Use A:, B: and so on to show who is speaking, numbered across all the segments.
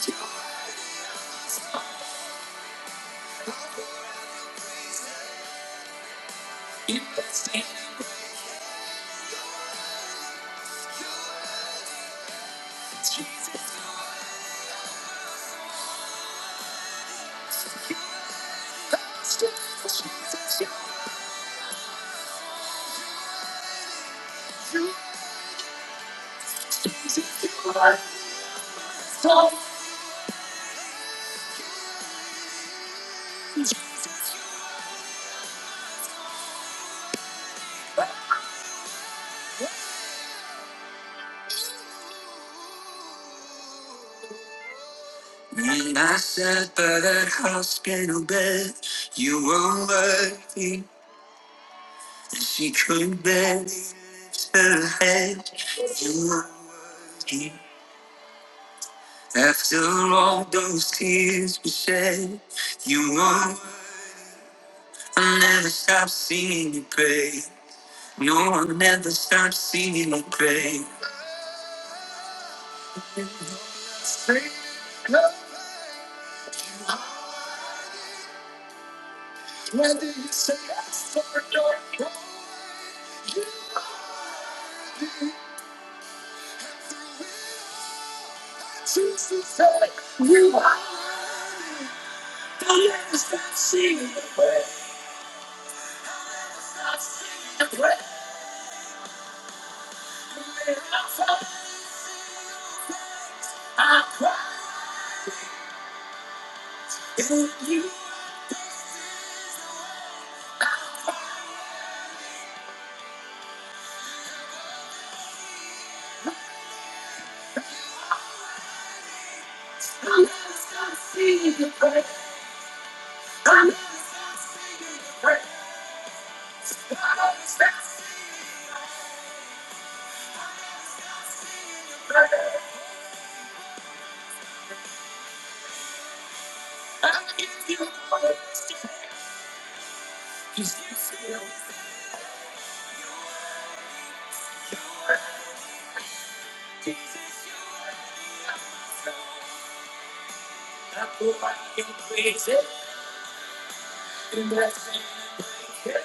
A: If I see the way, I see the way. I'll cry if you see the way. I see the way. I'll cry if you see the way. Jesus, You're You, You're You're You're You're I can praise it in that same way.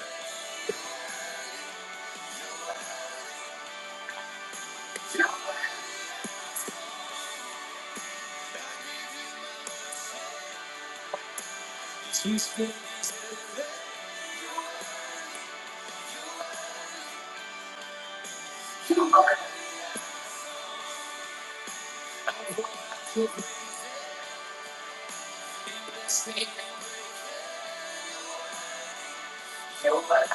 A: You are the spirit. You are the Savior. You are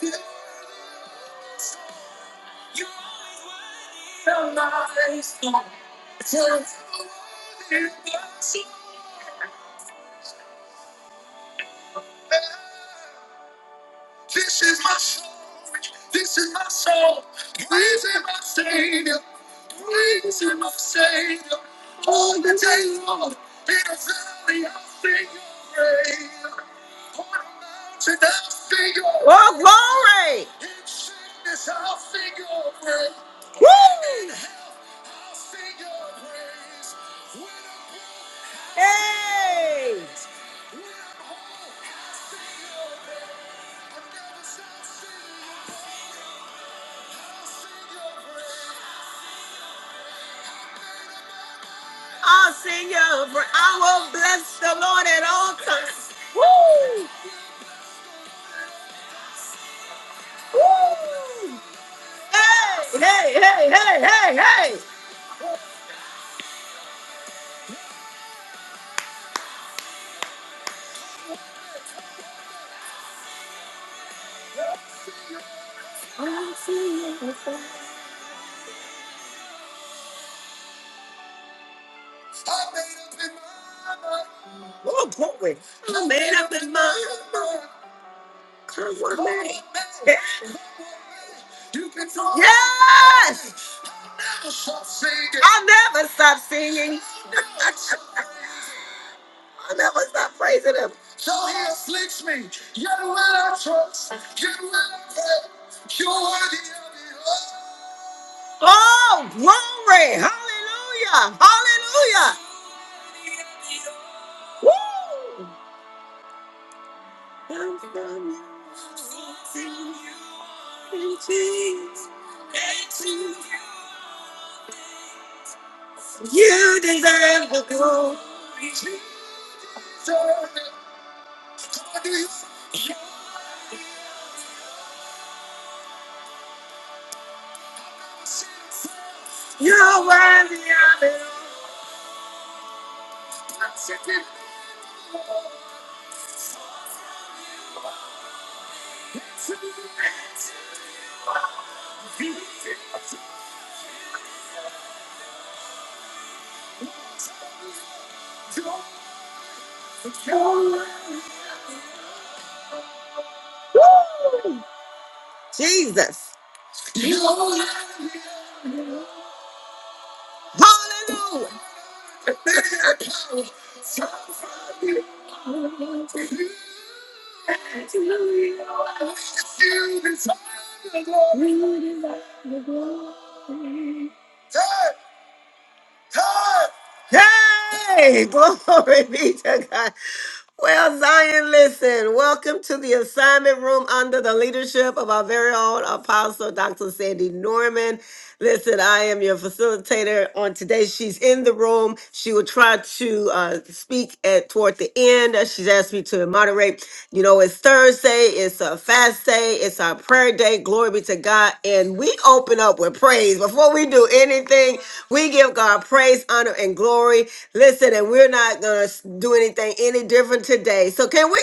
A: the good. You are the milestone. Tell us how you do. This is my soul. This is my soul. Praise him, my Savior. Praise him, my Savior. All the day long. In a Oh, glory! Woo! Hey! I'll sing you, for I will bless the Lord at all times. Woo! Woo! Hey! Hey! Hey! Hey! Hey! Hey! Oh, glory! Yes! I'll never stop singing. I'll never stop praising Him. Oh, glory! Hallelujah! Hallelujah! Woo! You're worthy of it all. Jesus. Hallelujah. Hey, glory be to God. Well, Zion, listen, welcome to the assignment room under the leadership of our very own apostle, Dr. Sandy Norman. Listen, I am your facilitator on today. She's in the room. She will try to uh, speak at toward the end. Uh, She's asked me to moderate. You know, it's Thursday. It's a fast day. It's our prayer day. Glory be to God. And we open up with praise. Before we do anything, we give God praise, honor, and glory. Listen, and we're not going to do anything any different today. So can we?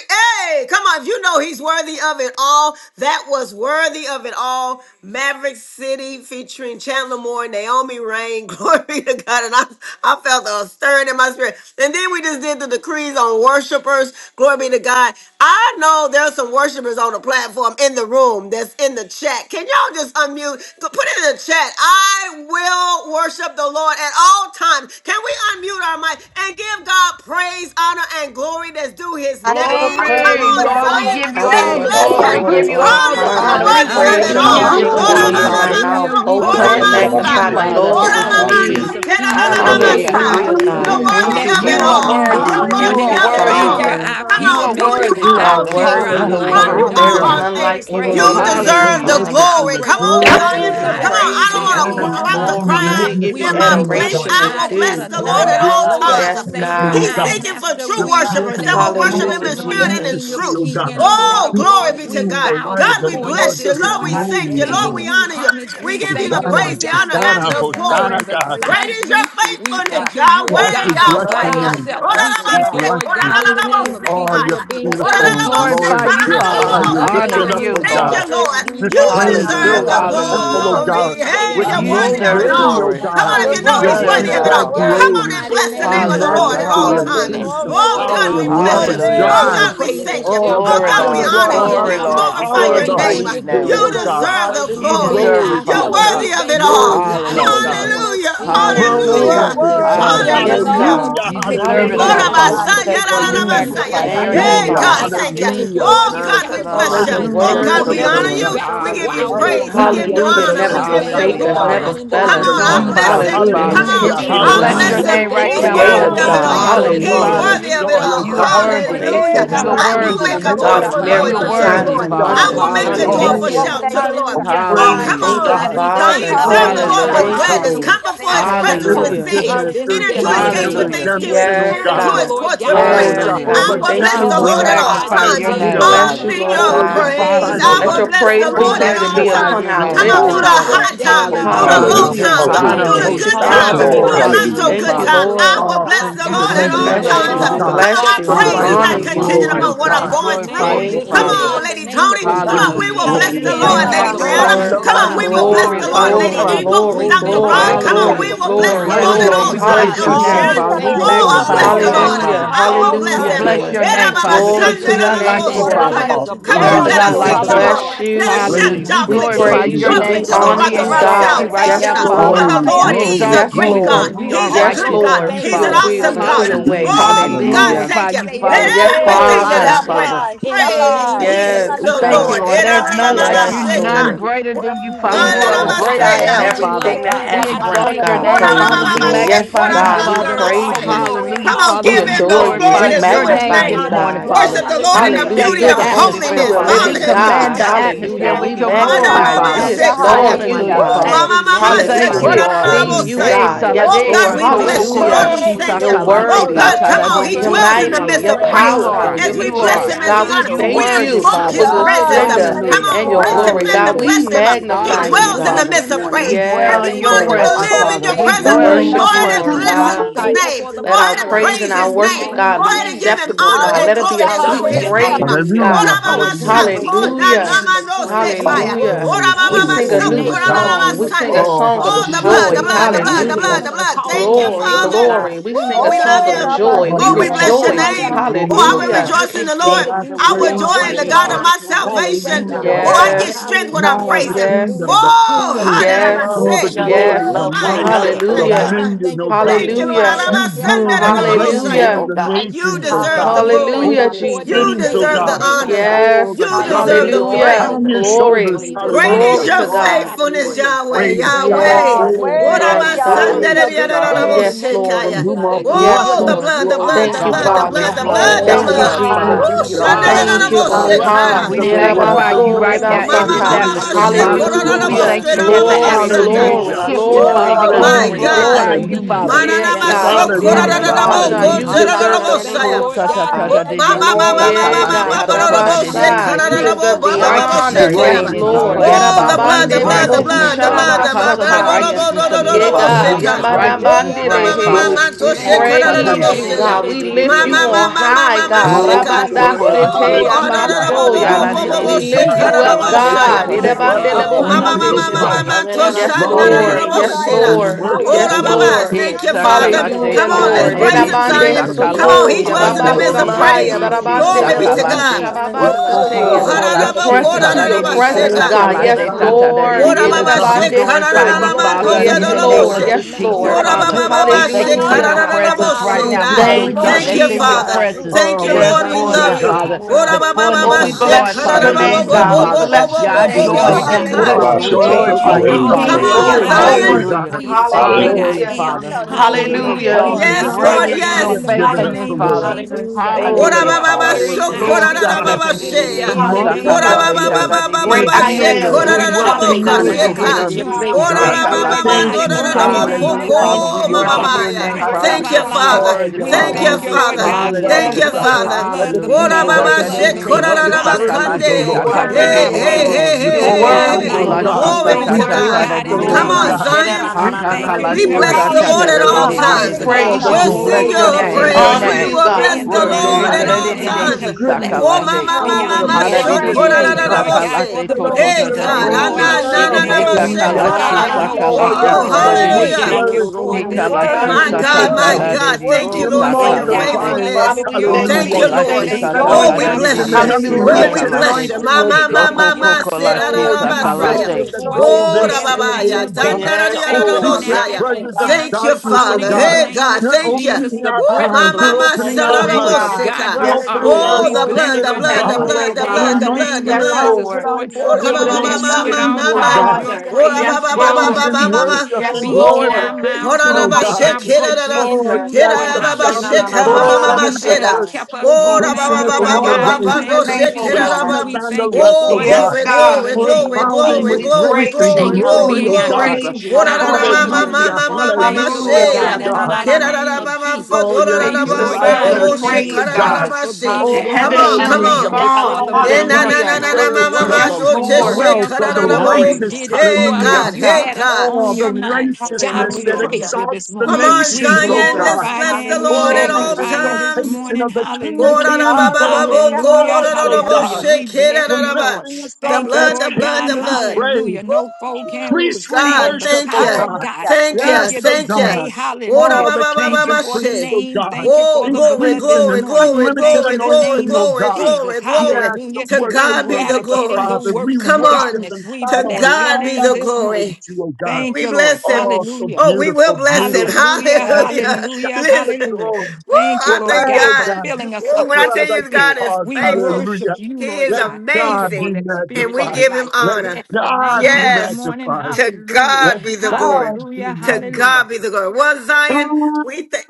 A: Hey, come on. If you know He's worthy worthy of it all. That was worthy of it all. Maverick City featuring Chandler Moore, and Naomi Rain. Glory be to God. And I, I felt a stirring in my spirit. And then we just did the decrees on worshipers. Glory be to God. I know there's some worshipers on the platform in the room that's in the chat. Can y'all just unmute? Go- Put it in the chat. I will worship the Lord at all times. Can we unmute our mic and to give God praise, honor, and glory that's due his
B: I will
A: name. Come
B: praise
C: Glory,
B: the
A: on,
D: Hallelujah,
C: Lord,
B: Lord.
C: we
A: Zion.
C: give
E: I
C: you
D: hallelujah,
E: will
A: Let's
C: all the
D: glory
E: worship the
D: to
F: Yes,
A: bless him.
C: glory,
B: Hallelujah.
E: Lord
G: Hallelujah.
D: God.
E: at
C: give you
D: Lord,
E: all
D: we
G: Thank you,
C: all
D: give
C: the
D: you
G: Lord.
E: times,
A: Hallelujah,
D: thanks
E: and
C: honor.
E: his
C: We
D: and we
A: worthy of
B: Hallelujah.
E: praise
A: it
G: Thank
E: shall
G: you,
C: worship
D: praise
C: you
D: you.
H: Hallelujah,
A: all.
C: this
G: Jesus.
E: continue to
B: Hallelujah.
H: hallel-
A: Glory
C: morning,
D: We
E: be
A: ba
G: Hallelujah.
E: in
A: ba
E: my
A: ba
C: Father.
B: Hallelujah.
H: hallelujah.
A: so
E: mouth.
H: We
E: Oh,
C: We
D: glorify
G: Lord,
A: kora
D: you,
E: come
G: that's
D: O
G: what I
E: and
H: praise
G: thought
D: God.
C: worship
H: you,
D: We
G: about you
C: you,
A: masa.
E: magnify
D: lift
E: the
G: today.
D: you
H: Almighty
C: Father.
D: up,
E: Lord
A: Ora
E: with
H: God,
D: Almighty
H: the
A: mama
D: Lord.
C: Hallelujah.
A: no
H: Prince
E: me.
G: Hallelujah.
H: of
A: kera la
D: Hallelujah.
H: Peace,
A: la
G: Thank
H: the
G: you,
A: la
D: We give
H: great
G: Lord.
C: Hallelujah.
D: you
H: I
A: masa.
H: am.
D: all
E: Hallelujah,
D: the
E: God.
A: You're
D: glory,
H: we
C: Hallelujah.
D: all
E: Thank
A: worthy
D: the
E: you,
F: hallelujah.
H: bless
A: of
C: You
H: your
A: it
D: praise,
C: are
E: Lord.
D: all
A: all.
H: name
D: the
H: this
C: worthy.
A: You're
B: Oh,
D: honor,
C: You
E: Thank
H: morning.
A: worthy
C: are
E: you,
A: of
D: all
A: it
B: hallelujah.
D: the
H: Thank
C: worthy.
H: you,
D: love,
A: all.
B: Hallelujah.
D: all
E: Father.
D: the
H: our
A: Come
C: You
A: on,
C: are
A: to
D: adoration,
H: peacemaker,
A: you
C: worthy,
D: O
E: You
A: are
H: our
D: God.
A: all
E: are
C: Father.
A: things.
H: keeper,
D: Lord,
E: worthy,
D: we
H: our
D: just
C: Hallelujah.
H: light
A: From
H: in
D: thank
A: you
E: Lord.
D: you, O
E: There
A: are
E: is
A: all
D: God.
H: darkness.
C: Hallelujah.
E: none
H: We
D: Hallelujah.
A: things.
E: like you in
F: Oh,
H: praise
E: all
A: You
E: of
H: you
F: yes,
E: the
H: this
F: we
E: earth,
A: deserve
C: Hallelujah.
A: the
H: morning,
E: Father.
F: worship
H: our
F: and
A: glory. Come
H: great
D: You
A: on,
F: adore
E: We
H: God.
F: you,
A: Zion.
F: O
D: deserve
E: give
D: it
B: Oh,
E: you
F: God.
A: Come
H: Besides
A: on.
D: all, O
H: you,
A: I
E: praise
A: don't
E: and
D: God,
E: we
A: want
H: there
F: Yes,
A: to
E: give
F: Lord,
H: is
E: you
D: all,
B: Yanaya.
A: cry,
D: O
A: have to
D: God.
H: none
F: we
E: glory
H: other.
A: cry
E: and
A: out
E: we give you
H: We
F: magnify
A: in
D: Everything,
A: my
D: oh
F: you,
H: thank
F: O
H: you,
D: God,
A: place.
F: God.
E: adoration
H: Lord
D: because
A: I
E: that's
A: will
H: God,
D: everything
A: bless
D: is
E: due.
A: the Lord
H: Adonai,
D: yours,
F: Oh,
A: at
D: oh
F: the
H: our
A: all
D: God.
B: Oh,
H: Lord, our
D: So
B: Yanaya.
A: times.
E: Yes,
D: we
F: exaltation,
D: give
H: Savior,
D: it on
F: O
E: God.
A: He's
H: our
D: back
F: God.
A: seeking
D: unto
A: for
D: you,
H: Master.
F: The
A: true
D: oh
H: We
D: God.
A: worshipers
F: beauty
A: that
H: bless
F: and
D: We
A: will
H: you
F: power
A: worship
F: and
A: him
H: this
E: Hallelujah,
A: in
F: the
D: glorify
A: spirit
H: morning,
A: and in
H: King
E: Jesus.
D: Jesus.
H: of
F: majesty, O
A: truth.
H: King
F: God.
D: We
H: and Lord
A: Oh,
H: of
F: We
D: magnify
H: Lords.
A: glory be
D: you,
A: to
H: We
F: stand in
A: God.
F: the
D: Jesus.
H: bow
F: light of
A: God,
F: the
A: we
D: We
H: before you
D: love
F: knowledge
A: bless you.
D: you,
F: of
H: this
F: the
A: Lord,
D: Lord.
H: morning,
A: we
D: I
A: thank
D: said
F: glory,
A: you.
D: it
F: O
A: Lord,
H: paying
A: we
F: Lord.
D: all.
H: you
A: honor
D: God.
A: you.
H: homage.
D: We
A: We
H: We
A: give you
D: thank
H: thank
A: the
H: you,
D: you,
F: Hosanna,
A: praise,
H: Lord
A: the
D: Jesus.
H: God.
A: honor,
H: There
A: and
F: Hosanna,
A: the
H: is
D: Hallelujah.
F: Hosanna,
H: none
D: Hallelujah.
A: glory.
F: God.
D: Great is
A: Great
D: your
H: beside
A: is your
H: you.
D: faithfulness,
H: We
D: oh
A: faithfulness,
D: God.
H: thank you. You're
F: Yes,
D: Great
A: Yahweh,
D: is
F: we
H: God
D: your
H: all
F: bless
H: by
A: Yahweh.
F: your
D: love
B: Yahweh,
F: name.
D: unto
H: yourself.
D: us,
H: We
D: oh
F: We
B: Yahweh,
H: thank you,
D: God.
A: Orarabasek,
F: bless
H: Lord
F: you.
H: God, in the
D: Hallelujah.
H: name of
D: We
A: orarabasek,
B: Yahweh.
F: Oh,
H: Jesus
A: God.
D: thank
H: for
F: you're
D: you,
H: being
D: oh God.
C: We
F: beautiful and
H: Elohim,
D: We
A: Orarabasek,
C: glorify
H: the
F: glorious.
C: you,
D: thank
F: You're
D: you, oh
C: Father.
F: high.
H: creator
C: We
D: God.
F: You're
D: I
H: of
A: orarabasek,
H: the
C: honor
D: need
F: lifted
A: God.
D: it,
F: up,
C: you,
H: heavens
F: oh
D: oh
A: Thank
D: God.
H: and
F: God.
C: Lord.
H: the
A: you,
H: earth.
A: Lord.
H: We
F: Your
D: Receive
A: You
D: our
F: train
H: worship
D: worship, oh
C: Hallelujah.
H: you
A: deserve
F: fills
A: the
B: Yanamahaya.
H: and
F: the
D: God.
H: you
F: temple,
D: Receive
C: Hallelujah.
F: oh
D: our
H: alone
F: God,
A: glory.
H: this
D: praise, oh
H: day in
A: Hey,
F: with
H: the
D: God.
A: you're
C: You
H: name
A: worthy of
H: of
C: deserve
A: it
C: the
F: glory,
H: Jesus.
A: all.
D: Hallelujah,
F: oh
C: glory.
D: oh
A: Come
F: God.
A: on, if
D: God.
B: You're
A: you
C: You
A: know
H: Hallelujah.
A: he's
F: Yes,
B: worthy,
F: we
C: deserve
A: worthy
H: Thank
C: it
H: you,
A: of
D: Hallelujah,
A: it
B: Lord.
F: cry
D: oh
H: Lord
A: all.
C: all.
H: God.
A: Come
B: Worthy.
D: God.
H: In the
A: on
F: glory
A: and
H: mighty
A: bless
D: Oh,
B: Give
A: the
H: name
A: name
F: and
H: of
A: of
D: Lord
A: the
D: God,
C: Hallelujah.
A: Lord
F: majesty
B: glory,
A: at
H: Jesus,
D: we
A: all
H: we
F: and
D: reverence
B: glory,
C: Hallelujah.
A: times.
F: peace
D: you.
H: bless
F: and
H: you,
B: glory,
D: Lord.
A: Oh
H: Lord, at
B: glory,
F: power
A: God, we
F: and
H: all
F: love
A: bless you.
F: of
D: Hallelujah,
H: times.
D: we
C: Hallelujah.
A: Oh
B: glory.
H: Your
F: God.
D: adore
A: God, we
D: you,
H: praises
A: thank
D: Lord.
A: you.
H: shall
F: Oh, that
A: Oh
C: Glory,
A: God,
F: shed
A: we
H: continually
C: Lord.
D: Hallelujah,
F: abroad
B: Hallelujah.
A: honor
F: our
H: be
D: oh
A: you.
H: in
F: hearts
A: We
C: Glory,
H: our
F: to
D: God.
F: the
C: Lord. We
H: mouth.
A: glorify
F: power of
A: your
H: We
F: the
C: glorify
D: Hallelujah,
A: name.
H: thank
F: Holy
C: your
H: you,
A: You
F: Spirit,
D: Jesus.
C: name.
F: oh
H: Jehovah
F: God.
A: deserve
H: Rapha,
A: the
C: You
H: for
D: Hallelujah, oh
A: glory.
H: being
C: deserve
D: God.
F: Glory
C: it,
H: our
F: be
A: You're
F: to
H: healer.
C: Father.
F: God.
H: We
A: worthy
D: Glory
A: of it
D: to
H: thank you,
A: all.
D: God.
H: Lord
D: We
F: Glory
H: God,
F: be
H: in
F: to
D: thank
H: the
C: Hallelujah.
D: you,
E: Ah,
F: God.
H: name
D: Lord.
H: of
A: Hallelujah.
D: We
H: Jesus.
E: yes,
D: thank you,
B: You
D: oh
C: Hallelujah.
H: Thank
B: are
F: Glory
D: God,
E: Lord.
A: Hallelujah.
H: you
D: for
F: be to
D: your
H: this
F: God.
B: worthy
H: morning
B: of
H: in
D: goodness,
B: it
H: the
C: Hallelujah.
E: Yes,
D: oh
H: name
A: Hallelujah.
D: God.
E: God.
H: of
F: Hallelujah.
B: all.
C: You
D: We
H: Jesus for
C: deserve it
D: thank
H: being
D: you,
F: Hallelujah.
C: all,
E: Hallelujah,
D: oh
H: our
C: Father.
H: rock
C: We
D: God.
H: of
A: Korabasaya,
E: Jesus.
C: thank you. We
H: defense. We
F: Hallelujah.
D: Hallelujah, oh
A: rararabasaya.
C: magnify
H: bless
D: God.
C: your
H: you,
E: Thank you,
C: name,
A: Hey,
H: Lord
F: Hallelujah.
D: It's
A: God,
H: God.
C: Father.
E: Father.
B: Shandamahaya.
D: thinking
A: thank you.
D: that you
H: Thank you,
F: Hallelujah.
D: will
H: Lord.
A: Oh,
D: be
H: You
C: There's
D: with
A: God,
H: kept
D: us,
A: we
H: us
D: oh
C: none
A: bless
H: all
C: like
D: God.
A: you.
E: You're
H: night
C: you.
A: Oh,
D: And
F: Hallelujah
D: you
H: long.
F: to
D: will
A: God,
F: the
H: You
A: we
E: worthy,
D: never
F: Lamb
A: honor
F: of
E: Lord.
D: leave
H: pushed
F: God.
A: you.
D: us
H: back the
A: We
D: or
A: give you
D: forsake
H: wild
C: Hallelujah.
D: us, oh
A: praise.
H: wolves
A: We
H: in
D: God.
H: the
A: give
F: Hallelujah
A: you
H: night.
F: to
D: We
E: Hallelujah.
F: the
A: honor. We
E: Never
D: just
F: Lamb
H: We
F: of
A: give
D: thank
H: thank
D: you,
A: you
F: God.
H: you,
E: forsake
D: oh
C: Hallelujah,
E: us,
H: Lord
D: God.
A: glory.
E: never
C: Father.
H: God, in the
E: fail
A: Come
C: We
H: name
A: on,
E: us,
H: of
A: I
E: God.
D: Hallelujah,
H: Jesus
A: bless
C: glorify
H: for
F: Hallelujah.
C: you,
A: him.
H: being
E: Hallelujah.
D: hallelujah.
A: Come
C: Father.
D: To
H: Jehovah
A: on,
F: Hallelujah.
D: be
C: We
D: in
E: Intentional,
D: the
A: I
H: Gamoleth.
C: bless
D: land
A: bless
C: your
E: God.
D: of
F: Hallelujah.
H: We
D: the
A: him.
C: name right
H: thank
A: He's
H: you,
D: living
C: now,
B: Oya
H: head
D: once
F: All
H: of
A: worthy
C: Father.
E: Creative,
F: the
H: the
A: of
D: again,
C: We
A: it
E: God.
F: peace,
B: namahaya,
A: all.
C: honor
D: to
F: the
H: angelic
C: you,
A: He's
F: love,
E: Hallelujah.
H: army.
D: worship
F: the
C: Father.
A: worthy
H: We
D: you,
A: of
D: oh
A: it
F: joy,
H: thank
D: God
H: you
F: oh
A: all.
C: You are
H: for
F: God.
D: to
H: angels
C: worthy.
B: sheleleke
D: praise
H: that
E: Faithful,
D: you,
A: Hallelujah.
H: you
D: oh
C: You
H: have
C: are
E: God.
D: God,
A: I will
F: Gentleness
B: lamasabada
D: to
C: worthy.
H: released
A: make
F: and
A: a
E: God
F: meekness
H: over
B: Bahaya.
E: of
A: joyful
F: comes
H: our
D: glorify
F: from
C: You
A: noise
C: are
F: the
D: you,
E: miracles,
A: unto
H: lives.
A: the
F: faith,
H: We
E: signs,
C: worthy,
D: Jesus.
A: Lord.
F: oh
E: and
A: I
C: Father.
H: bless
F: God.
H: your
A: will
E: wonders.
D: Hallelujah,
A: make
D: to
H: name
A: a
H: this
B: Jesus,
C: Hallelujah.
D: make
A: joyful
F: Oh,
D: you,
H: day
B: what
E: Hallelujah.
H: in
F: oh,
B: would
H: the
A: shout
B: I
A: to the
B: do
H: name
A: Lord.
F: oh,
H: of
B: without?
D: hallelujah,
H: Jesus.
A: Oh,
F: praise
D: high,
A: come
C: Hallelujah.
F: to
D: oh
E: Thank you,
A: on,
H: Jesus,
D: God,
F: God.
D: and
H: we
D: lift
H: thank
D: it
H: you
A: Zion,
E: Father.
D: up,
H: for
A: serve the
F: Praise
H: being
D: Almighty
F: to
A: Lord
B: Hallelujah,
H: our
F: you,
A: with
F: oh
D: One.
C: Hallelujah.
E: Thank
H: high
E: you,
F: God.
A: gladness.
D: So we
E: Lord.
H: priest,
A: Come
B: hallelujah,
A: before
D: thank
H: our
A: his
D: you,
H: pre-
A: presence
F: Your
B: hallelujah.
D: Jesus.
A: with
C: Hallelujah.
E: Hallelujah.
A: singing
H: potentator
F: forgiveness,
H: this
F: your
D: Hallelujah,
A: into
H: day in
A: his
H: the
F: healing, your
A: gates with
D: hallelujah.
H: name of
C: Hallelujah.
A: thanksgiving
D: Great
H: Jesus.
F: redemption,
D: is
F: oh
D: your
E: Yes,
A: and
F: God.
A: into
H: Thank you,
A: his
E: God.
H: Lord
A: courts
D: faithfulness, oh
A: with
H: God, in the
D: God.
F: Oh,
A: praise.
E: Yes,
H: mighty
C: Hallelujah.
E: God.
A: I
D: Great
E: We
F: Jehovah
H: name
D: is
A: will
H: of
D: your
E: thank
A: bless
E: you,
A: the
H: Jesus.
C: We
D: love,
A: Lord
D: oh
A: at
E: Lord.
F: Jireh.
A: all
D: God.
H: Beside
C: magnify
H: you,
A: times.
C: your
H: there
E: We
C: name,
F: Hallelujah.
H: is
A: I'll
D: Hallelujah,
E: bless
C: Father.
E: you,
D: oh
H: none
A: sing
D: God.
E: Lord
D: We
H: other,
A: your
F: Oh, you
H: none
D: thank
E: God.
H: could do
A: praise.
D: you,
F: provide our
A: I
H: what
D: Jesus.
E: Let
C: Hallelujah.
F: life
A: will
E: your
H: you've
A: bless the
E: praise
H: done,
C: We
D: Oh,
A: Lord
F: according
A: at
E: continue
H: Jesus,
F: to
E: to
A: all
D: Rashida,
E: be
F: your
H: for
C: magnify
H: us.
A: times.
E: upon
F: riches
C: your
E: our
F: and
C: name,
A: Come
H: We
A: on
E: lips,
A: through
F: glory.
B: Oh,
C: Father.
H: thank
A: the
H: you
D: oh,
H: this
E: Father.
A: high
H: day in
A: times,
H: the
D: receive
B: hallelujah.
A: through
D: our
H: name
A: the
C: Hallelujah.
H: of
A: low
F: Hosanna,
G: Hallelujah.
D: worship,
H: Jesus.
E: Hallelujah.
D: oh
A: times,
G: Hallelujah.
D: God.
H: Thank
A: through
F: Hosanna,
H: you
A: the
E: Thank
H: that
E: you,
C: Hallelujah.
A: good
H: you are
G: Yes,
A: times,
H: the
F: Hosanna,
D: Hallelujah.
E: Father.
G: Lord.
A: through
F: Lord.
A: the
H: spotless,
A: not
G: Hallelujah.
A: so
C: Hallelujah,
D: Receive
A: good
E: Thank you,
D: our
H: unblemished
C: Father.
A: times.
D: praise,
A: I
H: Lamb
E: Lord.
D: oh
H: of
A: will
F: Oh,
D: God.
A: bless
H: Glo-
F: thank
A: the
F: you,
C: We
F: the
A: Lord
H: God.
E: We
A: at
F: new
C: bless
A: all
C: your
D: Receive the
E: bless
F: beginnings,
C: name,
A: times.
E: you.
F: oh
E: We
D: love,
H: Hallelujah.
F: God,
C: Father.
D: oh
A: Come on,
E: bless
H: That
D: God,
A: my
E: you.
F: the
H: took
D: that's
E: We
A: praise
F: life
A: is
D: coming
H: away
E: honor
A: not
H: our
D: out
F: and
D: of
C: Hallelujah.
E: you,
D: our
H: sins.
A: contingent
F: glory,
D: heart,
E: Lord.
H: We
F: oh
A: upon
D: oh
A: what
C: We
A: I'm
F: God.
H: bless
D: God.
H: your
A: going through.
C: glorify
H: name
C: you,
E: Thank
H: this
A: Come
F: Oh,
D: Radiating
E: you.
H: day
C: Father.
A: on,
H: in the
D: unto
A: Lady
H: name
F: so
D: you,
H: of
A: Tony.
D: oh
A: Come
H: Jesus
D: God.
F: great
A: on,
H: for
A: we
F: and
C: Hallelujah.
A: will
H: being
A: bless
H: the
F: glory, oh
A: the
D: Hallelujah.
H: head
C: We
A: Lord,
D: And
B: Sada
F: God.
E: Yes,
D: you
H: of
A: Lady
D: and
H: the
D: you
B: Bahaya,
C: magnify
A: Brianna.
F: In
H: corner,
C: you,
D: alone,
E: Lord.
H: the
F: the
D: oh
A: Come
F: light
A: on,
C: Father.
A: we
D: God.
F: of
H: chief
C: We
F: your
A: will
H: of the
A: bless
E: Glory,
A: the
F: knowledge, in
C: glorify
F: the
A: Lord,
D: Hallelujah.
C: you,
A: Lady
F: light
E: glory,
D: Because
F: of
H: cornerstone.
D: we
C: Father.
F: your
A: April.
H: We
E: glory,
F: glory,
D: receive
F: oh
A: Dr.
H: thank
D: your
H: you,
E: glory,
A: Rod,
F: God,
D: love,
A: come
H: Lord
D: we
B: Hallelujah.
A: on,
H: God,
A: we
E: glory,
C: Hallelujah.
H: for
A: will
D: receive
F: in
D: it
H: being
F: the
A: bless
D: on
H: our
E: glory,
A: the
D: this
F: light
A: Lord
F: of
C: Yes,
A: at
H: light
F: your
C: Lord.
E: glory.
D: morning,
A: all
C: We
H: in
D: oh
A: times,
D: God.
C: bless
F: presence
C: your
A: Elder
F: and
H: darkness.
C: name,
D: When
E: Hallelujah.
F: peace
B: All
H: We
A: Sharon.
D: you
C: Father.
F: and
C: We
H: thank
D: woke
H: you
B: times,
A: Oh,
F: joy,
D: us
H: this
F: oh
A: I
D: up,
C: magnify
H: day
F: there.
D: oh
A: bless
B: all
C: your
H: for
A: the
H: being
D: God.
C: name,
H: being
A: Lord.
B: times,
E: Hallelujah.
C: Father.
H: our
A: I
B: all
A: will
H: elder
A: bless
C: We
D: Hallelujah,
E: Hallelujah,
B: times.
A: him.
H: brother.
A: Come
H: Your
C: bless
E: Lord.
C: your
D: Jesus.
H: name
C: name,
H: is
D: We
C: Father,
D: thank
E: Glory
C: because
D: you,
E: to
A: on,
C: there's
H: Jesus,
E: your
D: Lord.
C: none
H: and
E: name,
C: like you,
H: that
E: Lord.
C: Father.
B: Korama
H: name
D: Glory
H: is
F: Oh,
D: to your
H: above
C: There is
E: Father
F: praise
A: let
D: name.
B: shelama
F: you,
C: none
A: us
E: God,
H: every
E: we
F: God.
A: sing
C: like
A: to
H: name.
C: you.
A: the
H: And
A: Lord.
B: korabahaya.
E: bless
D: Glory
H: at the
D: to
A: Let
E: you.
D: your
A: us
H: name
A: shout
H: of
C: Hallelujah.
F: Praise
D: name.
C: We
E: We
F: you,
H: Jesus,
A: joyfully to,
H: every
C: glorify
D: Glory
E: praise
D: to
C: your
E: you.
H: knee
C: name,
A: joyfully
F: hallelujah.
E: We
D: your
A: to
H: must
D: name,
C: Father.
A: the
D: oh
E: honor
H: bow
C: We
A: rock of
E: you,
D: God.
A: our
H: and
D: We
C: exalt you
H: every
E: God.
D: bless
C: right
D: you.
H: tongue
A: salvation.
E: Yes,
C: now,
A: Uh,
B: Yelama
D: We
C: Father.
A: For
H: confess.
E: Lord.
A: the
F: Glory,
D: honor
H: We
B: habahaya.
A: Lord
C: We
D: you,
H: thank
D: Lord.
A: is
H: you
F: glory,
A: a
H: that
C: exalt
E: Yes,
C: you
A: great
D: We
H: Jesus,
A: God.
C: because
F: glory,
E: Lord.
C: we
H: you
C: are
A: He's a
H: are
D: glorify
E: Yes,
A: good
D: you,
C: righteous
D: oh
H: Lord.
A: God.
C: in
E: Lord,
D: God.
C: you,
E: to
H: Thank
A: He's
H: you
A: an
H: for
E: your
C: Father.
H: being
A: awesome
E: will and
D: Hallelujah.
E: to
A: God.
H: Lord,
D: We
A: Uh,
E: your way.
C: Hallelujah,
H: King,
D: lift
C: Father.
D: you
C: We
H: and
D: up,
A: Oh,
D: oh
A: God,
F: hallelujah.
D: God.
H: Master
E: Hallelujah.
H: and
C: glorify
A: thank you.
C: you,
D: We
H: Savior
A: Let
C: Father,
D: lift
E: Yes,
H: over
C: for our
H: us
B: Yembe
A: everything that
D: Jesus
H: this
D: up,
C: life,
E: Father.
A: have
D: oh
H: day
A: breath
C: Father.
D: God.
B: lama
H: in the
D: Hallelujah.
A: praise
H: name
D: You
B: shaba
H: of
A: you,
D: said in the
H: Jesus.
C: We
E: Yes,
A: the
H: We
B: yemalaku
C: thank you,
E: God.
D: word,
A: Lord.
H: will
C: Lord.
D: oh
H: bless
C: There's
D: God.
C: none
H: you,
C: like
H: Lord.
E: Yes,
C: you,
D: Hallelujah.
B: sanandaria.
C: none
D: You
E: Lord.
H: Hallelujah.
C: greater
D: lifted up.
C: than you,
D: You will
C: Father.
H: Thank
D: draw
C: You
H: you,
C: are the
D: all
H: Lord
E: Yes,
C: great
H: God.
D: men
C: I
E: God. And
D: unto
A: Woo!
C: am,
H: None
D: you, oh
C: Father.
E: everything
H: like
E: that
H: you,
D: God.
C: We
E: has
H: God.
D: I
E: breath,
C: exalt
D: thank
C: your
D: you,
A: Come
E: God,
D: oh
H: Hallelujah.
C: name,
B: Oyanamekekelamakabadabahaya.
D: God,
E: praise
H: None
D: for
C: Father.
E: you, the
C: We
H: like
E: Lord.
H: you.
D: drawing,
E: Yes,
D: oh
C: magnify
H: You
C: you,
D: God,
E: God, we
C: Father.
H: deserve
E: praise
H: all
D: drawing the
E: you.
H: glory,
D: souls
C: Hallelujah,
A: on,
H: all
D: unto
C: Father.
E: We
A: give
C: We
D: you
H: honor,
A: him
D: on
E: adore
A: the
H: all
E: you.
A: glory
E: We
D: today,
C: glorify
A: to
D: oh
H: praise.
C: your
A: do
D: God.
A: his
H: We
E: magnify
C: name
B: We
H: thank
E: you,
C: this
A: name.
H: you
B: give you
H: this
C: morning,
E: God.
D: Hallelujah,
H: morning
C: Father.
B: glory.
A: Worship
H: in
A: the
H: the
A: Lord in
C: We
H: name
A: the
D: hallelujah.
H: of
E: Hallelujah.
C: set
A: beauty
E: You're
A: of
C: the
E: the
H: Jesus.
E: only
H: Uh,
D: Hallelujah,
C: atmosphere,
D: oh
E: true
A: holiness.
H: All
E: and
D: God,
C: Father.
D: as
C: We
E: living
H: sing
D: we
H: our
D: lift
C: command
E: God.
D: you
H: God.
C: the
A: Hallelujah.
H: You
D: up,
H: see it
E: Hallelujah.
C: atmosphere
D: as
H: all.
E: We
C: with
D: we
C: your
H: You
D: honor
H: know it
C: glory,
D: you,
E: magnify
H: all.
E: you.
C: Father.
E: We
D: as we
B: Hallelujah,
H: We thank you.
E: extol
H: And
D: glorify
E: you,
D: you,
C: Hallelujah,
B: hallelujah.
H: Jesus
A: Woo,
E: God.
H: has
D: as
C: Father.
D: we
A: mama,
C: We
H: redeemed us
E: Hallelujah.
D: magnify
C: thank
H: from
C: you,
E: We
D: you,
H: it
F: Oh,
D: oh
H: all.
C: Lord.
D: God,
A: mama,
E: esteem
H: We
F: praise
E: you,
A: say,
H: thank
D: as
C: Hey,
H: you
D: we
F: you,
E: God.
H: for it
E: Yes,
A: Oh
H: this
D: pour
A: God,
E: Lord.
D: our
C: saladesi
A: we
H: morning
B: We
H: in
D: love
H: the
A: bless
C: kokoko
A: you.
D: on
C: la
H: name
A: Lord,
E: Hallelujah.
A: we
D: you
H: of
B: praise,
D: on
A: thank
D: this
C: shisa
E: You're
A: you.
H: Jesus.
B: praise,
H: We
D: morning, oh
A: Oh
C: kalate
D: God,
E: worthy.
H: worship
A: God,
C: tata
A: come
C: da
H: you
B: praise,
A: on.
C: di
D: our
A: He
C: di
E: You're
C: di
B: praise,
A: dwells
H: and
D: worship,
A: in
C: si.
A: the
H: you
D: our
E: mighty.
A: midst
E: You're
A: of
B: praise,
D: praise,
H: alone.
D: oh
C: You
A: praise.
B: praise.
D: God.
C: are,
E: powerful. You're
A: As we
H: Hallelujah.
D: We
C: you
H: We
D: were
A: bless
C: are.
H: lay
A: him,
E: majestic.
H: our
A: as
E: God,
A: he
D: created
E: we
D: to
H: lives
C: You
A: honors, we
E: thank
H: down.
D: worship
C: worthy,
E: you
D: you,
A: invoke
D: oh
E: for
A: his
C: Father.
E: your
D: God.
H: Hallelujah.
B: Jesus,
A: presence.
D: So
H: That
D: we
H: we
E: splendor
B: thank
A: Come
H: may
D: thank
B: you,
C: Hallelujah.
E: and
D: you,
H: b-
A: on,
D: oh
E: your
B: Lord.
A: bless
D: God,
A: him,
E: glory.
D: that
A: bless
H: reflect
D: you're
A: him,
E: God,
C: Hallelujah.
H: for
E: we
A: bless him.
D: receiving the
H: Christ.
A: He
E: magnify you,
C: Hallelujah,
D: worship
A: dwells in the
H: Hallelujah.
D: on
E: God.
C: Father.
D: this
A: midst
H: In
A: of
H: the
D: morning.
A: praise.
C: We
H: earth, we
A: If
C: dwell
A: you
C: in
E: Yes,
H: thank
C: your
H: you
A: want him
E: Lord.
A: to
D: Hallelujah,
H: for
C: presence,
A: live
H: this
B: Roko
A: in
C: Father.
A: your
D: hallelujah.
H: day
C: We
H: in
E: We
H: the
C: dwell
B: shende
A: presence,
C: in
B: la
A: go
C: your
E: worship
H: name of
E: you,
D: Glory
A: ahead and
D: to
E: Lord
B: mashaba
C: presence.
F: Lord.
D: your
H: Jesus.
A: bless
E: God.
A: his
D: name.
H: Thank
B: bahaya.
H: you
A: name.
H: for the
A: Go
D: Glory
E: Let our
A: ahead
D: to
A: and
H: power
D: your
E: praise
H: that's
A: praise
E: and
D: name.
E: our
A: his
H: in the
A: name.
E: worship,
D: Oh, we
H: name
A: Go
E: God,
H: of
E: be
A: ahead and
D: thank
A: give
D: you,
A: him
H: Jesus.
E: acceptable,
H: The
A: honor
D: Jesus.
E: God.
A: and
E: Let it
H: works
E: be
A: glory
H: of
B: Hallelujah,
E: a
A: that's through
E: sweet
A: his
H: darkness
D: Hallelujah,
B: hallelujah.
A: name
H: being
E: fragrance,
D: hallelujah.
F: Hallelujah,
E: God.
D: You are
H: destroyed when
D: so
H: we
F: hallelujah.
D: great and
H: speak the
D: greatly
E: Hallelujah.
D: to
H: name
D: be
H: of
A: no
H: Jesus.
D: praised, oh
H: We
F: Oh,
A: setaya.
D: God.
E: Hallelujah.
H: worship
A: Ora
F: glorious,
E: We
A: baba
H: you
D: Oh, we
E: sing
H: this
E: a
F: beautiful
A: baso
D: can
E: new
F: Lamb
H: day
F: of
A: kora
H: in
A: na
H: the
D: worship
F: God.
A: na
E: song.
D: you,
H: name
E: We
D: oh
H: of
D: God.
E: sing a
A: masande.
H: Jesus
F: Oh,
E: song of
H: for
A: Oh, the
F: hallelujah.
A: blood, the
E: joy.
H: choosing
A: blood,
H: us,
A: the
D: Hallelujah,
F: Hosanna,
A: blood, the
H: using
A: blood,
D: hallelujah.
E: Hallelujah.
H: us,
A: the
F: Hosanna,
H: and
A: blood.
D: We
A: Thank
H: calling
A: you,
F: Hosanna.
H: us
D: thank
E: Glory,
D: you,
H: your
D: oh
A: Father.
F: Hallelujah.
H: own.
D: God.
E: glory. We
H: We
E: sing
B: Go
A: Ooh,
D: We
E: a
A: we
H: bless
A: love
E: song
D: thank
E: of
H: your
A: you.
D: you, oh
H: name
D: God,
E: joy.
F: Oh,
D: for
E: We
H: this
A: Oh,
F: yes,
A: we
B: rabashaba
D: helping
B: da
F: our
H: morning
A: bless
D: us
A: your
H: in the
F: praise
E: rejoice.
F: and the
A: name.
D: strengthening
B: bahaya.
H: name
D: me
H: of
A: Oh,
F: glory,
D: today.
F: oh
A: I
H: Jesus.
A: will
F: God.
E: Hallelujah.
D: We
A: rejoice
H: If you
A: in the
D: thank you, oh
F: Yes,
H: said
A: Lord.
H: it,
F: we
D: God, that
H: you
A: I
D: we
F: praise
D: have
A: will
H: shall
D: our
E: Thank you,
A: joy
H: bring
A: in
F: you, O
D: right
H: it
A: the
H: to
A: God of
F: God.
H: pass.
D: mind
A: my
E: Jesus.
D: on
H: We
D: today, oh
H: thank you,
A: salvation.
F: Hallelujah,
D: God.
A: Oh,
H: Lord
F: O
B: Yes,
A: I
F: God.
H: God.
A: get
E: Yes,
A: strength
D: Hallelujah,
A: when I
D: oh
H: Hallelujah.
F: Now
D: God.
F: the
A: praise him.
E: yes,
H: Hallelujah.
F: kingdom, the
H: King
A: Oh,
D: That
H: of
F: power,
D: we
A: how
H: King
D: can
A: did I
H: and
E: yes,
D: love
F: all
H: Lord
F: the
A: say?
H: of
D: each other
H: Lords,
F: glory,
D: and
E: yes.
F: the
A: Oh,
H: we
D: love one
A: my
H: bow
F: might, the
D: another,
A: God,
D: oh
A: my
H: before you.
D: God.
E: Hallelujah.
H: We
A: God.
F: dominion,
H: thank you
F: O
H: for
F: God.
D: Dear
A: Thank
H: being
A: you, Lord.
D: God,
E: Hallelujah.
H: seated
D: let
H: in
F: You
B: hallelujah,
D: people
F: rule,
H: heavenly
F: you
D: forth on
H: places
D: this
B: hallelujah.
F: reign
D: state,
A: Alabasandarabosaya.
F: over
D: oh
E: Hallelujah.
H: in
F: the
D: God.
H: Christ
A: You
F: nations, O
H: Jesus.
A: deserve the
F: God,
H: We
D: Hallelujah, oh
H: thank
A: glory.
F: over
E: Hallelujah,
H: you
D: God.
F: the
H: for it
D: You
H: this
A: You
E: Jesus.
D: get
F: cities,
D: the
H: day
F: O
H: in the
A: deserve the
F: God.
D: glory, oh
H: name of
A: honor.
D: God.
H: Jesus.
F: Oh, the
E: Yes.
A: You
H: Thank you
A: deserve
F: government
D: Hallelujah,
H: this
A: the
F: is
H: day in
A: praise.
H: the
D: all
E: Hallelujah.
F: upon
D: that
F: your
D: we
H: name
D: just
H: of
E: Glory.
F: shoulders.
D: praise, oh
H: Jesus.
A: Great
D: God. You
A: is
F: Hallelujah.
E: Glory
D: get
A: your
E: to
D: all
H: Hallelujah.
D: the
E: God.
A: faithfulness,
D: glory,
H: Hallelujah.
D: oh God.
A: Yahweh.
H: We
F: Praise
H: praise
F: God,
D: Oh
H: you
A: Yahweh.
E: Yes.
H: that
D: God,
F: praise
A: What
H: healing
A: am
D: everything,
F: God,
B: Yahweh,
E: Yes,
D: oh
A: I
D: God, in
A: Sunday?
E: God.
B: Yahweh,
F: praise
H: virtue
D: this earth
H: this
D: is
F: God
H: day in
D: yours.
H: the
B: Yahweh.
E: Yes,
H: name of
F: from
E: Lord.
D: Oh
H: Jesus
F: whom
D: God,
F: our
H: that
D: and we
H: you've
E: Yes,
A: Oh,
H: given
D: honor
A: the
F: blessings
D: you,
H: us.
E: Lord.
A: blood,
D: oh
H: You
A: the
F: flow,
D: God.
H: are
A: blood,
F: oh
A: the
E: Thank
H: our
E: you,
D: We
F: God.
A: blood,
C: Hallelujah.
A: the
H: help,
D: honor
A: blood,
C: Your
E: Father.
A: the
H: our
D: you, oh
C: blood,
A: blood,
H: healer,
F: Oh,
A: the
C: your
D: God.
E: Thank you,
F: yes,
A: blood.
C: blood,
H: our
B: Korama,
A: Woo,
F: thank
H: rock
C: Father.
E: Jesus.
F: you,
D: Hallelujah,
H: of
D: oh
F: God.
H: defense.
D: God.
B: shalama.
E: Thank
C: Hallelujah,
E: you,
H: We
F: The
E: Lord.
C: Father.
H: bless
D: Hallelujah, we
H: you
E: Ha.
F: blessings
A: shanaraboshetara.
C: We
F: of
H: this
B: There's
F: the
D: thank you, oh
H: morning.
F: Lord,
C: magnify
F: the
D: God.
C: you
E: yerabaso
C: right
H: Hallelujah.
A: Woo,
C: now
F: richness of
C: in
F: your
A: mama,
C: this
A: mama,
E: rebasata.
H: None
D: Hallelujah,
F: grace
A: mama,
H: like
C: atmosphere,
F: and
H: you,
D: hallelujah.
H: Lord,
C: Father.
F: mercy, oh
H: none
C: We
F: God.
D: Glory
H: like
E: Hallelujah.
C: thank
D: to
H: you.
C: you
A: shekoraraboshetara,
D: your
C: that
A: mama,
C: the
A: mama,
H: Thank
D: name.
E: Glory,
H: you for
C: atmosphere
A: shata.
H: being
C: is
D: Oh,
E: glory,
F: Hallelujah,
H: Jehovah
C: shifting,
H: Makia.
C: Father,
E: glory,
A: Woo,
H: We
C: because we're
A: my
E: glory,
H: thank you
F: hallelujah,
D: Rashida,
H: for
A: God.
C: glorifying
E: glory.
C: you,
H: molding
D: we
H: us
F: hallelujah,
C: Father.
H: and
D: send it
E: Yes,
D: in
A: Mananama
C: We
H: making
D: a
H: us
C: thank
E: God.
C: you,
H: this
D: ro-ro-ro-ro
E: Did that
C: Father.
H: morning in
F: hallelujah,
D: Jesus,
H: the
E: about
A: sokoraraboko,
H: name
E: Asha?
H: of
C: Hallelujah.
E: You
F: hallelujah.
D: and then
H: Jesus.
D: we
E: deserve
D: send it
E: the
D: in a
H: Thank you,
C: Ho sa
H: Lord
D: ro-ro-ro-ro.
C: ta
H: God,
C: ta
E: God.
A: Woo,
C: da di
H: making
A: ma, ma,
H: us
C: si
A: ma,
D: Glory
A: ma,
H: your
A: ma,
D: to
A: ma,
E: Yeah,
H: own
D: the
A: ma, ba,
H: and
E: God,
D: King,
A: ba, da, da,
H: giving
A: bo,
H: you
A: se,
H: the
A: ka,
E: Rabasa,
A: da,
D: hallelujah!
E: you
A: da, da,
C: si.
H: great
D: Have
A: bo,
D: your
E: deserve
A: ba,
E: the
D: way,
A: ba, ba, bo,
H: worship
A: se,
C: Righteousness
E: honor.
H: that's
D: Jesus.
A: ke, da,
E: Yes,
C: reign
H: due
A: ba.
F: Glory,
C: in
H: to
C: this
H: your
E: Lord.
D: Hallelujah,
C: place,
H: name.
A: Oh,
F: hallelujah,
A: the
C: Father.
H: We
D: hallelujah!
A: blood, the
D: We
E: Yerababandele
A: blood, the
F: hallelujah.
H: worship
D: sing
C: Righteousness,
A: blood,
H: you
A: the
D: for
C: Father,
H: and
A: blood,
D: God,
A: the
H: you
D: we
C: because
A: blood, the blood,
C: of the
D: sing
H: alone.
A: the
D: for
E: bohusharabasataya.
H: We
C: righteousness
D: God.
A: blood,
C: of
D: the
H: thank you,
C: you,
E: Yeah,
A: the blood,
H: Lord
D: Love,
C: Father.
A: the
E: God.
H: God.
F: Glory
D: I'm
F: to
A: blood,
D: made of
F: God.
D: you.
C: Righteousness
A: Oh,
H: Hallelujah.
A: na ma
C: reign,
A: ma ma
E: Yamadamandelehe.
F: Glory
H: Hallelujah.
C: Father.
A: ma
D: Glory
F: to
A: to
D: to
E: We
F: the
D: God,
H: Thank
A: se
H: you
C: Ho
A: ka
F: Lamb,
A: da
H: for
C: sa
A: da
H: the
C: ta
A: da
F: glory,
E: praise
A: bo
C: da
E: you,
H: shed
C: di
A: se ya.
C: di
H: blood
D: glory
E: God.
C: di
D: to
E: We
H: of
C: di di
D: God,
E: lift
C: di
A: Ma
H: Jesus
C: di
E: you
A: ma
D: glory to
H: this
A: ma
E: on
C: si.
D: the
A: ma
D: King.
H: day
A: ma
E: high,
A: ma ma
D: Glory
H: covering
E: God.
A: se
H: us.
D: to
F: glory
A: ka.
F: to the
H: We
F: Lamb.
H: thank
D: all
H: you
E: Rabandasete
D: we
H: for
C: si.
H: the
D: bless,
F: Hallelujah,
A: Woo!
H: anti
A: oh,
E: yabasoya.
A: bo
H: venomous
A: bo
F: hallelujah,
A: bo
H: blood
A: bo
E: We
F: oh
H: of
D: hallelujah!
C: si
E: lift
F: God.
H: Jesus
E: you
A: shekara bo
E: up,
H: that
D: All
A: bo
D: we
H: you have
D: thank
A: shaya.
F: Yes,
E: God.
D: you, oh
H: released
F: lifting
D: God,
F: up the
E: Yerebandele
A: Woo!
H: upon
A: Mama
H: us
F: voices, oh
C: si.
H: this
A: mama
D: hallelujah!
A: mama
F: God.
H: day.
E: bohundeshebaya.
D: Hallelujah,
H: Thank you
D: ro-ro-ro-ro
E: Yes,
A: matosha
H: for the
A: na
F: Longing
A: na
F: and
A: na
E: Lord.
H: blood.
A: bo
D: Jesus,
B: none
H: No
E: Yes,
B: like you,
H: foe
A: shela.
F: praising and
H: can
E: Lord.
H: go
F: worship,
D: thank
E: Yes,
A: oh,
D: you,
B: Father.
F: O
D: Lord.
H: beyond
F: Lord.
H: the
A: baba,
B: There's
E: Lord.
H: blood.
A: thank
B: none
A: you,
H: We
D: Lord, we
H: thank
A: Father.
B: you,
H: you,
D: thank you
C: Isakalate
E: Hallelujah,
H: Lord
A: Come
D: for your
A: on,
H: God,
B: Lord.
C: toda
A: let's
H: in
E: Lord.
H: the
C: de
B: Holy,
A: praise
F: Hallelujah
D: covering.
H: mighty
D: We
A: him,
F: to
C: disi
F: the
D: thank
H: name
E: Nedabande
D: you
A: Zion.
D: for
H: of
D: the
F: Lamb.
A: Come
H: Jesus.
A: on,
D: blood.
A: he
C: sakalate
D: We
E: sotoya,
D: thank
A: dwells in
D: you
H: Thank
A: the
H: you,
E: baba
D: for
C: tatara
D: the
A: midst
H: Lord
C: de
A: of
F: Hallelujah,
C: de
D: blood.
H: God.
C: de
D: We
A: praise.
D: thank you for
C: disi
D: the
E: barabande
H: Hallelujah
F: hallelujah,
A: Glory
F: O
H: for
A: be
D: blood.
A: to
F: God.
D: The
A: God.
H: redeeming
E: debohusha,
C: sakalate
H: us from
F: Your
E: baba
H: the
D: cleansing of the
H: curse
F: power,
H: of
A: Woo!
D: blood,
H: the
F: the
D: oh
H: law.
C: hokokoko la
E: We
D: God.
F: wealth
A: Hararabo,
H: We
E: press
F: of
D: We
C: shisa
E: into
F: God.
C: da
H: bless
D: thank
E: your
C: de
D: you,
A: korarabo,
H: your
D: oh
C: disi
D: God.
H: name
F: All
E: presence,
D: I
A: sheta.
F: for
H: this
F: your
D: say
E: God.
D: that
H: day.
D: I
E: Yes,
C: sakalate
D: don't know.
F: divine
C: tatara de
E: Lord.
C: de
H: Hallelujah.
A: Ora
D: we
F: favor,
C: de.
F: O
A: baba
D: can
F: God
A: she
C: We
D: come
E: Yedabande
H: Adonai,
D: to
F: the
D: you
C: glorify
H: our
E: so.
C: you,
A: kararara
D: with
F: thanks
D: an
H: Lord,
A: man
F: for
H: our
C: Father,
F: your
A: doza
D: holy
E: Yes,
C: in the
H: Savior,
F: liberal,
C: name
D: athlete
E: Lord.
F: the
C: of
H: our
A: raboshe.
D: with the
E: Yes,
D: weakness
C: Jesus,
H: Master.
B: I
F: bestowing
E: Lord.
F: of
A: Ora
B: give you
D: on
H: We
C: Father.
A: baba
F: gifts
D: today,
F: and
C: We
A: baba
D: oh
H: praise
B: glory
A: she
D: God.
B: and
C: thank
H: you,
C: you for
H: Lord
F: praises,
E: Hallelujah,
B: honor
C: your
B: and
H: God.
A: kararara
D: For
E: God.
B: praise
D: all
F: the
D: our
C: presence right
A: raboshe.
D: sins,
C: now,
D: oh
F: fountains,
A: Ah,
C: Father.
D: God.
B: today,
H: Hallelujah.
F: oh
C: We
D: We
E: Thank you,
C: know
B: Lord
F: God.
A: Thank
C: that's
A: you,
D: thank you,
C: in
H: Hallelujah.
D: oh
C: your
B: Jesus.
E: Jesus.
A: Father.
D: God, that
H: Hallelujah.
C: presence.
D: you
A: Thank
F: Oh,
A: you,
H: We
D: hear
F: we're
C: There's
A: Lord.
E: Thank
D: us,
A: We
E: you,
H: thank
D: oh
F: happy,
H: you,
F: oh
A: love
C: fullness,
D: God,
H: Lord
A: you.
F: God.
C: Father.
H: God.
D: when we
A: Ora
E: Jesus.
C: The
A: baba
D: pray, oh
E: Oh,
C: fullness
A: baba
H: Hallelujah.
E: we
C: of
A: she
C: joy,
E: bless
F: as
C: Father,
H: Hallelujah.
E: your
C: is
A: kararara
F: your
D: God.
A: bo
E: name,
C: in you,
E: God.
H: Hallelujah.
A: bo bo
E: We
F: communion
A: bo
C: Father.
A: bo
F: can
E: bless
A: bo
E: your
C: Yeah, our
A: bo
F: happen,
A: bo
H: Thank
F: oh
E: name,
H: you,
A: bo
D: Receive
C: joy
B: Oh,
H: Lord
C: is
E: Lord.
A: she
F: God.
D: the
E: We
B: hallelujah.
C: in
H: God.
C: you,
G: Lord, I
A: come.
F: The
D: worship,
G: bow
E: bless
C: Father.
H: We
C: We
E: your
D: oh
G: to
F: joy
D: God.
F: of
G: you.
E: name,
F: the
H: praise
C: glorify
H: you,
E: King
D: Receive
C: you,
E: of
F: Lord,
D: the
A: Woo!
G: Hallelujah.
F: the
A: Come
E: King,
D: love.
C: Father.
G: Thank
H: Almighty
G: you,
E: Lord
A: on,
E: of
G: Lord.
H: God, the
F: blessedness, oh
D: Receive
G: Hallelujah.
A: Zion.
E: Lord.
H: Prince
D: the
H: of
C: Hallelujah.
F: God.
H: Peace,
D: praise,
H: the
D: oh
G: Hallelujah.
D: God.
H: great
F: Oh,
H: I
F: the
C: Hallelujah,
E: Hallelujah.
D: Receive the
H: am.
C: Father.
F: sound
D: praise,
F: wisdom
D: oh
F: and
C: We
D: God.
H: Hallelujah.
E: Hallelujah.
H: We
B: Shatoko,
C: exalt you.
F: abiding
D: In
F: the
D: the
H: thank
A: Yes,
H: you,
C: Great
A: Lord.
D: mighty
B: Rabba,
H: Lord
F: success
C: is
D: name
H: God,
F: you
C: your
H: in
A: Yes.
D: of
H: the
F: have
B: Shataka,
F: given
H: mighty
F: us,
D: Jesus.
C: faithfulness,
F: oh
H: name
E: Hallelujah,
H: of
F: Lord.
C: Father.
H: Jesus.
E: Jesus.
D: Hallelujah.
H: Thank
F: Oh,
H: you
A: Ora
F: the
C: Hallelujah,
D: Hallelujah.
H: for
A: baba
C: Father.
F: power
H: ordering
A: baso
F: of
E: Hallelujah,
H: our
C: Hey,
A: kora
D: Glory
A: ra
C: sa-
A: ra
D: to
C: ta-
E: Jesus.
F: God
A: baba
C: ta-
H: footsteps
D: your
C: di-
H: this
C: di-
D: name.
C: di-
F: to
A: sheya.
H: day
C: she-
H: in the
C: sa- ka-
H: name
C: la-
A: Kora
D: Hallelujah.
H: of
E: Hallelujah.
F: multiply,
C: te-
A: baba
C: ta-
F: Lord.
H: Jesus.
C: da-
A: baba
C: di- di-
A: baba
H: We
F: You're
C: di-
E: Great
C: di-
E: I
C: di- di-
H: bless
A: bashe
F: healing
C: di-
H: you,
F: us.
A: kora
E: am.
F: You're
C: she.
A: ra
D: Great
H: Lord.
A: ra
D: is
A: ra
D: your
F: working
A: boka
D: faithfulness.
H: Hallelujah.
F: miracles
E: Hallelujah.
F: in
D: Great
A: sheka.
F: our
D: is your
F: midst,
H: Hallelujah.
F: oh
E: Ha,
A: Kora
D: faithfulness.
F: God.
A: ra
H: Thank you,
D: Great is
A: mama
H: Lord
D: your
F: Thank
H: God,
A: mando
H: in
F: you,
A: na
H: the
A: na
D: faithfulness,
A: ra
B: Ora,
H: mighty
F: thank
D: Almighty.
F: you,
H: name
A: bofo
C: Hallelujah,
H: of
B: Seba,
C: Father.
F: thank
H: Jesus.
C: We
A: ko
F: you,
H: You
F: oh
A: mama
E: yekadabasotoyabaseteya.
H: are
C: worship
H: the
F: God.
C: your
A: maya.
D: Hallelujah.
C: name,
H: strength
C: Father,
H: of
A: Thank you,
H: our
D: Hallelujah.
C: because you are
H: lives.
A: Father.
E: Yedasata.
F: Oh,
C: worthy,
F: your
E: Yes,
H: We
D: Oh,
A: Thank
C: Father.
D: we
A: you,
H: thank
F: covenant,
E: God.
H: you,
F: this
D: thank you,
H: Lord
A: Father.
D: Lord.
H: God, for
F: commonwealth,
H: the
A: Thank
C: Hallelujah.
F: oh
E: Yes,
A: you,
D: We
F: God,
H: blood, the
D: thank
E: Lord.
D: you
A: Father.
D: for
F: of
H: blood,
F: the
D: this
H: the
C: Hallelujah.
D: day.
A: Ora
H: blood,
F: people,
H: the
F: of
A: baba
F: the
D: We
A: she
H: blood,
E: Hallelujah,
H: the
F: nation,
D: thank
A: kora
F: of
D: you
H: blood.
A: na
F: the
E: Jesus.
D: for
A: na
D: this day.
F: churches,
H: Hallelujah
C: Eh-sa-ta-dee-dee-dee-see-sa-ka-la-te,
F: oh
E: You're
A: bakande.
F: Lord.
H: covering
A: Hey
H: our
D: Hallelujah.
E: worthy.
A: hey
C: ta-ta-da-dee-dee-see.
H: families,
F: Oh,
A: hey
D: Hallelujah.
F: your
A: hey
H: keeping
E: You're
H: us
A: hey hey
H: all
F: blessings,
E: worthy,
A: hey.
H: night
F: oh
D: Hallelujah.
E: Lord.
F: God.
H: long.
A: Glory
E: You're
A: be
H: Thank
F: We
D: Hallelujah.
H: you,
A: to
H: Lord
F: bless
A: God.
E: worthy.
H: God,
F: the
H: in the
F: Lamb
A: Come
D: Oh
F: of
H: name
A: on,
D: God,
C: O-ko-ko-ko-la-see-sa-ta-ta-ta-da-dee-dee-dee-see.
H: of
F: God.
D: shada
A: Zion.
D: na
H: Jesus.
E: Harabasata.
D: na
F: We
D: na na
H: Thank
D: na,
F: bless
H: you,
C: la
E: We
A: We
H: you
C: see
F: you
H: have
D: shada.
F: in
A: bless
C: sa
A: the
E: praise
H: redeemed
A: Lord
B: Hallelujah,
E: you.
H: us
A: at
H: from
A: all
H: the
F: prosperity.
D: Glory
E: We
H: curse
D: to
A: times.
H: of
F: Oh,
H: the
D: God.
E: praise
F: the
B: hallelujah.
E: you,
H: law.
A: We'll
C: We
E: Lord.
A: sing
H: We
C: bless
F: glory
C: your
F: of
D: Glory
A: your
F: the
H: bless
D: to
E: We
C: name,
H: your
D: your
C: your
F: Lamb,
A: praise.
E: honor
F: the
D: name.
H: name
A: We
C: name.
E: you,
H: this
A: will
H: day
E: God.
A: bless
H: in the
A: the
F: favor of the
C: Worthy
H: name
D: Hallelujah,
H: of
A: Lord at
F: Lamb,
H: Jesus,
A: all
D: hallelujah,
H: and
E: Hallelujah.
H: you
A: times.
F: with
H: have
D: hallelujah.
E: Mm.
F: goodness
H: blessed
A: Oh,
H: us
A: ma,
F: and
A: ma,
F: wealth
A: ma,
D: Oh,
F: and
A: ma,
D: we
H: beyond
E: We
A: ma,
B: We
D: bless
H: measure.
A: sho,
E: thank
D: you,
E: you,
H: We
A: ko,
F: abundance,
A: da,
F: oh
A: da,
H: thank
A: da,
H: you,
E: Jesus.
A: da,
D: Jesus.
B: praise.
F: God.
H: Lord
A: bo,
H: God,
A: se.
H: for the
B: in
F: Shalom,
A: Hey,
H: blessings of
B: my
F: shalom,
H: the
A: God.
E: Thank
A: ah,
E: you,
D: Oh,
H: Lord.
D: ra
A: na,
B: mouth
A: na,
H: It
F: Israel.
A: na,
D: shada
E: Jesus.
D: na
A: na,
D: na
H: maketh
A: ma,
D: na
B: today,
D: na,
H: rich
A: se,
B: my
H: and
F: Hallelujah.
A: ko,
D: shana
A: da,
D: na
C: Hikakalashi
D: na
A: da.
H: addeth
D: na
B: God.
E: Thank
D: na.
B: He's
H: no
E: you,
C: sakala
F: Oh,
H: sorrow
C: de
F: yes,
A: Whoa,
H: with
E: Jesus.
H: it.
C: toda
F: Lord,
C: de
D: Ye
F: we're
H: We
C: disi.
B: Worthy,
A: hallelujah.
D: shada
H: thank
D: na na
H: you
D: na na
F: flourishing
H: for
F: in
D: na,
F: your
H: this
D: shada
H: day
D: na
C: Hikalashi
E: Father,
H: in
D: na
H: the
A: My
E: we
D: na.
F: fatness,
B: worthy,
A: God,
F: oh
H: name
E: thank
H: of
C: satata
A: my
C: da
E: you.
F: God.
C: de
H: Jesus.
A: God.
H: Thank
A: Thank
C: disi
D: Oh,
H: you
A: you,
F: You're
B: worthy,
D: we
H: for
A: Lord, for your
D: thank
B: worthy.
D: you, God.
C: sakalate.
H: endowing
F: multiplying
H: us
F: us,
A: faithfulness.
E: Father,
H: with
E: we
H: your
D: Oh, we
E: thank
A: Thank
F: hallelujah.
E: you.
D: thank
H: spirit.
A: you,
D: you
E: We
D: for
C: Hokokolashi
A: Lord.
F: An
E: thank you,
D: this
H: Thank you,
F: ever
E: God.
A: Oh,
H: Lord
C: satata
D: moment,
A: we
C: da
H: God,
D: oh
C: de
B: Glory, glory,
H: for a
F: increasing
D: God,
A: bless
F: and
A: you.
D: this
C: disi
H: spirit
A: Oh,
D: moment
E: Hallelujah.
H: led
A: we
D: in
F: unlimited
D: time,
H: life
A: bless
C: sakalate.
A: you.
D: oh
H: this
F: anointing,
A: My,
D: God.
F: oh
H: day
A: my,
H: that
F: God.
A: my,
D: That
A: my,
H: you've
D: you
A: my.
H: given
D: would give us,
A: Say,
H: to
A: ah,
H: us.
C: Hokokolashi
A: da,
F: Oh,
D: God,
A: da,
F: you
D: the
H: We
F: reward
H: praise
A: Messiah.
F: us
H: you
F: with
C: sakalate.
B: glory,
F: the
D: opportunity
H: for it
B: glory,
D: to
H: this
F: gold
A: Oh,
F: and
A: da,
H: day in
A: ba,
D: worship
H: the
B: glory.
D: you,
F: silver,
A: ba,
H: name
D: to
A: ya.
F: oh
H: of
A: Tan,
D: praise
F: God,
A: da,
H: Jesus.
D: you,
A: da,
D: to
E: Yes,
A: da,
F: with
A: da,
H: Thank you
A: da,
D: open
H: for
D: our
E: Lord.
H: now
F: secret
E: Yes.
D: mouth,
A: Messiah.
D: oh
H: fetching
F: treasures of
H: in
D: God.
H: us
A: Thank you,
H: this
F: darkness, oh
H: morning
A: Father.
H: in the
F: God.
A: Hey,
D: Hallelujah,
H: name
A: God,
H: of
F: You're
D: hallelujah,
A: thank
D: to
A: you.
F: opening
H: Jesus, the
D: sing,
A: Oh,
H: breath
F: our eyes,
A: my,
H: of
A: my,
D: hallelujah,
F: you're
D: to
H: life,
A: my,
E: Have
F: opening
D: say,
A: son,
H: the
E: your
F: our
A: da, da,
E: way,
H: rook
F: hearts,
D: hallelujah,
H: of
E: God.
H: God
A: Messiah.
F: you're
H: you
E: Yes,
H: are.
F: opening
D: hallelujah,
F: our
D: the
E: Lord.
A: Oh,
H: We
A: the
D: words
A: blood,
H: bless
F: spirit,
D: that
A: the
H: your
F: oh
D: come out
A: blood,
D: of
E: Have
A: the
H: name
F: God.
E: your
D: our
H: this
A: blood,
E: way,
D: mouth,
A: the
D: oh
H: day
F: You're
A: blood,
H: in
D: God.
E: God.
A: the
H: the
D: Let it
A: blood,
D: be
H: name
F: anointing
A: the
H: of
F: your
E: Yes,
A: blood.
D: pure
F: eyes
H: Jesus
D: and
F: with
E: Lord.
H: for it.
F: eyes
D: holy
F: so
A: Ora
D: unto
F: that
E: Do
H: We
A: ma
F: we
E: what
A: ma
D: you,
F: may
A: ma
E: only
D: oh
H: bless
E: you
A: ma
H: you
D: God.
F: see
H: at
E: can
A: ma
F: you,
H: all
E: do,
A: ma
F: oh
A: ma.
H: times.
F: God,
H: Your
E: Father.
D: Hallelujah,
A: Ora ba
F: in
H: praises
E: Yes,
A: ba
D: hallelujah,
A: ba
H: shall
A: ba
F: praise
A: ba
E: Lord.
F: and
A: ba
D: hallelujah.
A: ba
H: continually
A: ba.
F: worship
E: Yes,
F: and
A: Woo!
D: Glory
H: be
D: to
H: in our
E: Lord.
D: God.
H: mouths.
A: Ora
F: glorification,
H: We
A: la
D: Oh,
F: oh
D: we
A: ba
H: make
A: she
F: God.
H: our
D: thank you,
A: kera
E: Hallelujah,
A: la
H: boasts
A: la.
D: Jesus.
H: in
F: Oh,
E: Jesus.
H: you,
A: Kera
F: yes,
H: Lord.
D: Oh,
A: la
F: the
A: ba ba
D: Rashida,
A: she
D: na
H: Hallelujah.
D: na
A: ka
F: bountiful,
D: na
A: ma
F: the
D: na
A: ma
H: It's
A: ma
D: na
A: ma
E: Glory
H: you
E: to
H: that
A: she
F: benefits,
D: na.
A: da.
H: has
F: you're
E: God.
H: kept us. We
D: Oh
A: Ora ba
H: thank
F: increasing
A: ba
D: God,
H: you,
F: us
A: ba ba
H: Lord
F: on
D: thank
F: the
A: ba
D: you,
H: God,
F: right,
D: oh
A: ba
H: in
E: Glory
H: the
A: ba
E: to
D: God.
E: your
A: bo
H: name
F: you're
H: of
A: she
E: name, oh
A: kera
H: Jesus.
D: Thank
A: la
F: increasing
D: you,
E: God.
F: us
A: ba.
H: We
F: on
D: Jesus.
F: the
H: thank you
F: left,
D: Thank you,
A: Oh
F: oh
H: for
D: Lord.
F: God.
H: this
E: Yes,
A: glory
H: day in
E: God.
H: the
A: glory
F: We're
D: Thank you,
H: name
A: glory
H: of
D: Lord.
F: abounding
A: glory
H: Jesus.
F: with
E: We
D: Hallelujah.
A: glory
F: grace
E: praise
F: and
H: Thank
A: glory
H: you
E: you.
H: for
A: glory
F: glory,
E: We
H: being
F: oh
H: our
D: Hallelujah.
A: glory.
F: God.
H: keeper,
E: praise you. We
A: Ora
H: our
A: la la
D: Hallelujah.
H: rock
A: ma
E: praise
H: of
A: ma
E: you.
A: ma
F: Hallelujah,
H: defense.
A: ma
D: Hallelujah.
H: We
A: ma ma
H: thank
A: ma
H: you,
E: Hallelujah,
F: hallelujah,
H: Lord
D: Oh,
A: she
F: oh
H: God,
A: ya.
E: God.
D: na
H: in the
D: na
F: God.
D: na na.
H: mighty
A: Kera
D: na.
A: la
H: name
A: la
H: of
A: ba ba ba
H: Jesus.
A: do
F: Oh,
A: la
E: We
F: yes,
A: la
D: Oh
H: Thank
A: la
E: release
H: you,
F: you
E: the
D: God,
A: ba
H: Lord
A: bo
D: we
E: sound
H: God,
A: bo
F: enlighten
H: in
E: of
F: our
A: bo
H: the
D: thank you,
A: she
F: tongues,
H: name of
E: praise,
F: oh
A: kara
D: Jesus.
A: la la
F: God.
E: God,
H: Jesus,
A: ma
H: for
A: she.
H: being
F: Oh,
E: and
H: that
A: Come
E: heaven
D: Hallelujah.
A: on,
E: shall
H: slain
A: come on.
H: lamb
F: hallelujah.
D: Hallelujah.
H: before
E: respond.
H: the
F: All the
A: Yeah,
D: Hallelujah.
E: Hallelujah.
H: foundation
D: Glory
H: of the
D: to
F: prosperity of
D: God.
H: world.
E: Yes,
F: the
H: When no
E: Lord.
H: one
D: Glory
F: wealth
D: to
H: else
F: of the
H: could
D: God.
H: do it, you
E: Glory.
F: righteous,
D: Hallelujah.
H: did it for
A: Hey
H: us
F: hallelujah.
H: and
E: Yes,
A: God,
H: you
A: hey
H: had
E: God.
H: us
A: God.
F: Oh,
H: on
F: the
D: Thank
H: your
D: you,
H: mind.
D: Jesus.
H: God,
F: righteousness
H: we
F: that
E: Hallelujah.
D: Hallelujah.
H: praise you this
F: exalts the
A: Come
H: morning.
E: Mm,
A: on,
H: We
F: nations, oh
A: Zion,
F: God.
A: let's
E: Jesus.
H: glorify you
A: bless the
H: and we
A: Lord
D: Hallelujah.
A: at
F: Oh, the
A: all
E: Jesus.
H: magnify
D: Hallelujah.
H: you this
A: times.
F: exaltation
H: morning.
F: of the King of
H: Hallelujah.
F: Kings and Lord
A: Korarabababo,
F: of
B: Hallelujah,
H: Hallelujah.
F: Lords, oh
B: hallelujah,
A: korororobo,
H: Hallelujah.
F: God.
H: We bless
F: You're
H: you, Lord.
A: shekerararaba.
F: lifting us
A: The
F: up
H: Thank you,
A: blood,
F: as
A: the
H: Lord
A: blood,
H: God.
A: the
F: kingly
A: blood.
F: praise,
H: Hallelujah. No foe can
A: Woo!
F: priestly
A: God,
H: withstand the
F: worship,
A: thank
F: oh
A: you.
H: power of
F: God.
H: God.
B: hallelujah,
A: Thank you.
H: Thank
F: Yes,
H: you
F: oh
H: this
A: Thank you.
H: day.
F: God.
H: Hallelujah.
F: All the
H: Thank
F: kings
H: you
F: and
A: Orababababa,
H: for the
F: priests,
A: she.
F: oh
H: name.
F: God.
H: Thank you
A: Oh,
H: for the
A: glory,
H: blood
F: increase in
H: this
A: glory,
F: an
H: morning.
A: glory,
F: unlimited
H: Thank you,
A: glory,
H: the
A: glory,
F: anointing,
H: name
F: oh
H: of
A: glory,
F: God.
H: Jesus.
A: glory, glory.
F: Yes, the
H: Hallelujah.
A: To God be
F: worshipers
A: the
F: of the
H: Eradicating
A: glory.
H: the
F: Father, we
H: works
A: Come
H: of
F: worship
A: on.
H: darkness.
F: and
H: We
A: To
F: bow and
H: bless your
A: God
F: love
A: be
H: name
A: the
F: down and
H: this morning.
F: praise
A: glory.
F: you, oh God.
H: Thank
A: We
H: you, Lord.
A: bless him.
F: Oh, so
H: Hallelujah.
A: Oh, we will
F: beautiful,
A: bless him.
F: beautiful.
H: Hallelujah,
F: Yes, you
A: Hallelujah.
H: hallelujah,
F: shine the
A: Listen.
H: hallelujah.
F: glory.
A: Woo,
H: Thank
F: We're
H: you,
A: I
H: Lord
A: thank
F: glad,
H: God,
F: oh
H: for
A: God.
F: God. You
H: filling
A: Woo,
H: us up
A: when
F: favor
A: I
H: with
F: our
H: your
A: tell you
F: righteous
A: God
H: spirit.
A: is
F: cause.
H: We
A: faithful,
H: worship
F: Hallelujah.
H: you,
A: He
H: Lord
A: is
F: Let
H: God. Thank you
F: God
H: for
F: be
A: amazing,
H: that
A: and
H: spirit
A: we
F: magnified.
H: led
A: give Him
H: life. We
F: Let
A: honor.
H: bless your
F: God
H: name
F: be
H: this
A: Yes,
H: morning.
F: magnified.
A: to
H: Hallelujah,
F: Let
A: God be the glory.
F: God be
H: hallelujah,
A: To
H: hallelujah.
A: God
F: magnified.
A: be the glory. Well, Zion, we th-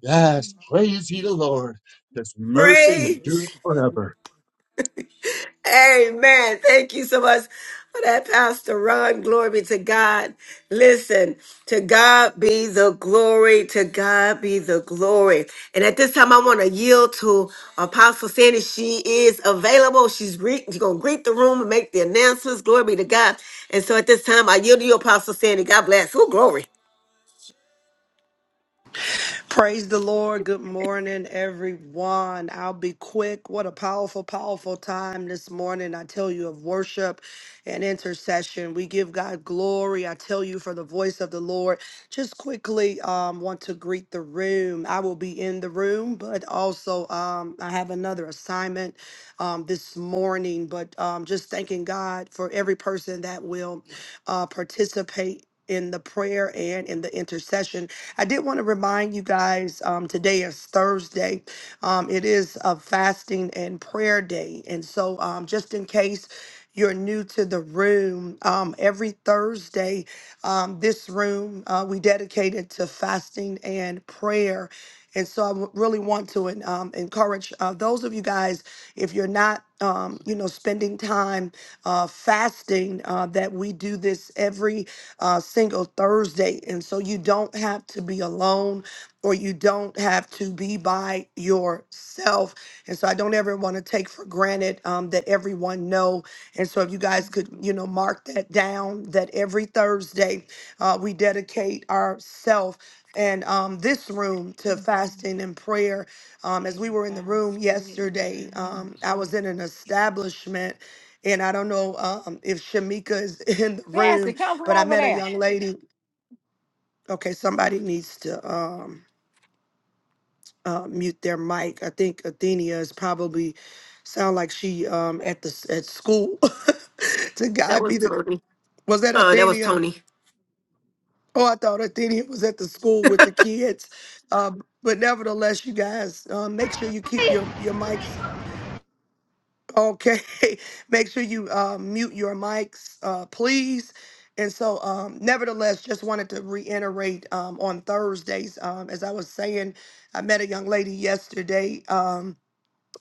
F: Yes, praise ye the Lord. His mercy
A: pray.
F: endures forever.
A: Amen. Thank you so much for that, Pastor Ron. Glory be to God. Listen, to God be the glory. To God be the glory. And at this time, I want to yield to Apostle Sandy. She is available. She's, re- she's going to greet the room and make the announcements. Glory be to God. And so at this time, I yield to you, Apostle Sandy. God bless. Oh, glory.
I: Praise the Lord. Good morning, everyone. I'll be quick. What a powerful, powerful time this morning. I tell you of worship and intercession. We give God glory. I tell you for the voice of the Lord. Just quickly, um, want to greet the room. I will be in the room, but also um, I have another assignment um, this morning. But um, just thanking God for every person that will uh, participate in the prayer and in the intercession. I did want to remind you guys um, today is Thursday. Um, it is a fasting and prayer day. And so, um, just in case you're new to the room, um, every Thursday, um, this room uh, we dedicate it to fasting and prayer. And so I w- really want to en- um, encourage uh, those of you guys, if you're not, um, you know, spending time uh, fasting, uh, that we do this every uh, single Thursday. And so you don't have to be alone or you don't have to be by yourself. And so I don't ever want to take for granted um, that everyone know. And so if you guys could, you know, mark that down that every Thursday uh, we dedicate ourselves and um, this room to fasting and prayer. Um, as we
H: Every
I: were in the
H: foul
I: room
H: spirit in
I: yesterday,
H: the name
I: um,
H: of
I: I
H: Jesus.
I: was in an establishment, and I don't know um, if Shamika is in the room,
H: Sassy, come from
I: but I
H: over
I: met a
H: there.
I: young lady. Okay, somebody needs to um, uh, mute their mic. I think Athenia is probably sound like she um, at the s- at school. to
A: That
I: God
A: was
I: be the
A: Tony.
I: was that
A: Oh, that was
I: Athenia?
A: Tony.
I: Oh, I thought Athenia was at the school with the kids. Um, but nevertheless, you guys, um, make sure you keep your your mics Okay, make sure you uh, mute your mics, uh, please. And so, um, nevertheless, just wanted to reiterate um, on Thursdays, um, as I was saying, I met a young lady yesterday. Um,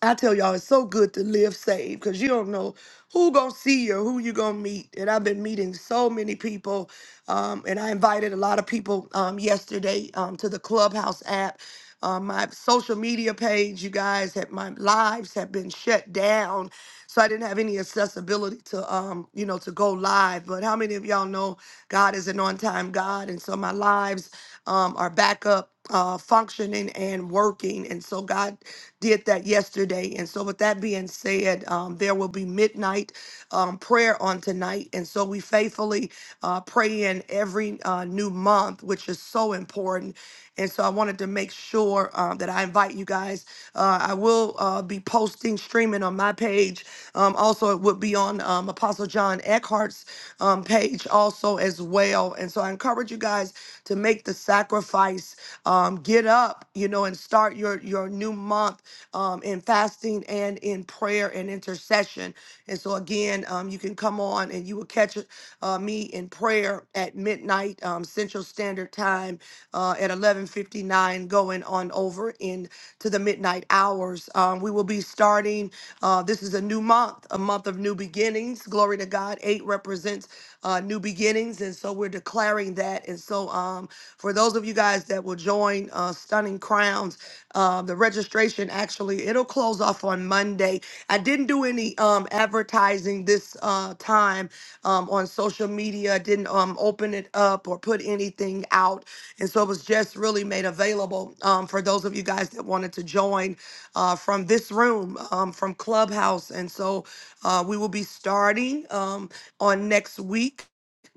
I: I tell y'all, it's so good to live saved because you don't know who gonna see you, who you gonna meet. And I've been meeting so many people, um, and I invited a lot of people um, yesterday um, to the Clubhouse app. Um, my social media page, you guys, have, my lives have been shut down, so I didn't have any accessibility to, um, you know, to go live. But how many of y'all know? God is an on time God. And so my lives um, are back up. Uh, functioning and working. And so God did that yesterday. And so, with that being said, um, there will be midnight um, prayer on tonight. And so, we faithfully uh, pray in every uh, new month, which is so important. And so, I wanted to make sure um, that I invite you guys. Uh, I will uh, be posting, streaming on my page. Um, also, it would be on um, Apostle John Eckhart's um, page also as well. And so I encourage you guys to make the sacrifice, um, get up, you know, and start your your new month um, in fasting and in prayer and intercession. And so again, um, you can come on and you will catch uh, me in prayer at midnight um, Central Standard Time uh, at 11:59, going on over into the midnight hours. Um, we will be starting. Uh, this this is a new month, a month of new beginnings. Glory to God. Eight represents uh, new beginnings. And so we're declaring that. And so um, for those of you guys that will join uh, Stunning Crowns, uh, the registration actually, it'll close off on Monday. I didn't do any um, advertising this uh, time um, on social media. I didn't um, open it up or put anything out. And so it was just really made available um, for those of you guys that wanted to join uh, from this room, um, from Clubhouse. And so uh, we will be starting um, on next week.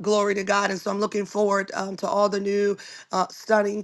I: Glory to God. And so I'm looking forward um, to all the new uh, stunning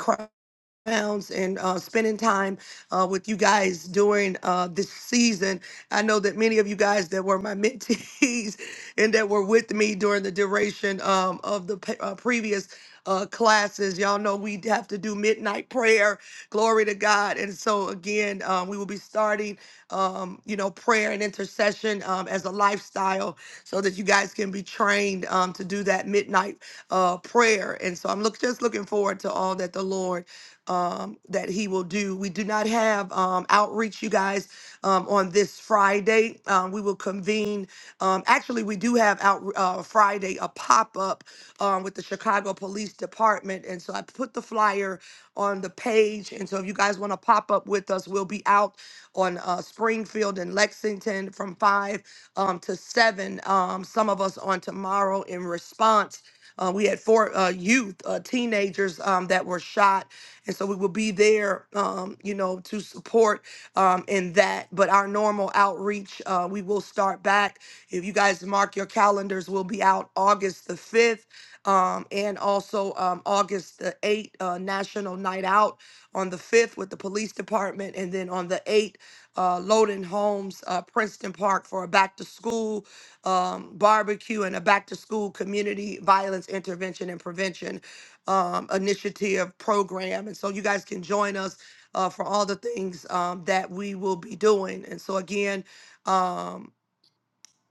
I: rounds and uh, spending time uh, with you guys during uh, this season. I know that many of you guys that were my mentees and that were with me during the duration um, of the pe- uh, previous uh, classes, y'all know we have to do midnight prayer. Glory to God. And so, again, um, we will be starting, um, you know, prayer and intercession um, as a lifestyle so that you guys can be trained um, to do that midnight uh, prayer. And so, I'm look, just looking forward to all that the Lord um, that he will do. We do not have um, outreach, you guys, um, on this Friday. Um, we will convene. Um, actually, we do have out uh, Friday a pop up um, with the Chicago Police Department, and so I put the flyer on the page. And so, if you guys want to pop up with us, we'll be out on uh, Springfield and Lexington from five um, to seven. Um, some of us on tomorrow in response. Uh, we had four uh, youth, uh, teenagers um, that were shot and so we will be there, um, you know, to support um, in that. But our normal outreach, uh, we will start back. If you guys mark your calendars, we'll be out August the 5th um, and also um, August the 8th, uh, National Night Out on the 5th with the police department. And then on the 8th, uh, Loden Homes, uh, Princeton Park for a back to school um, barbecue and a back to school community violence intervention and prevention um, initiative program. And so you guys can join us uh, for all the things um, that we will be doing. And so, again, um,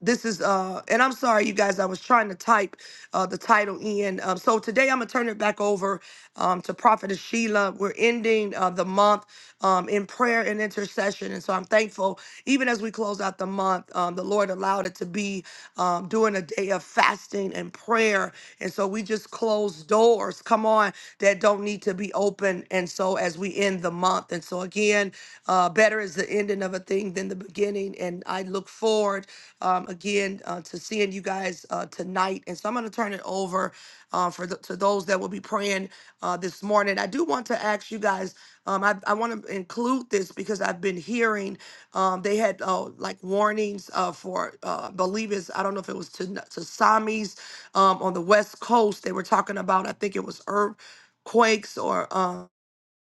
I: this is uh and i'm sorry you guys i was trying to type uh the title in um, so today i'm gonna turn it back over um to prophetess sheila we're ending uh the month um in prayer and intercession and so i'm thankful even as we close out the month um the lord allowed it to be um during a day of fasting and prayer and so we just close doors come on that don't need to be open and so as we end the month and so again uh better is the ending of a thing than the beginning and i look forward um, again uh, to seeing you guys uh, tonight. And so I'm going to turn it over uh, for the, to those that will be praying uh, this morning. I do want to ask you guys. Um, I, I want to include this because I've been hearing um, they had uh, like warnings uh, for uh, believers. I don't know if it was to to Samis um, on the West Coast. They were talking about. I think it was earthquakes or. Um,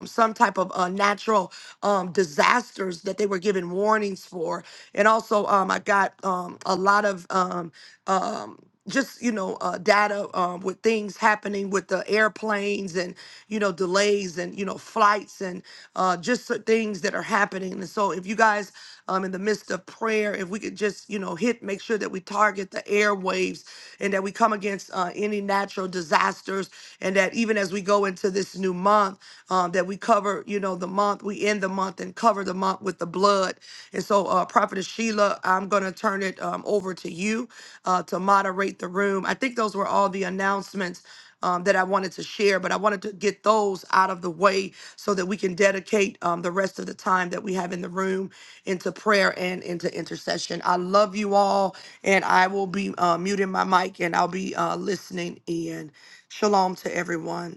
I: some type of uh, natural um, disasters that they were given warnings for. And also, um, I got um, a lot of um, um, just you know uh, data um, with things happening with the airplanes and you know delays and you know flights and uh, just so- things that are happening. And so, if you guys um, in the midst of prayer, if we could just you know hit, make sure that we target the airwaves and that we come against uh, any natural disasters, and that even as we go into this new month uh, that we cover, you know, the month, we end the month and cover the month with the blood. And so, uh, Prophetess Sheila, I'm going to turn it um, over to you uh, to moderate the room. I think those were all the announcements um, that I wanted to share, but I wanted to get those out of the way so that we can dedicate um, the rest of the time that we have in the room into prayer and into intercession. I love you all, and I will be uh, muting my mic and I'll be uh, listening in. Shalom to everyone.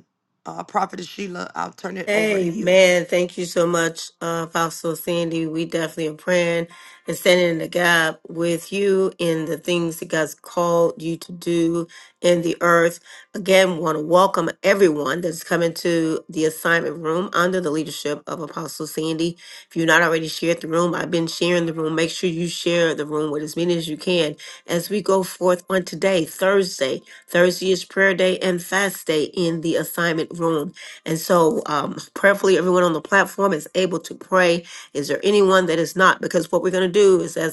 I: Uh, Prophetess Sheila, I'll turn it over to you.
A: Amen. Thank you so much, uh, Apostle Sandy. We definitely are praying and standing in the gap with you in the things that God's called you to do in the earth. Again, we want to welcome everyone that's coming to the assignment room under the leadership of Apostle Sandy. If you've not already shared the room, I've been sharing the room. Make sure you share the room with as many as you can as we go forth on today, Thursday. Thursday is prayer day and fast day in the assignment room. And so, um, prayerfully, everyone on the platform is able to pray. Is there anyone that is not? Because what we're going to do is, as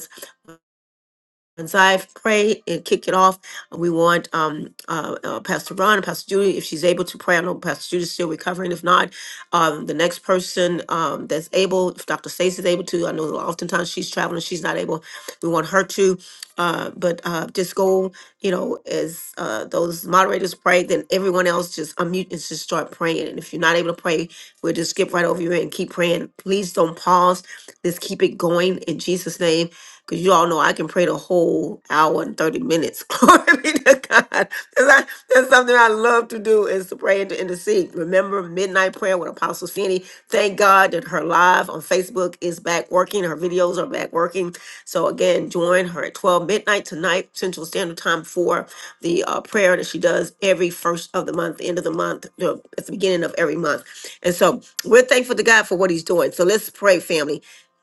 A: as I've prayed and kick it off, we want um, uh, uh, Pastor Ron and Pastor Judy, if she's able to pray. I know Pastor Judy's still recovering. If not, um, the next person um, that's able, if Dr. Stacey's able to, I know oftentimes she's traveling, she's not able. We want her to, uh, but uh, just go, you know, as uh, those moderators pray, then everyone else just unmute and just start praying. And if you're not able to pray, we'll just skip right over you and keep praying. Please don't pause. Just keep it going in Jesus' name because you all know I can pray the whole hour and 30 minutes. Glory be to God. That's, not- that's something I love to do is to pray and to intercede. Remember midnight prayer with Apostle Finney. Thank God that her live on Facebook is back working. Her videos are back working. So again, join her at 12 midnight tonight, Central Standard Time for the uh, prayer that she does every first of the month, end of the month, no, at the beginning of every month. And so we're thankful to God for what he's doing. So let's pray, family.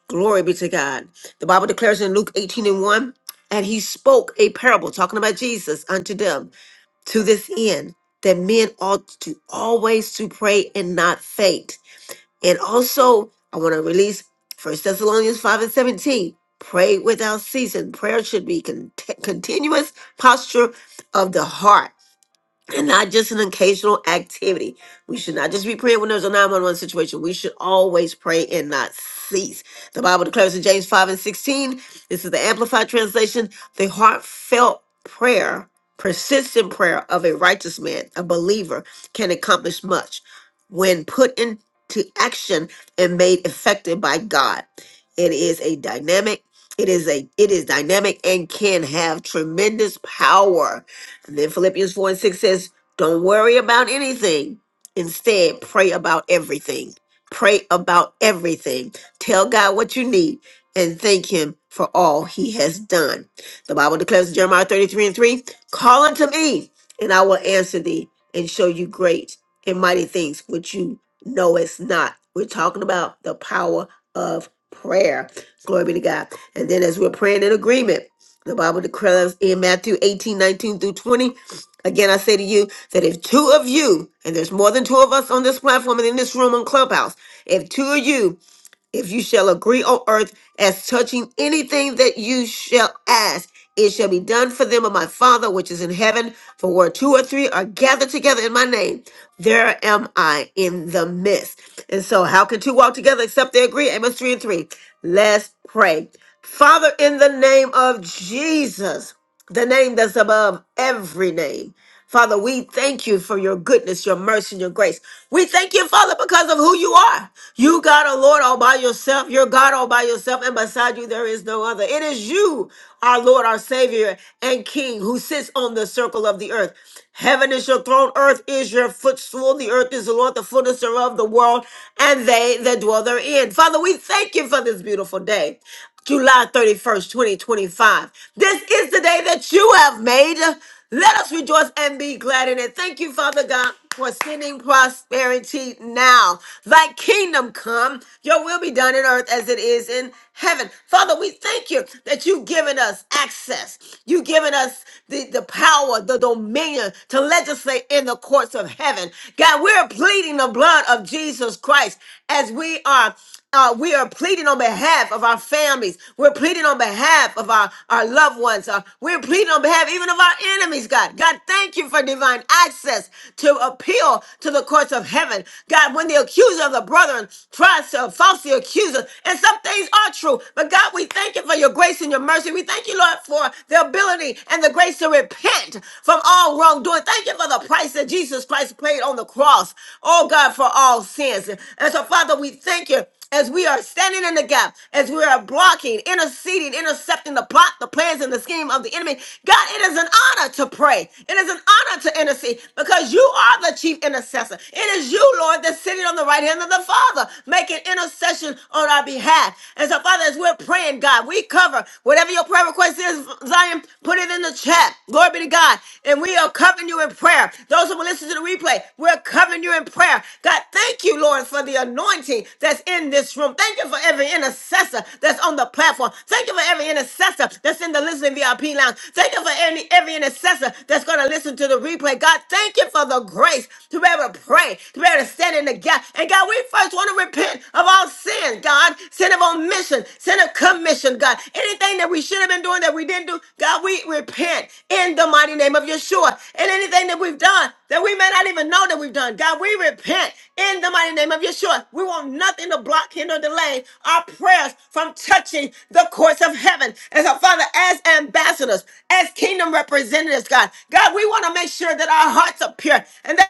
A: Glory be to God. The Bible declares in Luke 18 and 1, and he spoke a parable, talking about Jesus, unto them to this end, that men ought to always to pray and not faint. And also, I want to release First Thessalonians 5 and 17. Pray without ceasing. Prayer should be con- continuous posture of the heart and not just an occasional activity. We should not just be praying when there's a 911 situation. We should always pray and not cease. The Bible declares in James 5 and 16, this is the Amplified Translation, the heartfelt prayer, persistent prayer of a righteous man, a believer, can accomplish much when put into action and made effective by God. It is a dynamic, it is a it is dynamic and can have tremendous power and then Philippians 4 and 6 says, Don't worry about anything. Instead, pray about everything. Pray about everything. Tell God what you need and thank Him for all He has done. The Bible declares in Jeremiah 33 and 3 Call unto me, and I will answer thee and show you great and mighty things which you know it's not. We're talking about the power of prayer. Glory be to God. And then as we're praying in agreement, the Bible declares in Matthew 18 19 through 20. Again, I say to you that if two of you, and there's more than two of us on this platform and in this room on Clubhouse, if two of you if you shall agree on earth as touching anything that you shall ask, it shall be done for them of my Father which is in heaven. For where two or three are gathered together in my name, there am I in the midst. And so, how can two walk together except they agree? Amos 3 and 3. Let's pray. Father, in the name of Jesus, the name that's above every name. Father, we thank you for your goodness, your mercy, and your grace. We thank you, Father, because of who you are. You got a Lord all by yourself. You're God all by yourself, and beside you there is no other. It is you, our Lord, our Savior, and King, who sits on the circle of the earth. Heaven is your throne, earth is your footstool. The earth is the Lord, the fullness thereof, the world, and they that dwell therein. Father, we thank you for this beautiful day. July 31st, 2025. This is the day that you have made. Let us rejoice and be glad in it. Thank you, Father God, for sending prosperity now. Thy kingdom come, your will be done in earth as it is in heaven. Father, we thank you that you've given us access. You've given us the, the power, the dominion to legislate in the courts of heaven. God, we're pleading the blood of Jesus Christ as we are. Uh, we are pleading on behalf of our families. We're pleading on behalf of our, our loved ones. Uh, we're pleading on behalf even of our enemies, God. God, thank you for divine access to appeal to the courts of heaven. God, when the accuser of the brethren tries to falsely accuse us, and some things are true, but God, we thank you for your grace and your mercy. We thank you, Lord, for the ability and the grace to repent from all wrongdoing. Thank you for the price that Jesus Christ paid on the cross. Oh, God, for all sins. And so, Father, we thank you as we are standing in the gap, as we are blocking, interceding, intercepting the plot, the plans, and the scheme of the enemy. God, it is an honor to pray. It is an honor to intercede because you are the chief intercessor. It is you, Lord, that's sitting on the right hand of the Father, making intercession on our behalf. And so, Father, as we're praying, God, we cover whatever your prayer request is, Zion, put it in the chat. Glory be to God. And we are covered covering you in prayer. Those who will listen to the replay, we're covering you in prayer. God, thank you, Lord, for the anointing that's in this room. Thank you for every intercessor that's on the platform. Thank you for every intercessor that's in the listening VIP lounge. Thank you for any, every intercessor that's going to listen to the replay. God, thank you for the grace to be able to pray, to be able to stand in the gap. And God, we first want to repent of all sin, God, sin of omission, commission. Send a commission, God. Anything that we should have been doing that we didn't do, God, we repent in the mighty name of Yeshua. And anything that we've done that we may not even know that we've done, God, we repent in the mighty name of Yeshua. We want nothing to block, hinder, delay our prayers from touching the courts of heaven. And so, Father, as ambassadors, as kingdom representatives, God, God, we want to make sure that our hearts are pure and that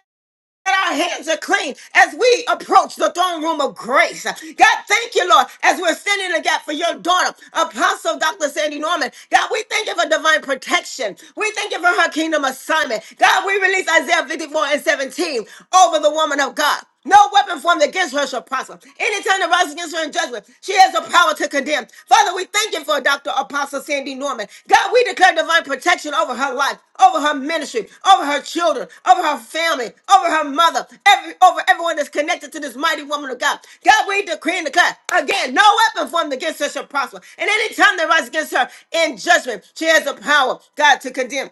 A: our hands are clean as we approach the throne room of grace. God, thank you, Lord, as we're standing in the gap for your daughter, Apostle Dr. Sandy Norman. God, we thank you for divine protection. We thank you for her kingdom assignment. God, we release Isaiah 54 and 17 over the woman of God. No weapon formed against her shall prosper. Any tongue that rises against her in judgment, she has the power to condemn. Father, we thank you for Dr. Apostle Sandy Norman. God, we declare divine protection over her life, over her ministry, over her children, over her family, over her mother, every, over everyone that's connected to this mighty woman of God. God, we decree and declare again, no weapon formed against her shall prosper. And any tongue that rises against her in judgment, she has the power, God, to condemn.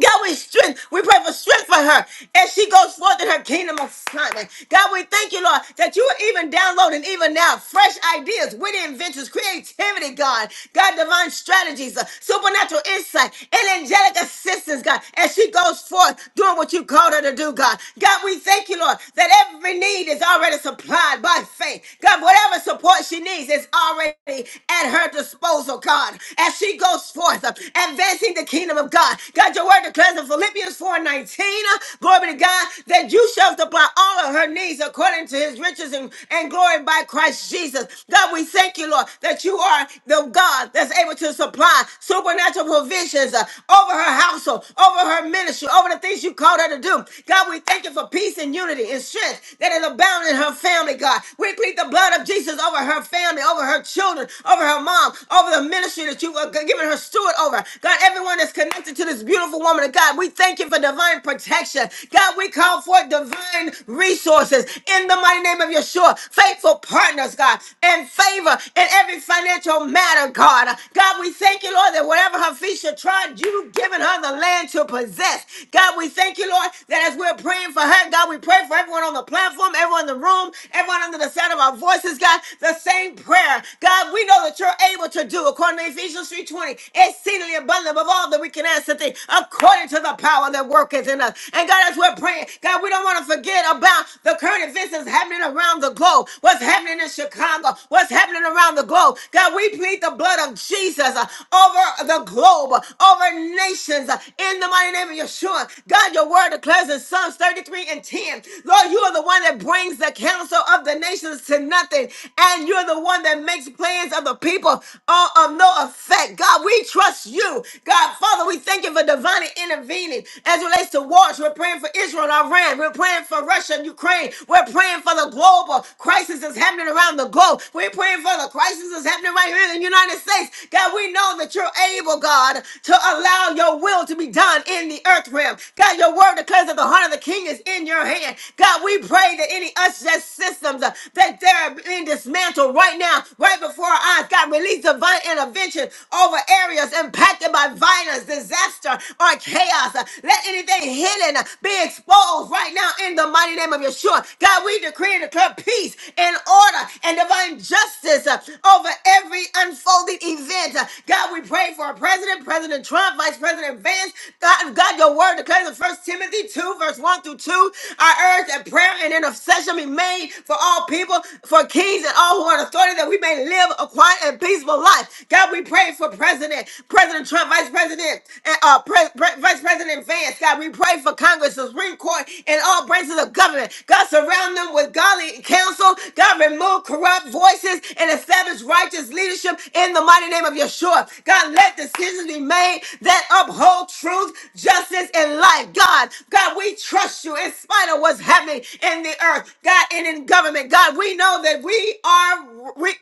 A: God, we strength. We pray for strength for her as she goes forth in her kingdom assignment. God, we thank you, Lord, that you are even downloading even now fresh ideas, witty inventions, creativity, God, God, divine strategies, uh, supernatural insight, and angelic assistance, God, as she goes forth doing what you called her to do, God. God, we thank you, Lord, that every need is already supplied by faith. God, whatever support she needs is already at her disposal, God, as she goes forth, uh, advancing the kingdom of God. God, your word word declares in Philippians 4:19, glory be to God, that you shall supply all of her needs according to his riches and, and glory by Christ Jesus. God, we thank you, Lord, that you are the God that's able to supply supernatural provisions uh, over her household, over her ministry, over the things you called her to do. God, we thank you for peace and unity and strength that is abound in her family, God. We plead the blood of Jesus over her family, over her children, over her mom, over the ministry that you have given her steward over. God, everyone that's connected to this beautiful woman woman of God. We thank you for divine protection. God, we call for divine resources in the mighty name of Yeshua. Faithful partners, God, and favor in every financial matter, God. God, we thank you, Lord, that whatever her feet should trod, you've given her the land to possess. God, we thank you, Lord, that as we're praying for her, God, we pray for everyone on the platform, everyone in the room, everyone under the sound of our voices, God, the same prayer. God, we know that you're able to do according to Ephesians 3:20, exceedingly abundant above all that we can ask and think according to the power that worketh in us. And God, as we're praying, God, we don't want to forget about the current events that's happening around the globe. What's happening in Chicago? What's happening around the globe? God, we plead the blood of Jesus uh, over the globe, uh, over nations, uh, in the mighty name of Yeshua. God, your word declares in Psalms 33 and 10, Lord, you are the one that brings the counsel of the nations to nothing, and you're the one that makes plans of the people all of no effect. God, we trust you. God, Father, we thank you for divine already intervening as it relates to wars. We're praying for Israel and Iran. We're praying for Russia and Ukraine. We're praying for the global crisis that's happening around the globe. We're praying for the crisis that's happening right here in the United States. God, we know that you're able, God, to allow your will to be done in the earth realm. God, your word declares that the heart of the king is in your hand. God, we pray that any unjust systems uh, that they're being dismantled right now, right before our eyes. God, release divine intervention over areas impacted by violence, disaster, or Lord, chaos. uh, Let anything hidden uh, be exposed right now in the mighty name of Yeshua. God, we decree and declare peace and order and divine justice uh, over every unfolding event. Uh, God, we pray for our president, President Trump, Vice President Vance. God, God your word declares in First Timothy 2, verse 1 through 2. I urge that prayer and intercession be made for all people, for kings and all who are in authority, that we may live a quiet and peaceful life. God, we pray for President, President Trump, Vice President, and uh, President Pre- Vice President Vance. God, we pray for Congress, the Supreme Court, and all branches of government. God, surround them with godly counsel. God, remove corrupt voices and establish righteous leadership in the mighty name of Yeshua. God, let decisions be made that uphold truth, justice, and life. God, God, we trust you in spite of what's happening in the earth, God, and in government. God, we know that we are, we,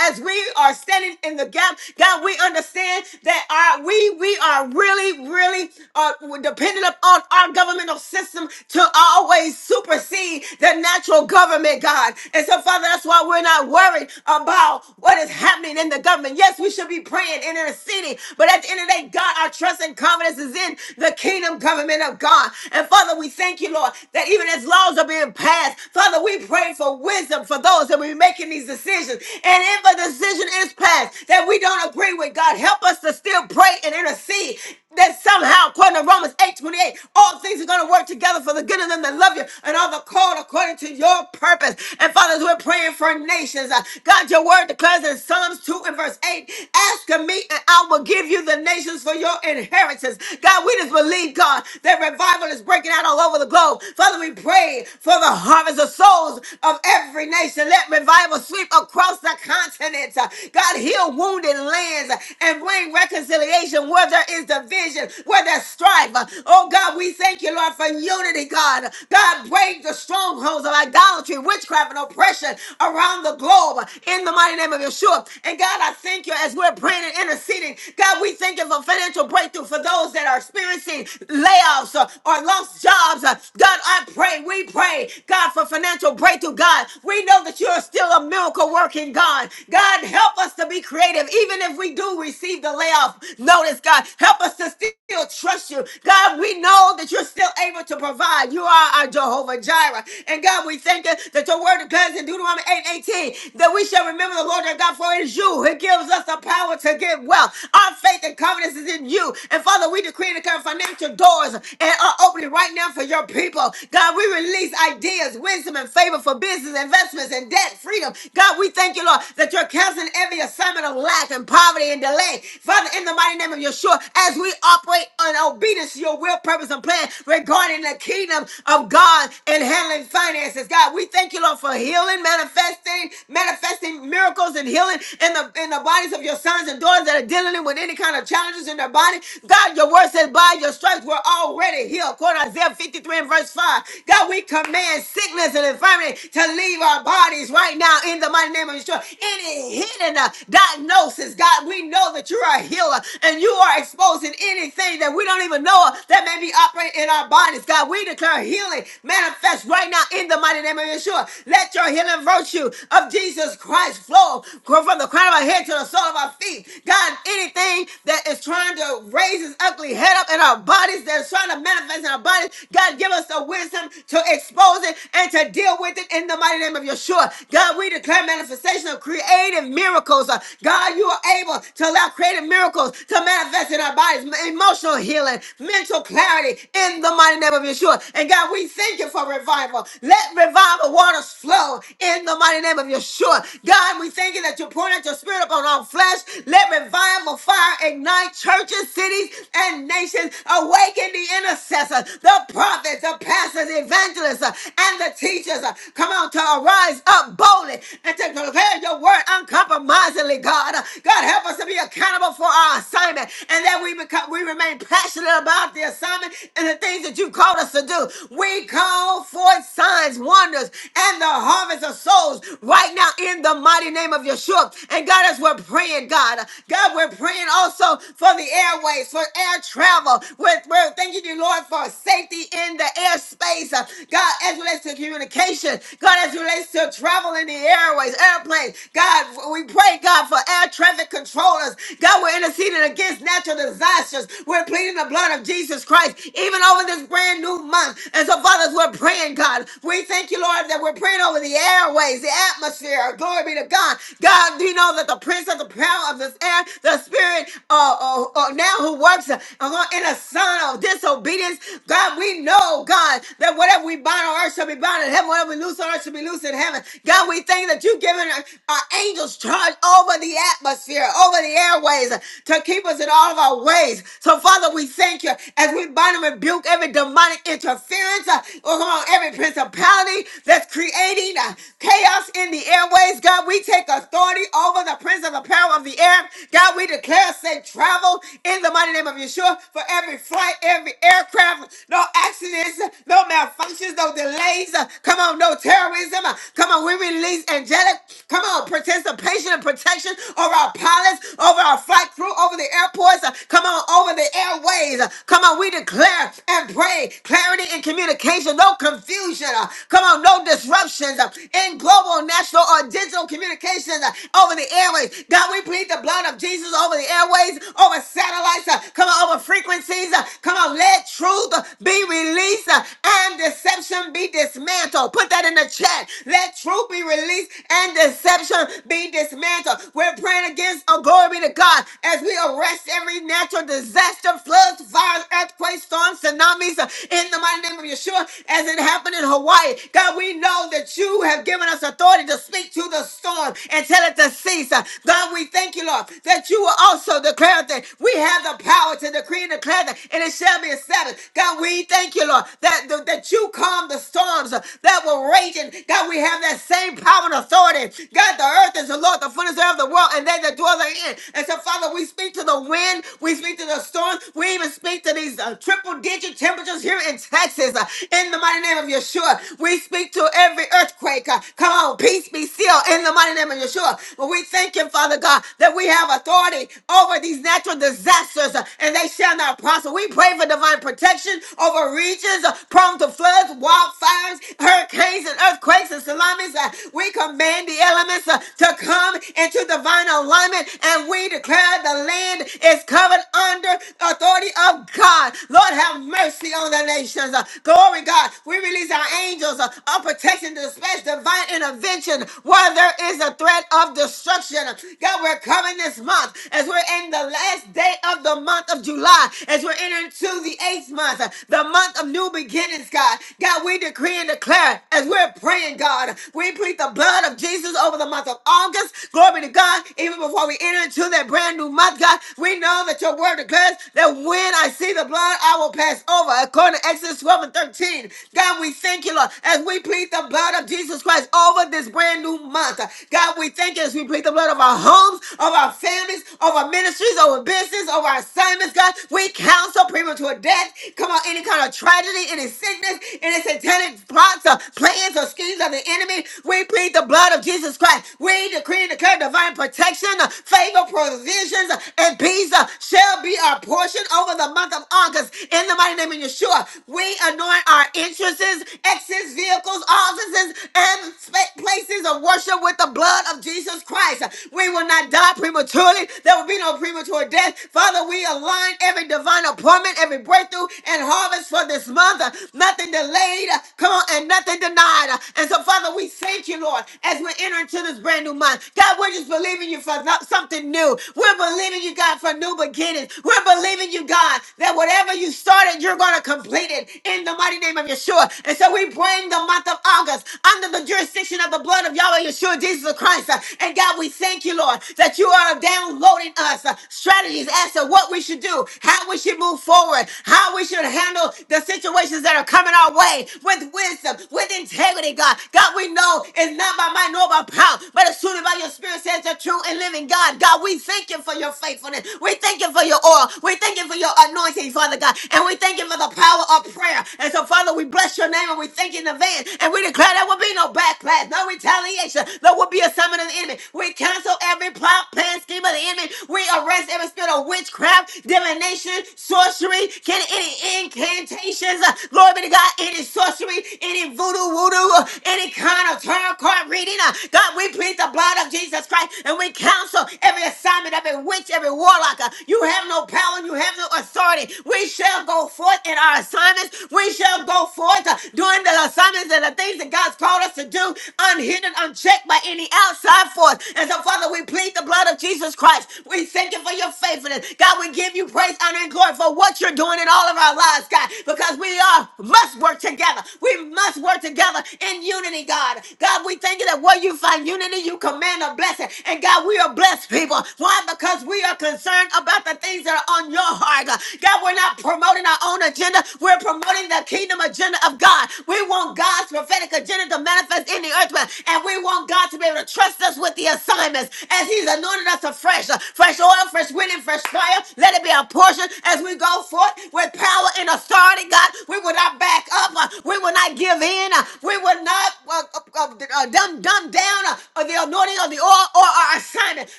A: as we are standing in the gap, God, we understand that our, we, we are really, really really are dependent upon our governmental system to always supersede the natural government, God. And so, Father, that's why we're not worried about what is happening in the government. Yes, we should be praying and interceding, but at the end of the day, God, our trust and confidence is in the kingdom government of God. And Father, we thank you, Lord, that even as laws are being passed, Father, we pray for wisdom for those that we're making these decisions. And if a decision is passed that we don't agree with, God, help us to still pray and intercede that somehow, according to Romans eight twenty eight, all things are going to work together for the good of them that love you and are the called according to your purpose. And fathers, we're praying for nations. Uh, God, your word declares in Psalms 2 and verse 8, ask of me and I will give you the nations for your inheritance. God, we just believe, God, that revival is breaking out all over the globe. Father, we pray for the harvest of souls of every nation. Let revival sweep across the continent. Uh, God, heal wounded lands uh, and bring reconciliation where there is division division, where there's strife. Oh God, we thank you, Lord, for unity, God. God, break the strongholds of idolatry, witchcraft, and oppression around the globe in the mighty name of Yeshua. And God, I thank you as we're praying and interceding. God, we thank you for financial breakthrough for those that are experiencing layoffs uh, or lost jobs. Uh, God, I pray, we pray, God, for financial breakthrough. God, we know that you're still a miracle working God. God, help us to be creative, even if we do receive the layoff notice, God. Help us to to still trust you. God, we know that you're still able to provide. You are our Jehovah Jireh. And God, we thank you that your word declares in Deuteronomy 8 18 that we shall remember the Lord our God, for it is you who gives us the power to get wealth. Our faith and confidence is in you. And Father, we decree and declare financial doors and are opening right now for your people. God, we release ideas, wisdom, and favor for business, investments, and debt freedom. God, we thank you, Lord, that you're canceling every assignment of lack and poverty and delay. Father, in the mighty name of Yeshua, as we operate on obedience to your will, purpose, and plan regarding the kingdom of God and handling finances. God, we thank you, Lord, for healing, manifesting, manifesting miracles and healing in the in the bodies of your sons and daughters that are dealing with any kind of challenges in their body. God, your word says, by your stripes, we're already healed. According to Isaiah 53 and verse 5. God, we command sickness and infirmity to leave our bodies right now in the mighty name of Yeshua. Any hidden uh, diagnosis, God, we know that you are a healer and you are exposing anything that we don't even know of that may be operating in our bodies. God, we declare healing manifest right now in the mighty name of Yeshua. Let your healing virtue of Jesus Christ flow from the crown of our head to the sole of our feet. God, anything that is trying to raise its ugly head up in our bodies, that's trying to manifest in our bodies, God, give us the wisdom to expose it and to deal with it in the mighty name of Yeshua. God, we declare manifestation of creative miracles. Uh, God, you are able to allow creative miracles to manifest in our bodies, emotional healing, mental clarity in the mighty name of Yeshua. And God, we thank you for revival. Let revival waters flow in the mighty name of Yeshua. God, we thank you that you poured out your spirit upon all flesh. Let revival fire ignite churches, cities, and nations. Awaken the intercessors, the prophets, the pastors, evangelists, uh, and the teachers. uh, Come on, to arise up boldly and to declare your word uncompromisingly, God. Uh, God, help us to be accountable for our assignment and that we become God, we remain passionate about the assignment and the things that you called us to do. We call forth signs, wonders, and the harvest of souls right now in the mighty name of Yeshua. And God, as we're praying, God, God, we're praying also for the airways, for air travel. We're, we're thanking you, Lord, for safety in the airspace. Uh, God, as it relates to communication, God, as it relates to travel in the airways, airplanes, God, we pray, God, for air traffic controllers. God, we're interceding against natural disasters intercessions. We're pleading the blood of Jesus Christ, even over this brand new month. And so, fathers, we're praying, God. We thank you, Lord, that we're praying over the airways, the atmosphere. Glory be to God. God, do you know that the prince of the power of this air, the spirit uh, uh, uh, now who works uh, in a son of disobedience, God, we know, God, that whatever we bind on earth shall be bound in heaven, whatever we loose on earth shall be loose in heaven. God, we thank you that you've given our, our angels charge over the atmosphere, over the airways, to keep us in all of our ways. So, Father, we thank you as we bind and rebuke every demonic interference, uh, oh, come on, every principality that's creating uh, chaos in the airways. God, we take authority over the prince of the power of the air. God, we declare safe travel in the mighty name of Yeshua for every flight, every aircraft, no accidents, no malfunctions, no delays. Uh, Come on, no terrorism. Uh, Come on, we release angelic, come on, participation and protection over our pilots, over our flight crew, over the airports. Uh, Come on, over the airways. Uh, Come on, we declare and pray clarity in communication, no confusion. Uh, Come on, no disruptions uh, in global, national, or digital communications uh, over the airways. God, we plead the blood of Jesus over the airways, over satellites, uh, come on, over frequencies. uh, Come on, let truth uh, be released uh, and deception be dismantled. Put that in the chat. Let truth be released and deception be dismantled. We're praying against, oh, glory be to God, as we arrest every natural disaster disaster, floods, fires, earthquakes, storms, tsunamis, uh, in the mighty name of Yeshua, as it happened in Hawaii. God, we know that you have given us authority to speak to the storm and tell it to cease. Uh, God, we thank you, Lord, that you will also declare that we have the power to decree and declare that, and it shall be established. God, we thank you, Lord, that, that you calm the storms uh, that were raging. God, we have that same power and authority. God, the earth is the Lord, the fullness thereof the world, and they that dwell therein. And so, Father, we speak to the wind, we speak to the storm. We even speak to these uh, triple digit temperatures here in Texas uh, in the mighty name of Yeshua. We speak to every earthquake. uh, come on, peace be still in the mighty name of Yeshua. But we thank you, Father God, that we have authority over these natural disasters uh, and they shall not prosper. We pray for divine protection over regions uh, prone to floods, wildfires, hurricanes, and earthquakes and tsunamis. Uh, we command the elements uh, to come into divine alignment and we declare the land is covered under authority of God. Lord, have mercy on the nations. Uh, Glory, God. We release our angels uh, of protection to dispatch divine intervention where there is a threat of destruction. God, we're coming this month as we're in the last day of the month of July, as we're entering to the eighth month, uh, the month of new beginnings, God. God, we decree and declare as we're praying, God, we plead the blood of Jesus over the month of August. Glory to God. Even before we enter into that brand new month, God, we know that your word declares says that when I see the blood, I will pass over. According to Exodus 12 and 13. God, we thank you, Lord, as we plead the blood of Jesus Christ over this brand new month. God, we thank you as we plead the blood of our homes, of our families, of our ministries, of our business, of our assignments. God, we counsel premature death. Come on, any kind of tragedy, any sickness, any satanic plots or plans or schemes of the enemy. We plead the blood of Jesus Christ. We decree and declare divine protection, uh, favor, provisions, uh, and peace uh, shall be our our portion over the month of August in the mighty name of Yeshua. We anoint our entrances, exits, vehicles, offices, and spa- places of worship with the blood of Jesus Christ. We will not die prematurely. There will be no premature death. Father, we align every divine appointment, every breakthrough and harvest for this month. Nothing delayed, come on, and nothing denied. And so, Father, we thank you, Lord, as we enter into this brand new month. God, we're just believing you for no- something new. We're believing you, God, for new beginnings. We're we're believing you, God, that whatever you started, you're going to complete it in the mighty name of Yeshua. And so we bring the month of August under the jurisdiction of the blood of Yahweh Yeshua, Jesus of Christ. Uh, And God, we thank you, Lord, that you are downloading us uh, strategies as to what we should do, how we should move forward, how we should handle the situations that are coming our way with wisdom, with integrity, God. God, we know it's not by might nor by power, but it's truly by your spirit says the true and living God. God, we thank you for your faithfulness. We thank you for your oil. We thank you for your anointing, Father God. And we thank you for the power of prayer. And so, Father, we bless your name and we thank you in advance. And we declare there will be no backlash, no retaliation. There will be a summon of the enemy. We cancel every plot, plan, scheme of the enemy. We arrest every spirit of witchcraft, divination, sorcery, can any incantations, uh, Lord be to God, any sorcery, any voodoo, voodoo, uh, any kind of tarot card reading. uh, God, we plead the blood of Jesus Christ and we counsel every assignment, every witch, every warlock. uh, You have no power power and you have no authority. We shall go forth in our assignments. We shall go forth uh, doing the assignments and the things that God's called us to do, unhindered, unchecked by any outside force. And so, Father, we plead the blood of Jesus Christ. We thank you for your faithfulness. God, we give you praise, honor, and glory for what you're doing in all of our lives, God, because we are must work together. We must work together in unity, God. God, we thank you that where you find unity, you command a blessing. And God, we are blessed people. Why? Because we are concerned about the things that are on on your heart, God. God, we're not promoting our own agenda. We're promoting the kingdom agenda of God. We want God's prophetic agenda to manifest in the earth, realm, and we want God to be able to trust us with the assignments as He's anointed us afresh. Uh, Fresh oil, fresh wind, and fresh fire. Let it be our portion as we go forth with power and authority, God. We will not back up. Uh, We will not give in. Uh, We will not uh, uh, uh, uh, dumb, dumb down uh, uh, the anointing of the oil or our assignment.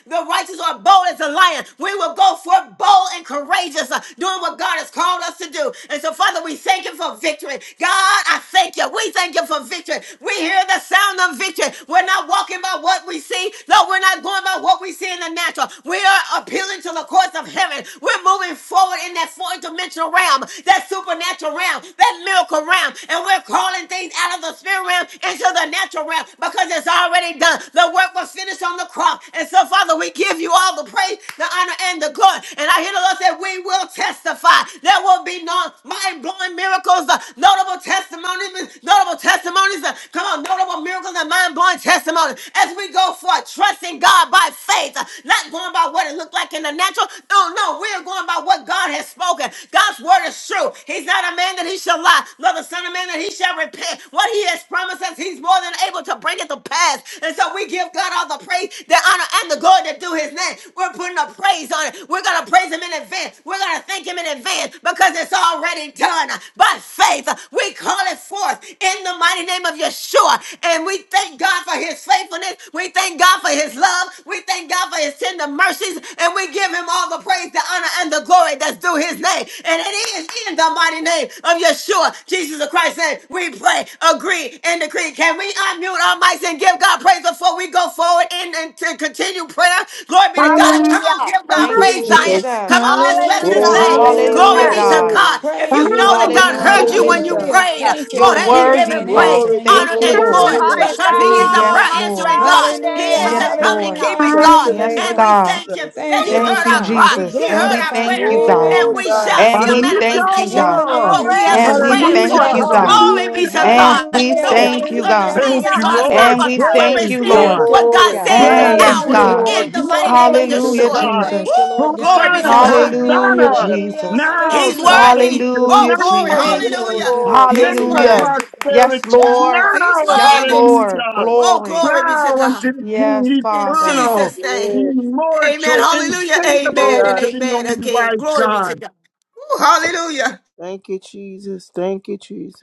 A: The righteous are bold as a lion. We will go forth bold and courageous courageous, uh, doing what God has called us to do. And so, Father, we thank you for victory. God, I thank you. We thank you for victory. We hear the sound of victory. We're not walking by what we see. No, we're not going by what we see in the natural. We are appealing to the courts of heaven. We're moving forward in that fourth dimensional realm, that supernatural realm, that miracle realm. And we're calling things out of the spirit realm into the natural realm because it's already done. The work was finished on the cross. And so, Father, we give you all the praise, the honor, and the glory. And I hear the Lord say, that we will testify. There will be no mind blowing miracles, uh, notable testimonies, notable testimonies. uh, Come on, notable miracles and mind blowing testimonies as we go forth, trusting God by faith, uh, not going by what it looked like in the natural. No, no, we are going by what God has spoken. God's word is true. He's not a man that he shall lie, nor the son of man that he shall repent. What he has promised us, he's more than able to bring it to pass. And so we give God all the praise, the honor, and the glory to do his name. We're putting a praise on it. We're going to praise him in advance advance. We're going to thank him in advance because it's already done. By faith, we call it forth in the mighty name of Yeshua. And we thank God for his faithfulness. We thank God for his love. We thank God for his tender mercies. And we give him all the praise, the honor, and the glory that's due his name. And it is in the mighty name of Yeshua, Jesus of Christ, name, we pray, agree, and decree. Can we unmute our mics and give God praise before we go forward and, and to continue prayer? Glory be to God.
F: Hallelujah!
A: Come on,
B: hallelujah,
A: give God
E: Thank you,
A: praise, Zion.
J: Jesus.
A: Come
E: Jesus.
A: on, let let's bless his
B: hallelujah,
H: Hallelujah.
A: name. Glory
E: Hallelujah,
B: hallelujah.
H: Hallelujah.
A: be to
E: God.
H: We
A: God.
J: Glory.
A: If
H: praise
A: you
H: you,
A: know that
H: Lord
A: God
H: God.
E: Hallelujah,
A: heard
B: Thank
A: you
B: you,
A: when you
J: Hallelujah.
E: Jesus.
H: Hallelujah.
A: prayed,
B: Jesus.
H: Thank you
A: go
E: You're
H: for
A: ahead and give
H: hearing
E: worthy,
A: him
H: and
A: praise,
E: Father.
J: Glory,
H: answering the
A: honor,
E: Thank you,
J: glory,
A: and
H: prayers.
A: glory
H: We
E: Lord.
B: My
J: glory.
H: bless
A: because
H: your
A: he is
H: name,
A: a
B: God,
H: Lord.
A: prayer
E: Yes,
B: my
E: Lord.
A: answering
B: God,
A: God. He
B: today,
H: Hallelujah.
A: is a
E: Yes,
A: covenant
E: Lord.
B: hallelujah.
H: Hallelujah.
A: keeping
J: Bless
A: God.
J: the
E: Yes,
J: name of
A: And
H: Hallelujah.
A: we
E: God.
A: thank him
J: Jesus.
A: that
H: Thank
A: he
J: Yes,
H: you,
E: Thank
H: Lord
A: heard
E: you,
A: our
H: God.
A: cry,
H: We
E: Jesus.
A: he
E: And
A: heard
E: we
A: our
H: glorify you.
E: thank
A: prayers,
E: you,
H: We
E: God.
A: and
J: oh
A: we
H: magnify
A: shall
H: you.
J: God.
A: see
E: And
A: a
E: we thank you,
F: Hallelujah!
A: manifestation
H: In the
E: God.
A: of
H: name
A: what
J: Thank
H: of
A: we
J: you,
A: have
B: Glory, we
A: been
E: And
J: Lord.
H: Jesus,
E: we
J: Thank
B: thank
H: we
A: praying for.
J: you,
F: Hallelujah!
E: thank
B: you,
E: you,
H: bless
J: Lord.
H: your
B: Lord,
E: God.
H: name,
A: Glory
H: Lord.
A: be to
B: for
E: And
A: God.
B: prayer.
E: we
A: No
H: Hallelujah.
J: Thank
E: thank
A: sickness
J: you.
E: you,
A: or
H: Hallelujah.
E: God.
A: disease
F: Thank
A: is
B: Hallelujah,
F: you,
A: going to
H: Hallelujah.
A: stop
F: Lord.
E: And
A: us
E: we
B: hallelujah.
A: from
E: thank
F: Praise
E: you,
A: receiving
F: God.
E: Lord.
H: Thank you,
A: what
H: Lord
A: God
J: Glory,
H: God.
A: says is
E: And
J: glory.
F: Praise
E: yes,
F: you,
A: ours
H: Hallelujah.
F: the
E: God.
A: in
F: Lord.
H: Thank
A: the
H: you for
A: mighty
H: the
A: name of
F: Glory
J: Bless
F: to the
J: the
H: breakthrough.
E: Hallelujah,
A: Yeshua.
H: We
J: name of
F: God.
H: thank you,
E: Jesus.
H: Lord
A: Woo! Glory
H: God.
A: be to
F: Hosanna,
A: God.
H: Hallelujah.
E: Hallelujah,
F: Hosanna.
J: Jesus.
H: Hallelujah.
E: Jesus.
F: Now
A: He's
H: Hallelujah.
F: salvation,
A: worthy. Oh,
F: now
E: Hallelujah,
A: glory.
H: Thank
J: Yes,
H: you,
E: Jesus.
F: healing,
H: Lord
A: Hallelujah.
H: God.
J: Lord.
F: now
A: He's
J: Yes, Lord.
H: Hallelujah.
E: Hallelujah.
A: worthy.
E: Yes,
F: prosperity,
E: Lord.
A: Woo! He's
F: now
J: Thank
E: Yes,
A: worthy.
E: Lord.
F: hallelujah.
J: you.
A: Oh,
E: Glory.
A: glory be to
F: Now unto
A: God.
F: the
E: Yes,
F: King
A: In
E: Father.
F: eternal,
A: Jesus' name.
J: Yes,
A: Amen.
F: immortal,
A: Hallelujah.
F: invincible
A: Amen and
J: yeah.
F: to the
A: amen
F: only
A: again.
F: wise
A: Glory be
F: God.
A: to God. Woo, hallelujah.
J: Thank you, Jesus. Thank you, Jesus.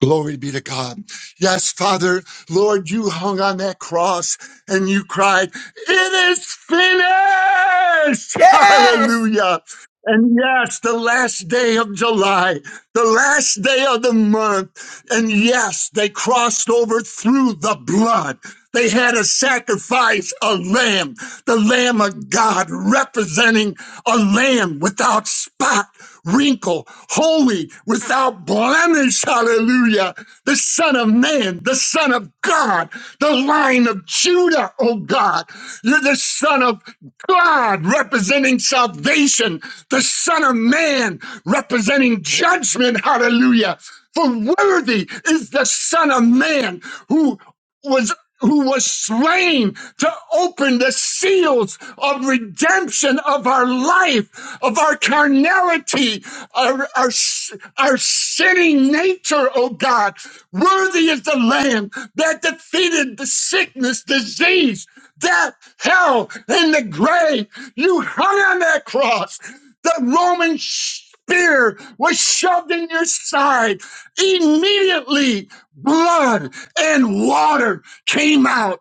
F: Glory be to God. Yes, Father, Lord, you hung on that cross and you cried, It is finished!
A: Yes.
F: Hallelujah. And yes, the last day of July the last day of the month. And yes, they crossed over through the blood. They had a sacrifice, a lamb, the lamb of God, representing a lamb without spot, wrinkle, holy, without blemish. Hallelujah. The son of man, the son of God, the line of Judah, oh God. You're the son of God representing salvation, the Son of Man representing judgment. Hallelujah. For worthy is the Son of Man who was who was slain to open the seals of redemption of our life, of our carnality, our, our, our sinning nature, oh God. Worthy is the Lamb that defeated the sickness, disease, death, hell, and the grave. You hung on that cross. The Roman spear was shoved in your side. Immediately, blood and water came out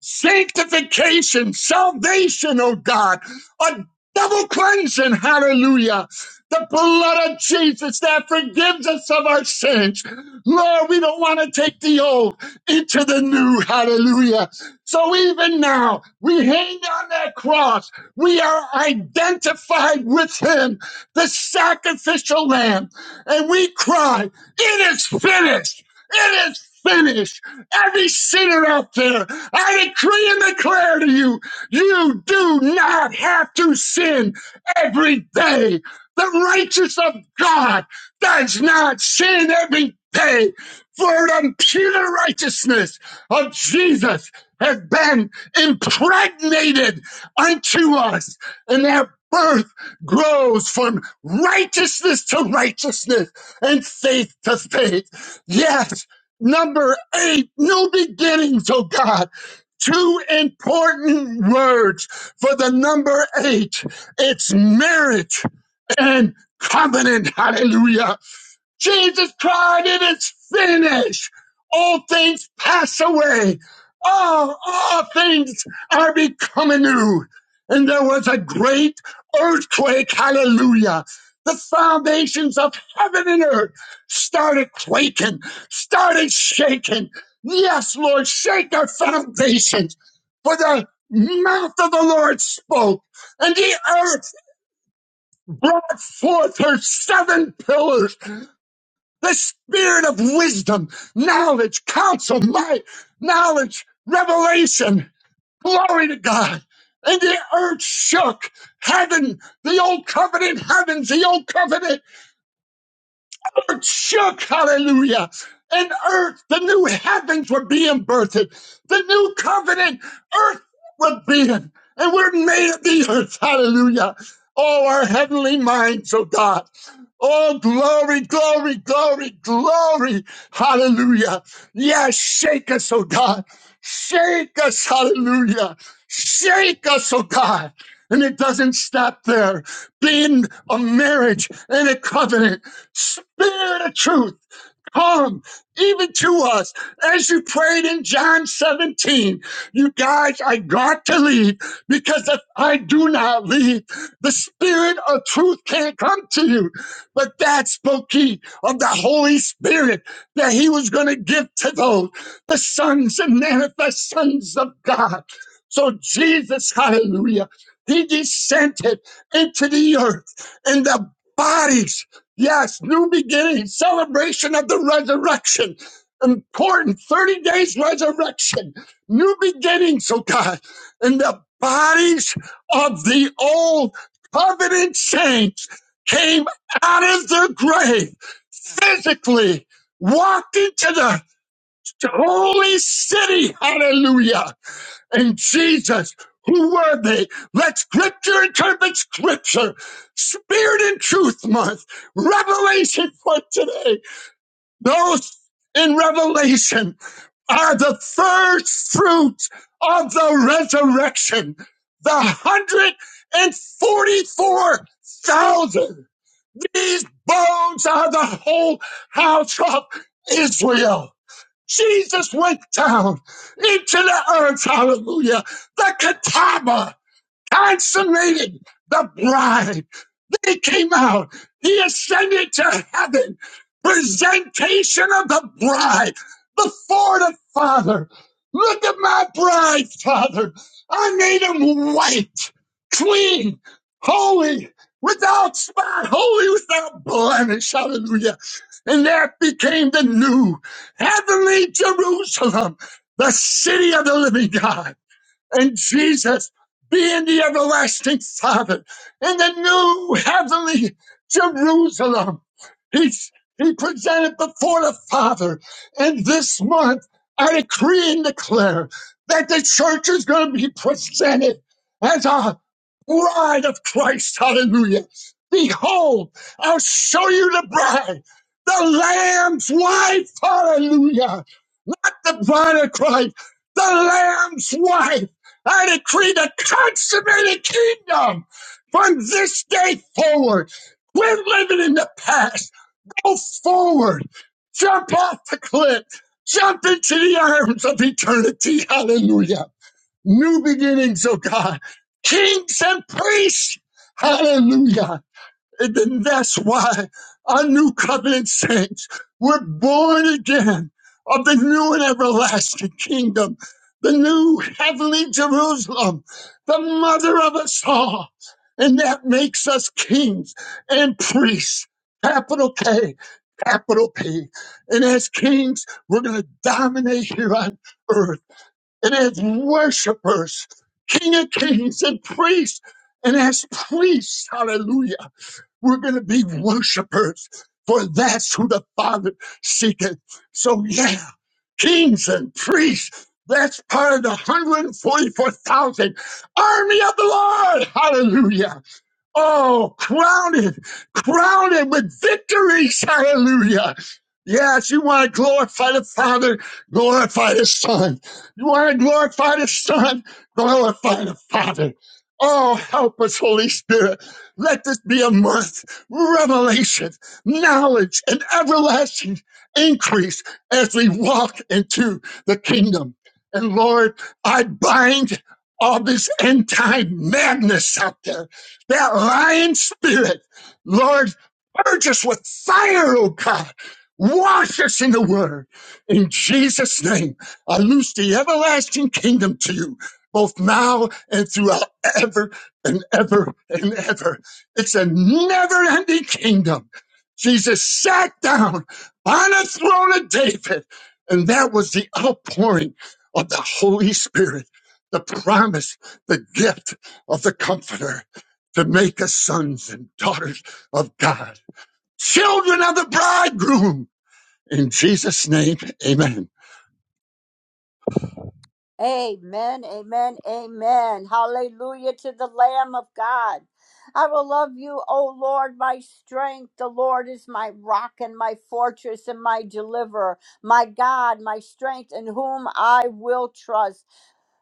F: sanctification, salvation, oh God, a double cleansing, hallelujah. The blood of Jesus that forgives us of our sins. Lord, we don't want to take the old into the new, hallelujah. So even now, we hang on that cross. We are identified with Him, the sacrificial lamb, and we cry, It is finished! It is finished! Every sinner out there, I decree and declare to you, you do not have to sin every day. The righteous of God does not sin every day, for the imputed righteousness of Jesus has been impregnated unto us, and that birth grows from righteousness to righteousness and faith to faith. Yes, Number eight, new beginnings, oh God. Two important words for the number eight. It's marriage and covenant. Hallelujah. Jesus cried, it is finished. All things pass away. All, all things are becoming new. And there was a great earthquake. Hallelujah. The foundations of heaven and earth started quaking, started shaking. Yes, Lord, shake our foundations. For the mouth of the Lord spoke, and the earth brought forth her seven pillars the spirit of wisdom, knowledge, counsel, might, knowledge, revelation. Glory to God. And the earth shook. Heaven, the old covenant heavens, the old covenant earth shook, hallelujah. And earth, the new heavens were being birthed. The new covenant, earth was being, and we're made of the earth, hallelujah. Oh, our heavenly minds, oh God. Oh, glory, glory, glory, glory, hallelujah. Yes, shake us, oh God. Shake us, hallelujah. Shake us, oh God. And it doesn't stop there. Being a marriage and a covenant. Spirit of truth, come even to us as you prayed in John 17. You guys, I got to leave because if I do not leave, the Spirit of truth can't come to you. But that spoke he of the Holy Spirit that he was going to give to those, the sons and manifest sons of God. So Jesus, hallelujah, he descended into the earth in the bodies Yes, new beginning, celebration of the resurrection. Important 30 days resurrection, new beginnings, oh God, and the bodies of the old covenant saints came out of their grave physically, walked into the holy city. Hallelujah and Jesus. Who were they? Let scripture interpret scripture. Spirit and truth month. Revelation for today. Those in Revelation are the first fruits of the resurrection. The 144,000. These bones are the whole house of Israel. Jesus went down into the earth, hallelujah, the katama consummated the bride. They came out. He ascended to heaven. Presentation of the bride before the Father. Look at my bride, Father. I made him white, clean, holy, without spot, holy, without blemish. Hallelujah. And that became the new heavenly Jerusalem, the city of the living God and Jesus being the everlasting Father in the new heavenly Jerusalem. He's he presented before the Father. And this month, I decree and declare that the church is going to be presented as a bride of Christ. Hallelujah. Behold, I'll show you the bride, the Lamb's wife. Hallelujah. Not the bride of Christ, the Lamb's wife. I decree the consummated kingdom from this day forward. Quit living in the past. Go forward. Jump off the cliff. Jump into the arms of eternity. Hallelujah. New beginnings, oh God. Kings and priests. Hallelujah. And then that's why our new covenant saints were born again of the new and everlasting kingdom, the new heavenly Jerusalem, the mother of us all. And that makes us kings and priests, capital K, capital P. And as kings, we're going to dominate here on earth. And as worshipers, King of kings and priests, and as priests, hallelujah. We're going to be worshipers, for that's who the Father seeketh. So, yeah, kings and priests, that's part of the 144,000 army of the Lord. Hallelujah. Oh, crowned, crowned with victories. Hallelujah. Yes, you want to glorify the Father, glorify the Son. You want to glorify the Son, glorify the Father. Oh, help us, Holy Spirit. Let this be a month, revelation, knowledge, and everlasting increase as we walk into the kingdom. And Lord, I bind all this end time madness out there that lying spirit. Lord, purge us with fire, oh God. Wash us in the word. In Jesus' name, I loose the everlasting kingdom to you, both now and throughout ever and ever and ever. It's a never ending kingdom. Jesus sat down on a throne of David, and that was the outpouring of the Holy Spirit, the promise, the gift of the Comforter to make us sons and daughters of God, children of the bridegroom. In Jesus' name, amen.
B: Amen, amen, amen. Hallelujah to the Lamb of God. I will love you, O Lord, my strength. The Lord is my rock and my fortress and my deliverer, my God, my strength, in whom I will trust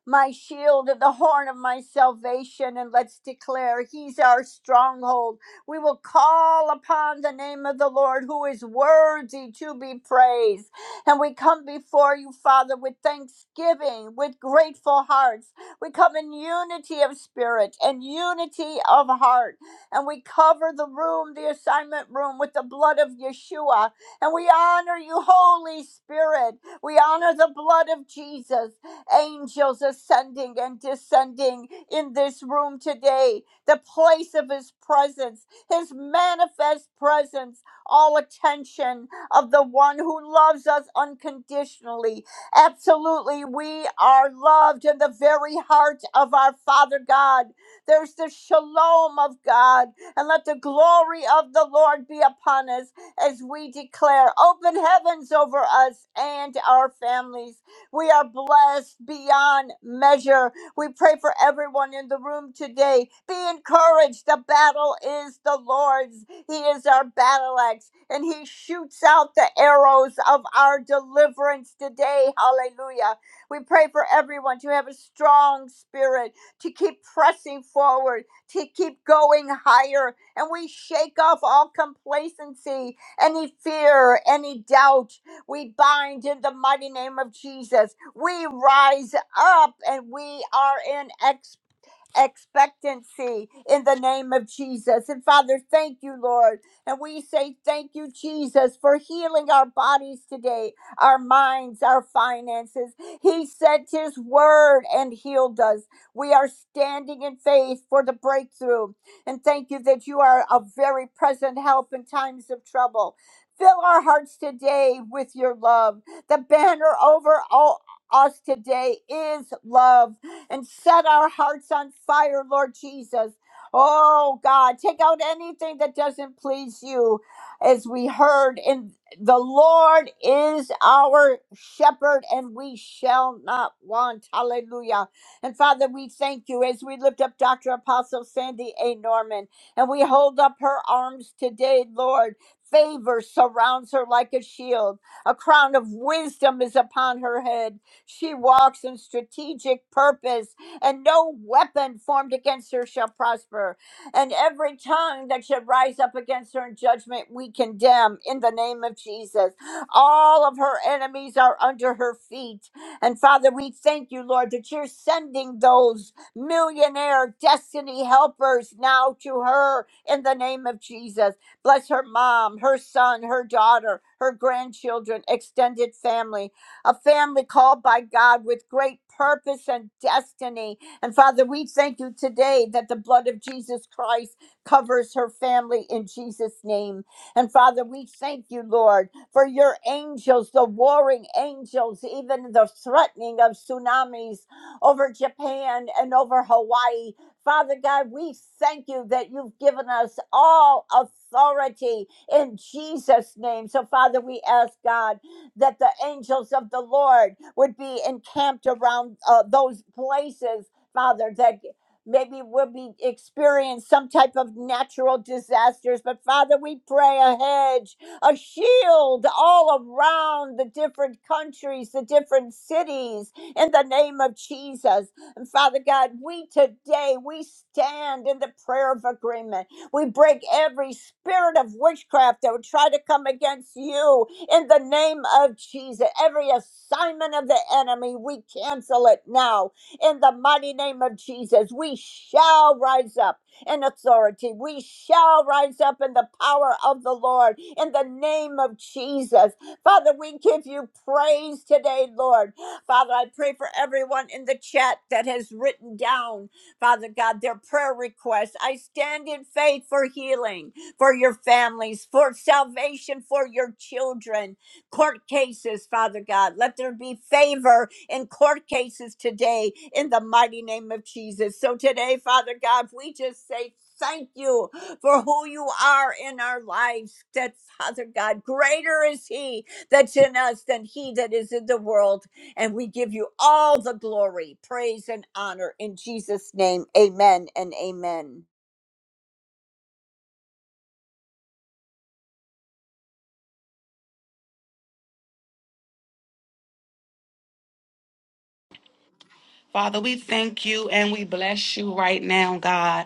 B: my shield and the horn of my salvation, and let's declare he's our stronghold. We will call upon the name of the Lord who is worthy to be praised. And we come before you, Father, with thanksgiving, with grateful hearts. We come in unity of spirit and unity of heart. And we cover the room, the assignment room, with the blood of Yeshua. And we honor you, Holy Spirit. We honor the blood of Jesus. Angels ascending and descending in this room today. The place of his presence, his manifest presence, all attention of the one who loves us unconditionally. Absolutely, we are loved in the very heart of our Father God. There's the shalom of God, and let the glory of the Lord be upon us as we declare open heavens over us and our families. We are blessed beyond measure. We pray for everyone in the room today. Be encouraged. The battle is the Lord's. He is our battle axe, and He shoots out the arrows of our deliverance today. Hallelujah. We pray for everyone to have a strong spirit, to keep pressing forward, to keep going higher. And we shake off all complacency, any fear, any doubt. We bind in the mighty name of Jesus. We rise up and we are in expectation expectancy in the name of Jesus. And Father, thank you, Lord. And we say thank you, Jesus, for healing our bodies today, our minds, our finances. He sent his word and healed us. We are standing in faith for the breakthrough. And thank you that you are a very present help in times of trouble. Fill our hearts today with your love. The banner over all us today is love and set our hearts on fire, Lord Jesus. Oh God, take out anything that doesn't please you. As we heard in the Lord is our shepherd and we shall not want. Hallelujah. And Father, we thank you as we lift up Dr. Apostle Sandy A. Norman and we hold up her arms today, Lord. Favor surrounds her like a shield. A crown of wisdom is upon her head she walks in strategic purpose, and no weapon formed against her shall prosper. And every tongue that should rise up against her in judgment, we condemn in the name of Jesus. All of her enemies are under her feet. And Father, we thank you, Lord, that you're sending those millionaire destiny helpers now to her in the name of Jesus. Bless her mom, her son, her daughter, her grandchildren, extended family a family called by God with great purpose and destiny. And Father, we thank you today that the blood of Jesus Christ covers her family in Jesus' name. And Father, we thank you, Lord, for your angels, the warring angels, even the threatening of tsunamis over Japan and over Hawaii. Father God, we thank you that you've given us all authority in Jesus' name. So, Father, we ask God that the angels of the Lord would be encamped around uh, those places, Father, that maybe we'll be experience some type of natural disasters but father we pray a hedge a shield all around the different countries the different cities in the name of jesus and father god we today we stand in the prayer of agreement we break every spirit of witchcraft that would try to come against you in the name of Jesus. Every assignment of the enemy, we cancel it now in the mighty name of Jesus. We shall rise up in authority. We shall rise up in the power of the Lord in the name of Jesus. Father, we give you praise today, Lord. Father, I pray for everyone in the chat that has written down, Father God, their prayer requests. I stand in faith for healing for your families, for salvation for your children. Court cases, Father God, let there be favor in court cases today in the mighty name of Jesus. So today, Father God, we just say thank you for who you are in our lives. That Father God, greater is He that's in us than He that is in the world. And we give you all the glory, praise, and honor in Jesus' name. Amen and amen.
E: Father, we thank you and we bless you right now, God.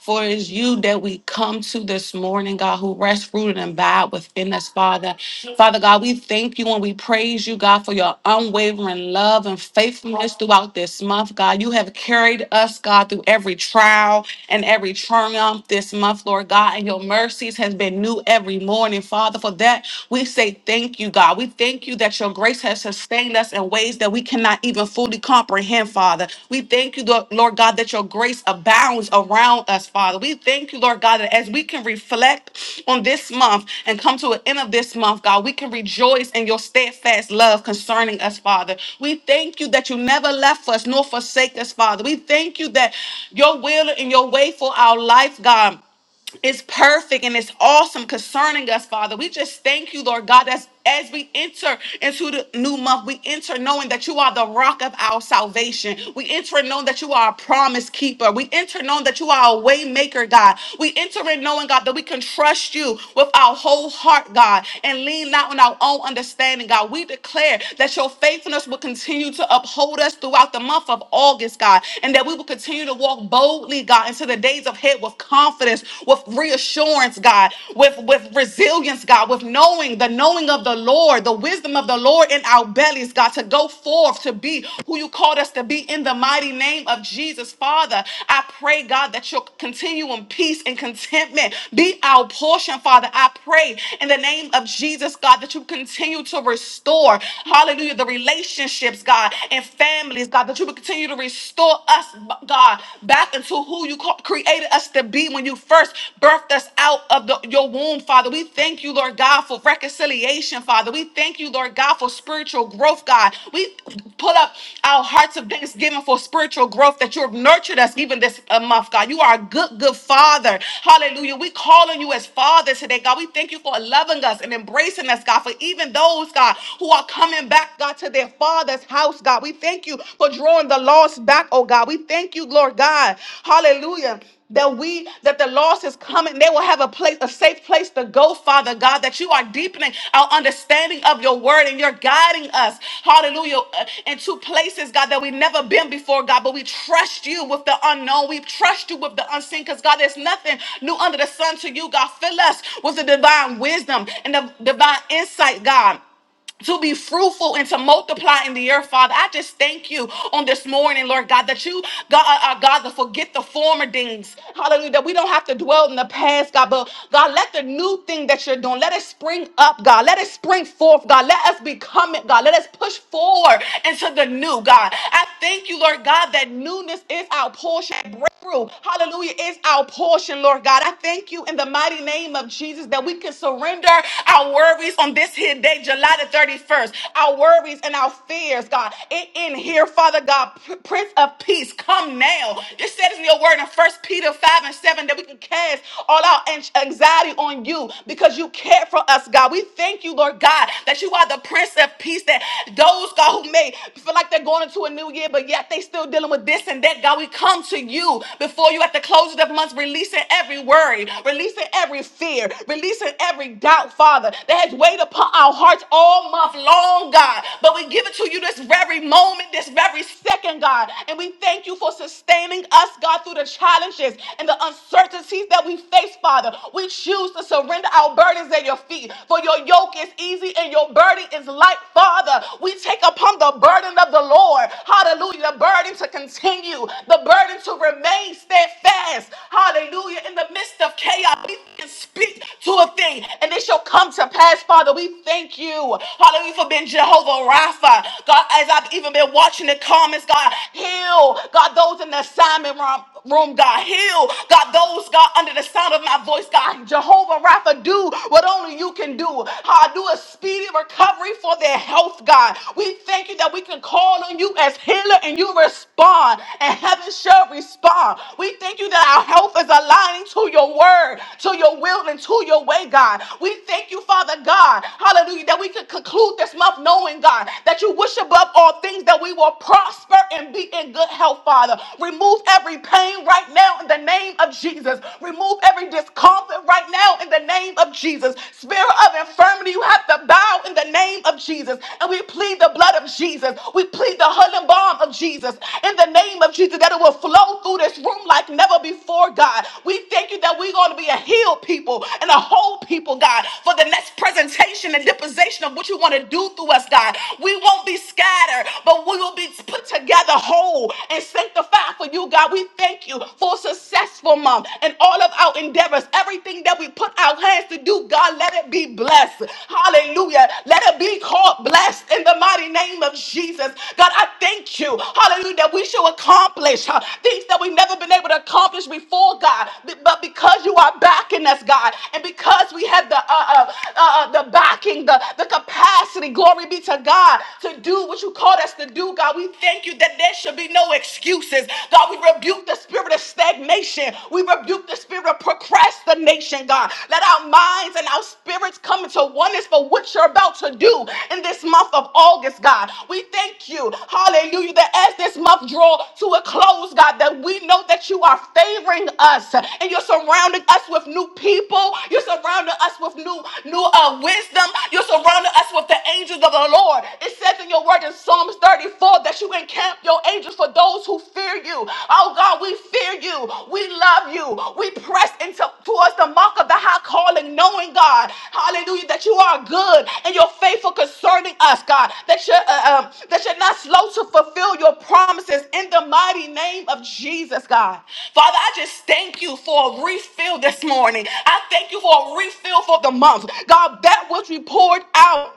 E: For it is you that we come to this morning, God, who rest rooted and abide within us, Father. Father God, we thank you and we praise you, God, for your unwavering love and faithfulness throughout this month, God. You have carried us, God, through every trial and every triumph this month, Lord God, and your mercies has been new every morning, Father. For that, we say thank you, God. We thank you that your grace has sustained sustain us in ways that we cannot even fully comprehend, Father. We thank you, Lord Lord God, that your grace abounds around us, Father. We thank you, Lord God, that as we can reflect on this month and come to an end of this month, God, we can rejoice in your steadfast love concerning us, Father. We thank you that you never left us nor forsake us, Father. We thank you that your will and your way for our life, God it's perfect and it's awesome concerning us, Father. We just thank you, Lord God, as, as we enter into the new month, we enter knowing that you are the rock of our salvation. We enter knowing that you are a promise keeper. We enter knowing that you are a way maker, God. We enter in knowing, God, that we can trust you with our whole heart, God, and lean not on our own understanding, God. We declare that your faithfulness will continue to uphold us throughout the month of August, God, and that we will continue to walk boldly, God, into the days ahead with confidence, with reassurance, God, resilience, God, with knowing the knowing of the Lord, the wisdom of the Lord in our bellies, God, to go forth to be who you called us to be in the mighty name of Jesus. Father, I pray, God, that your continuum peace and contentment be our portion, Father. I pray in the name of Jesus, God, that you continue to restore, hallelujah, the relationships, God, and families, God, that you would continue to restore us, God, back into who you call, created created us to be when you first birthed us out of the- your womb, Father. We thank you, Lord God, for reconciliation, Father. We thank you, Lord God, for spiritual growth, God. We pull up our hearts of thanksgiving for spiritual growth that you have nurtured us even this uh, month, God. You are a good, good Father. Hallelujah. We call on you as Father today, God. We thank you for loving us and embracing us, God, for even those, God, who are coming back, God, to their Father's house, God. We thank you for drawing the lost back, oh God. We thank you, Lord God. Hallelujah that we that the lost is coming they will have a place a safe place to go father god that you are deepening our understanding of your word and you're guiding us hallelujah uh, into places god that we've never been before god but we trust you with the unknown we trust you with the unseen because god there's nothing new under the sun to you god fill us with the divine wisdom and the divine insight god to be fruitful and to multiply in the earth, Father. I just thank you on this morning, Lord God, that you, God, uh, uh, God, to forget the former things. Hallelujah. That we don't have to dwell in the past, God, but God, let the new thing that you're doing, let it spring up, God. Let it spring forth, God. Let us become it, God. Let us push forward into the new, God. I thank you, Lord God, that newness is our portion. Breakthrough, hallelujah, is our portion, Lord God. I thank you in the mighty name of Jesus that we can surrender our worries on this here day, July the 31st. 31st. Our worries and our fears, God, it in here, Father God, Prince of Peace, come now. It says in your word in First Peter 5 and 7 that we can cast all our anxiety on you because you care for us, God. We thank you, Lord God, that you are the Prince of Peace, that those, God, who may feel like they're going into a new year, but yet they still dealing with this and that, God, we come to you before you at the close of the month, releasing every worry, releasing every fear, releasing every doubt, Father, that has weighed upon our hearts all month long, God. But we give it to you this very moment, this very second, God. And we thank you for sustaining us, God, through the challenges and the uncertainties that we face, Father. We choose to surrender our burdens at your feet, for your yoke is easy and your burden is light, Father. We take upon the burden of the Lord. Hallelujah. The burden to continue, the burden to remain steadfast. Hallelujah. In the midst of chaos, we can speak to a thing and it shall come to pass, Father. We thank you. Hallelujah for being Jehovah Rapha. God, as I've even been watching the comments, God, heal. God, those in the assignment room, room, God, heal. God, those, God, under the sound of my voice, God, Jehovah Rapha, do what only you can do. How I do a speedy recovery for their health, God. We thank you that we can call on you as healer and you respond, and heaven shall respond. We thank you that our health is aligning to your word, to your will, and to your way, God. We thank you, Father God, hallelujah, that we can conclude conclude this month knowing, God, that you wish above all things that we will prosper and be in good health, Father. Remove every pain right now in the name of Jesus. Remove every discomfort right now in the name of Jesus. Spirit of infirmity, you have to bow in the name of Jesus. And we plead the blood of Jesus. We plead the healing balm of Jesus in the name of Jesus that it will flow through this room like never before, God. We thank you that we're going to be a healed people and a whole people, God, for the next presentation and deposition of what you you want to do through us, God. We won't be scattered, but we will be put together whole and sanctified for you, God. We thank you for a successful month and all of our endeavors. Everything that we put our hands to do, God, let it be blessed. Hallelujah. Let it be called blessed in the mighty name of Jesus. God, I thank you. Hallelujah. That we shall accomplish huh, things that we've never been able to accomplish before, God. B- But because you are backing us, God, and because we have the uh, uh, uh, uh, the backing, the, the capacity capacity, glory be to God, to do what you called us to do, God. We thank you that there should be no excuses. God, we rebuke the spirit of stagnation. We rebuke the spirit of procrastination, God. Let our minds and our spirits come into oneness for what you're about to do in this month of August, God. We thank you, hallelujah, that as this month draw to a close, God, that we know that you are favoring us and you're surrounding us with new people. You're surrounding us with new, new uh, wisdom. You're surrounding us that's what the angels of the Lord. It says in your word in Psalms 34 that you encamp your angels for those who fear you. Oh God, we fear you. We love you. We press into towards the mark of the high calling, knowing God, hallelujah, that you are good and you're faithful concerning us, God. That you're uh, um, that you're not slow to fulfill your promises in the mighty name of Jesus, God. Father, I just thank you for a refill this morning. I thank you for a refill for the month. God, that which we poured out.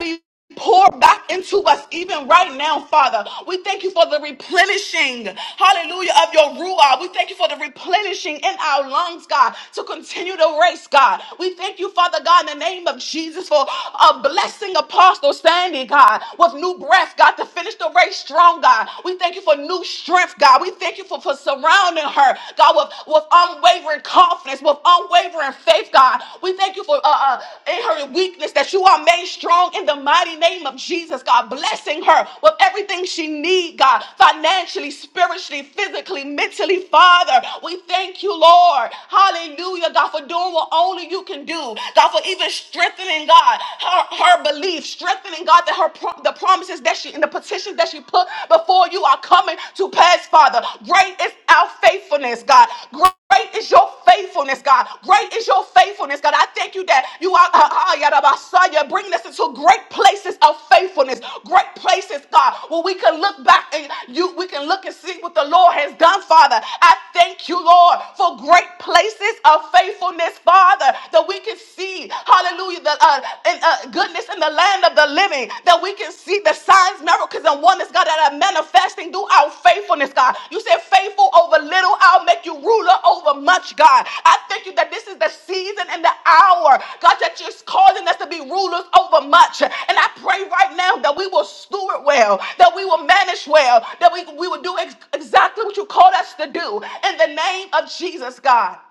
E: be poured back into us even right now, Father. We thank you for the replenishing, hallelujah, of your Ruah. We thank you for the replenishing in our lungs, God, to continue the race, God. We thank you, Father God, in the name of Jesus for a blessing Apostle Sandy, God, with new breath, God, to finish the race strong, God. We thank you for new strength, God. We thank you for, for surrounding her, God, with, with unwavering confidence, with unwavering unwavering faith, God. We thank you for uh, uh, in her weakness that you are made strong in the mighty name of Jesus, God. Blessing her with everything she needs, God, financially, spiritually, physically, mentally, Father. We thank you, Lord. Hallelujah, God, for doing what only you can do. God, for even strengthening, God, her, her belief, strengthening, God, that her pro- the promises that she and the petitions that she put before you are coming to pass, Father. Great is our faithfulness, God. Great is your faithfulness, God. Great is your faithfulness, God. I thank you that you are ah, ah, yada, basaya, bringing us into great places of faithfulness, great places, God, where we can look back and you we can look and see what the Lord has done, Father. I thank you, Lord, for great places of faithfulness, Father, that we can see, hallelujah, the uh, and, uh, goodness place in the land of the living that we can see the signs, miracles, and wonders, God, that are manifesting through our faithfulness, God. You said, faithful over little, I'll make you ruler over much, God. I thank you that this is the season and the hour, God, that you're calling us to be rulers over much. And I pray right now that we will steward well, that we will manage well, that we, we will do ex- exactly what you called us to do in the name of Jesus, God.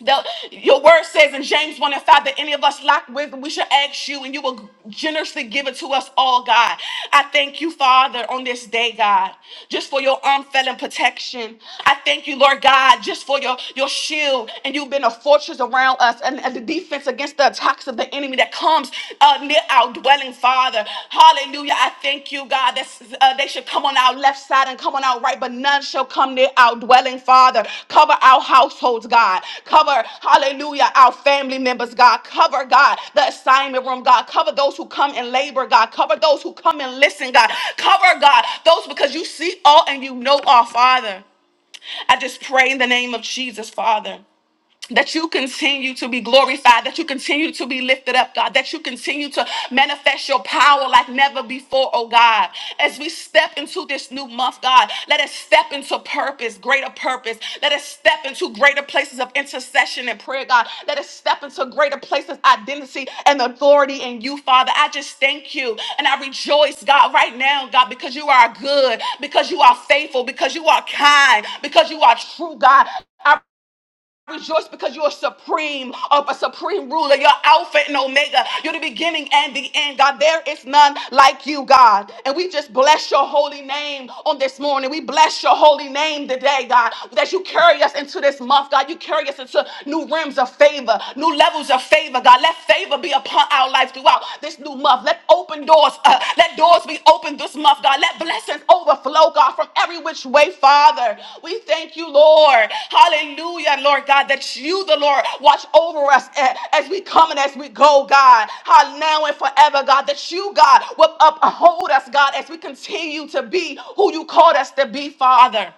E: The- your word says in James 1 and 5 that any of us lack wisdom, we should ask you, and you will generously give it to us all, God. I thank you, Father, on this day, God, just for your unfailing protection. I thank you, Lord God, just for your, your shield, and you've been a fortress around us and, and the defense against the attacks of the enemy that comes uh, near our dwelling, Father. Father. Hallelujah. I thank you, God, that uh, they should come on our left side and come on our right, but none shall come near our dwelling, Father. Cover our households, God. Cover, hallelujah, our family members, God. Cover, God, the assignment room, God. Cover those who come and labor, God. Cover those who come and listen, God. Cover, God, those because you see all and you know all, Father. I just pray in the name of Jesus, Father that you continue to be glorified, that you continue to be lifted up, God, that you continue to manifest your power like never before, oh God. As we step into this new month, God, let us step into purpose, greater purpose. Let us step into greater places of intercession and prayer, God. Let us step into greater places of identity and authority in you, Father. I just thank you and I rejoice, God, right now, God, because you are good, because you are faithful, because you are kind, because you are true, God. Rejoice because you are supreme of a supreme ruler. You're Alpha and Omega. You're the beginning and the end. God, there is none like you, God. And we just bless your holy name on this morning. We bless your holy name today, God, that you carry us into this month, God. You carry us into new realms of favor, new levels of favor, God. Let favor be upon our life throughout this new month. Let open doors, uh, let doors be opened this month, God. Let blessings overflow, God, from every which way, Father. We thank you, Lord. Hallelujah, Lord God, that you, the Lord, watch over us a- as we come and as we go, God. How now and forever, God, that you, God, will uphold us, God, as we continue to be who you called us to be, Father.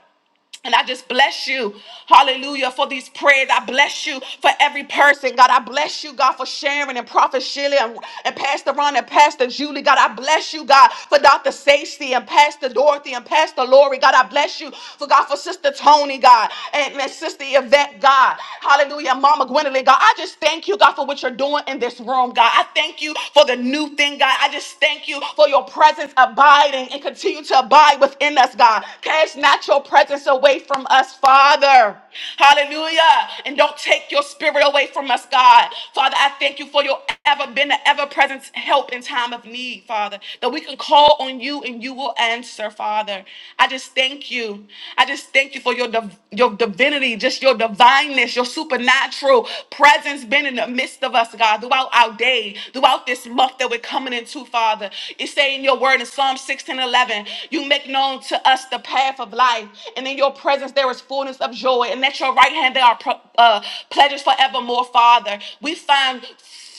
E: And I just bless you, hallelujah, for these prayers. I bless you for every person, God. I bless you, God, for Sharon and Prophet Shirley and, and Pastor Ron and Pastor Julie, God. I bless you, God, for Dr. Stacy and Pastor Dorothy and Pastor Lori, God. I bless you for God, for Sister Tony, God, and, and Sister Yvette, God. Hallelujah, Mama Gwendolyn, God. I just thank you, God, for what you're doing in this room, God. I thank you for the new thing, God. I just thank you for your presence abiding and continue to abide within us, God. Cast not your presence away from us, Father. Hallelujah. And don't take your spirit away from us, God. Father, I thank you for your ever been an ever present help in time of need, Father. That we can call on you and you will answer, Father. I just thank you. I just thank you for your div- your divinity, just your divineness, your supernatural presence being in the midst midst of us, God, throughout our day, throughout this month that we're coming into, Father. You say in your word in Psalm 16, 11. you make known to us the path of life, and in your presence there is fullness of joy, and at your right hand there are pro- uh, pleasures forevermore, Father. We find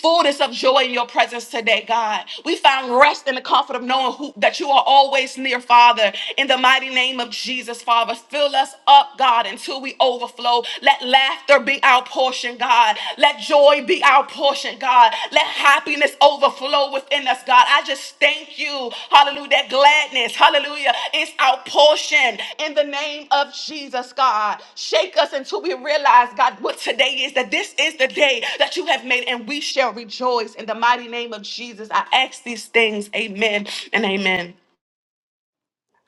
E: fullness of joy in your presence today, God. We find rest in the comfort of knowing who, that you are always near, Father. In the mighty name of Jesus, Father, fill us up, God, until we overflow. Let laughter be our portion, God. Let joy be our portion, God. Let happiness overflow within in us, God. I just thank you. Hallelujah. That gladness, hallelujah, is our portion in the name of Jesus, God. Shake us until we realize, God, what today is that this is the day that you have made, and we shall rejoice in the mighty name of Jesus. I ask these things. Amen and amen.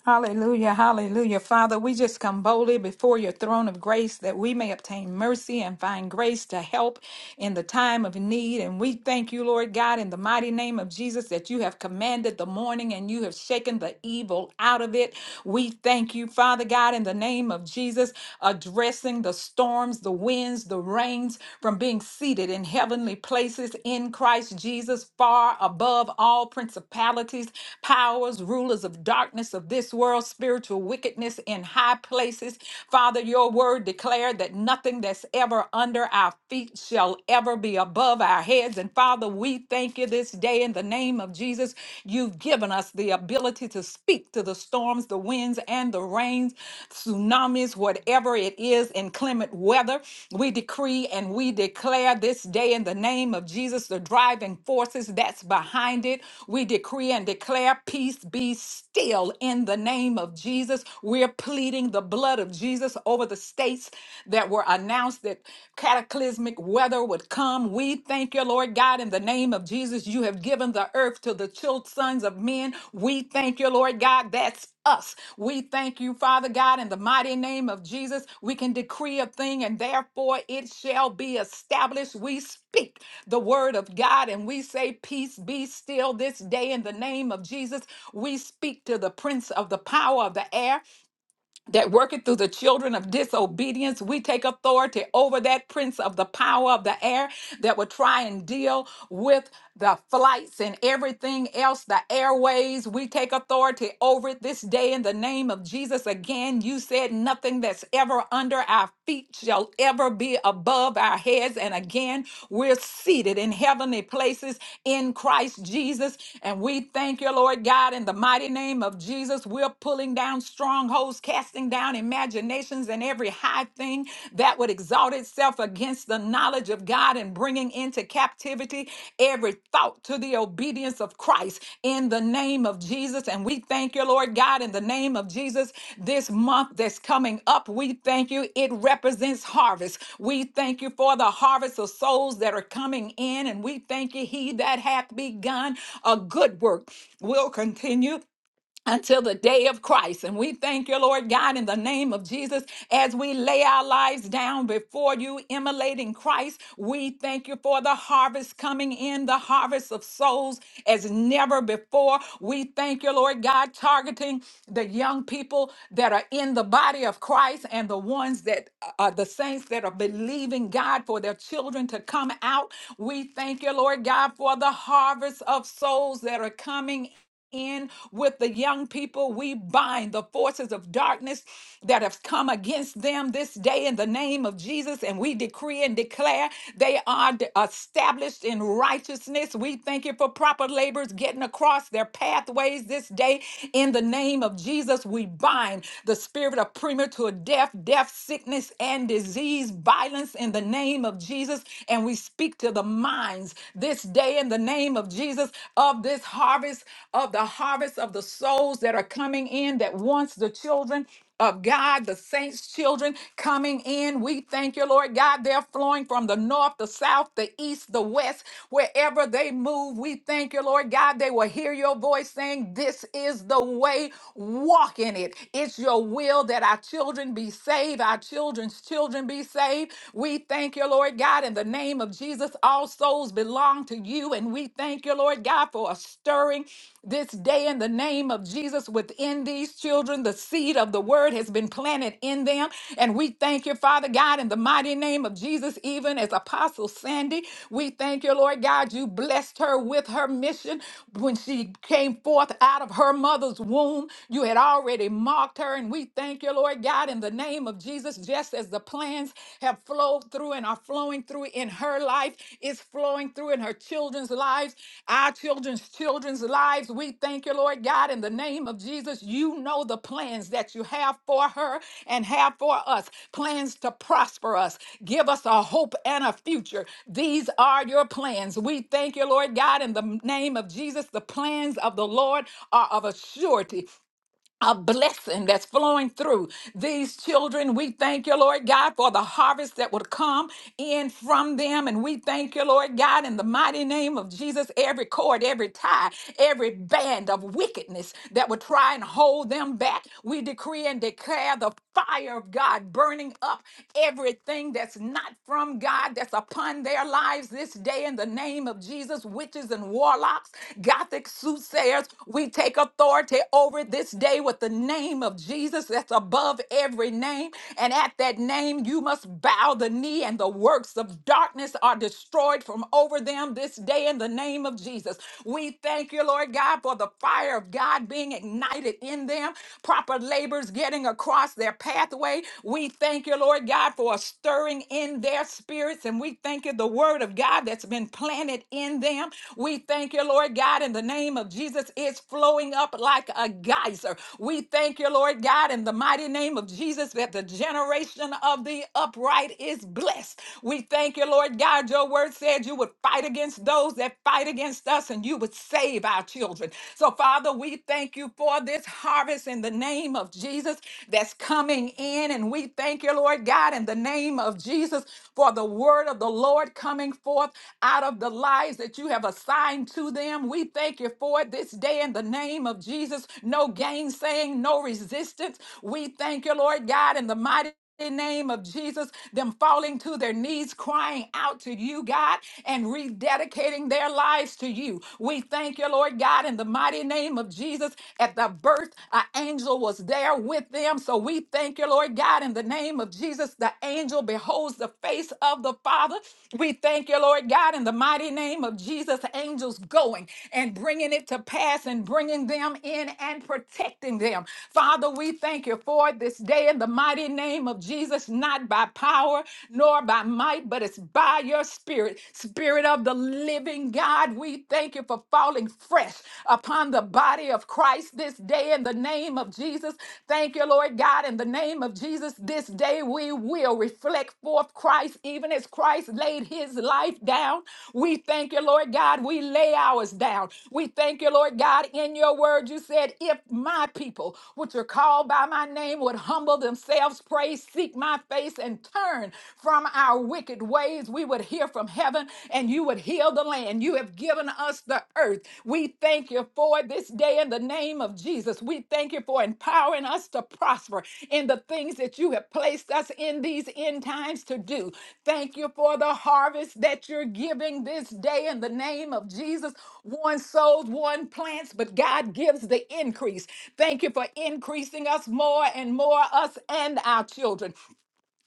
H: Hallelujah, hallelujah. Father, we just come boldly before your throne of grace that we may obtain mercy and find grace to help in the time of need. And we thank you, Lord God, in the mighty name of Jesus, that you have commanded the morning and you have shaken the evil out of it. We thank you, Father God, in the name of Jesus, addressing the storms, the winds, the rains from being seated in heavenly places in Christ Jesus, far above all principalities, powers, rulers of darkness of this world, spiritual wickedness in high places. Father, your word declared that nothing that's ever under our feet shall ever be above our heads. And Father, we thank you this day today in the name of Jesus. You've given us the ability to speak to the storms, the winds, and the rains, tsunamis, whatever it is, inclement weather. We decree and we declare this day in the name of Jesus, the driving forces that's behind it. We decree and declare peace be still in the name of Jesus. We're pleading the blood of Jesus over the states that were announced that cataclysmic weather would come. We thank you, Lord God, in the name of Jesus. You have given the earth to the children sons of men. We thank you, Lord God. That's us. We thank you, Father God, in the mighty name of Jesus. We can decree a thing and therefore it shall be established. We speak the word of God and we say, Peace be still this day in the name of Jesus. We speak to the prince of the power of the air that worketh through the children of disobedience. We take authority over that prince of the power of the air that will try and deal with the flights and everything else, the airways. We take authority over it this day in the name of Jesus. Again, you said nothing that's ever under our feet shall ever be above our heads. And again, we're seated in heavenly places in Christ Jesus. And we thank you, Lord God, in the mighty name of Jesus. We're pulling pulling down strongholds, casting down imaginations and every high thing that would exalt itself against the knowledge of God and bringing into captivity every thought to the obedience of Christ in the name of Jesus. And we thank you, Lord God, in the name of Jesus, this month that's coming up. We thank you. It represents harvest. We thank you for the harvest of souls that are coming in. And we thank you, He that hath begun a good work will continue until the day of Christ. And we thank you, Lord God, in the name of Jesus, as we lay our lives down before you, immolating Christ. We thank you for the harvest coming in, the harvest of souls as never before. We thank you, Lord God, targeting the young people that are in the body of Christ and the ones that are the saints that are believing God for their children to come out. We thank you, Lord God, for the harvest of souls that are coming in with the young people. We bind the forces of darkness that have come against them this day in the name of Jesus, and we decree and declare they are d- established in righteousness. We thank you for proper labors getting across their pathways this day in the name of Jesus. We bind the spirit of premature death, death, sickness, and disease, violence in the name of Jesus, and we speak to the minds this this day in the name of Jesus of this harvest, of the harvest of the souls that are coming in that wants the children of God, the saints' children coming in. We thank you, Lord God. They're flowing from the north, the south, the east, the west, wherever they move. We thank you, Lord God. They will hear your voice saying, This is the way, walk in it. It's your will that our children be saved, our children's children be saved. We thank thank you, Lord God, in the name of Jesus. All souls belong to you. And we thank you, Lord God, for a stirring this day in the name of Jesus within these children. The seed of the word has been planted in them. And we thank you, Father God, in the mighty name of Jesus, even as Apostle Sandy. We thank you, Lord God, you blessed her with her mission when she came forth out of her mother's womb. You had already marked her. And we thank you, Lord God, in the name the name of Jesus, just as the plans have flowed through and are flowing through in her life, is flowing through in her children's lives, our children's children's lives. We thank you, Lord God, in the name of Jesus. You know the plans that you have for her and have for us plans to prosper us, give us a hope and a future. These are your plans. We thank you, Lord God, in the name of Jesus. The plans of the Lord are of a surety a blessing that's flowing through these children. We thank you, Lord God, for the harvest that would come in from them. And we thank you, Lord God, in the mighty name of Jesus, every cord, every tie, every band of wickedness that would try and hold them back. We decree and declare the fire of God burning up everything that's not from God, that's upon their lives this day in the name of Jesus, witches and warlocks Gothic soothsayers, we take authority over this day with the name of Jesus that's above every name. And at that name, you must bow the knee, and the works of darkness are destroyed from over them this day in the name of Jesus. We thank you, Lord God, for the fire of God being ignited in them, proper labors getting across their pathway. We thank you, Lord God, for a stirring in their spirits, and we thank you. The word word of God that's been planted in them. We thank you, Lord God, in the name of Jesus, it's flowing up like a geyser. We thank you, Lord God, in the mighty name of Jesus, that the generation of the upright is blessed. We thank you, Lord God. Your word said you would fight against those that fight against us and you would save our children. So, Father, we thank you for this harvest in the name of Jesus that's coming in. And we thank you, Lord dear Lord God, in the name of Jesus, for the word of the Lord coming forth out of the lives that you have assigned to them. We thank you for it this day in the name of Jesus. No gainsaying, no resistance. We thank you, Lord God, in the mighty mighty name of Jesus, them falling to their knees, crying out to you, God, and rededicating their lives to you. We thank you, Lord God, in the mighty name of Jesus, at the birth, an angel was there with them. So we thank you, Lord God, in the name of Jesus. The angel beholds the face of the Father. We thank you, Lord God, in the mighty name of Jesus. Angels going and bringing it to pass and bringing them in and protecting them. Father, we thank you for it this day in the mighty name of Jesus, not by power nor by might, but it's by your spirit. Spirit of the living God, we thank you for falling falling fresh upon the body of Christ this day in the name of Jesus. Thank you, Lord God. In the name of Jesus, this day we will reflect forth Christ, even as Christ laid his life down. We thank you, Lord God. We lay ours down. We thank you, Lord God. In your word, you said, if my people, which are called by my name, would humble themselves, pray, seek my face, and turn from our wicked ways, we would hear hear from heaven and you would heal the land. You have given us the earth. We thank you for this day in the name of Jesus. We thank you for empowering us to prosper in the things that you have placed us in these end times to do. Thank you for the harvest that you're giving this day in the name of Jesus. One sows, one plants, but God gives the increase. Thank you for increasing us more and more, us and our children.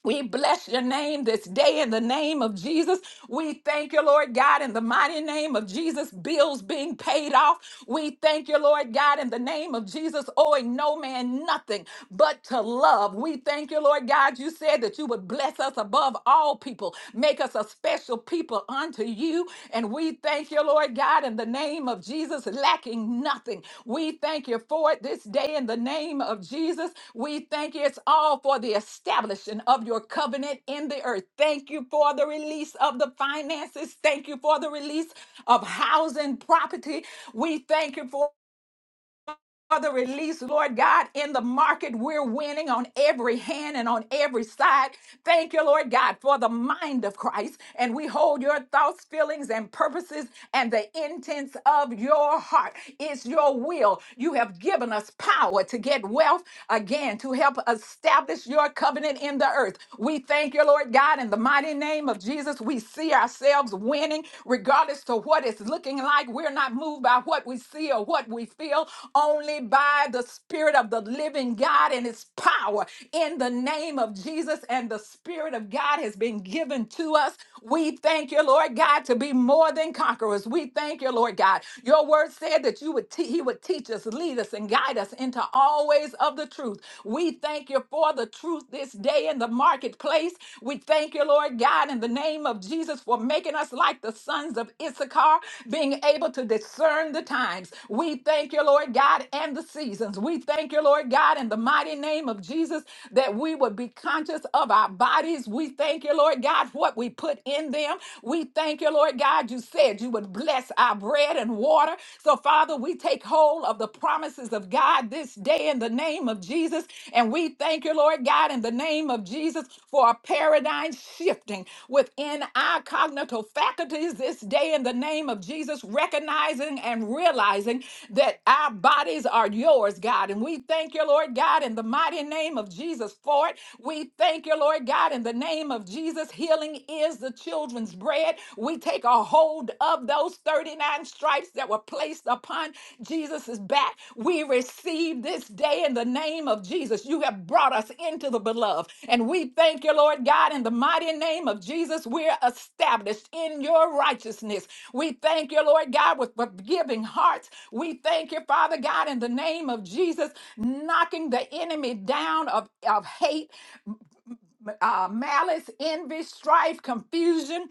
H: We bless your name this day in the name of Jesus. We thank you, Lord God, in the mighty name of Jesus. Bills being paid off. We thank you, Lord God, in the name of Jesus, owing no man nothing but to love. We thank you, Lord God. You said that you would bless us above all people, make us a special people unto you you. And we thank you, Lord God, in the name of Jesus, lacking nothing. We thank you for it this day in the name of Jesus. We thank you. It's all for the establishing of your covenant in the earth. Thank you for the release of the finances. Thank you for the release of housing property. We thank you for. Father, release, Lord God, in the market. We're winning on every hand and on every side. Thank you, Lord God, for the mind of Christ. And we hold your thoughts, feelings, and purposes and the intents of your heart. It's your will. You have given us power to get wealth again, to help establish your covenant in the earth. We thank you, Lord God, in the mighty name of Jesus. We see ourselves winning regardless to what it's looking like. We're not moved by what we see or what we feel, only by the Spirit of the living God and His power in the name of Jesus. And the Spirit of God has been given to us. We thank you, Lord God, to be more than conquerors. We thank you, Lord God. Your word said that you would te- He would teach us, lead us, and guide us into all ways of the truth. We thank you for the truth this day day in the marketplace. We thank you, Lord God, in the name of Jesus for making us like the sons of Issachar, being able to discern the times. We thank you, Lord God, and the seasons. We thank you, Lord God, in the mighty name of Jesus that we would be conscious of our bodies. We thank you, Lord God, what we put in them. We thank you, Lord God, you said you would bless our bread and water. So, Father, we take hold of the promises of God this day in the name of Jesus. And we thank you, Lord God, in the name of Jesus for a paradigm shifting within our cognitive faculties this day in the name of Jesus, recognizing and realizing that our bodies are yours, God. And we thank you, Lord God, in the mighty name of Jesus for it. We thank you, Lord God, in the name of Jesus. Healing is the children's bread. We Take a hold of those 39 stripes that were placed upon Jesus' back. We receive this day in the name of Jesus. You have brought us into the beloved. And we thank you, Lord God, in the mighty name of Jesus. We're established in your righteousness. We thank you, Lord God, with forgiving hearts. We thank you, Father God, in the name of Jesus, knocking the enemy down of, of hate, uh, malice, envy, strife, confusion.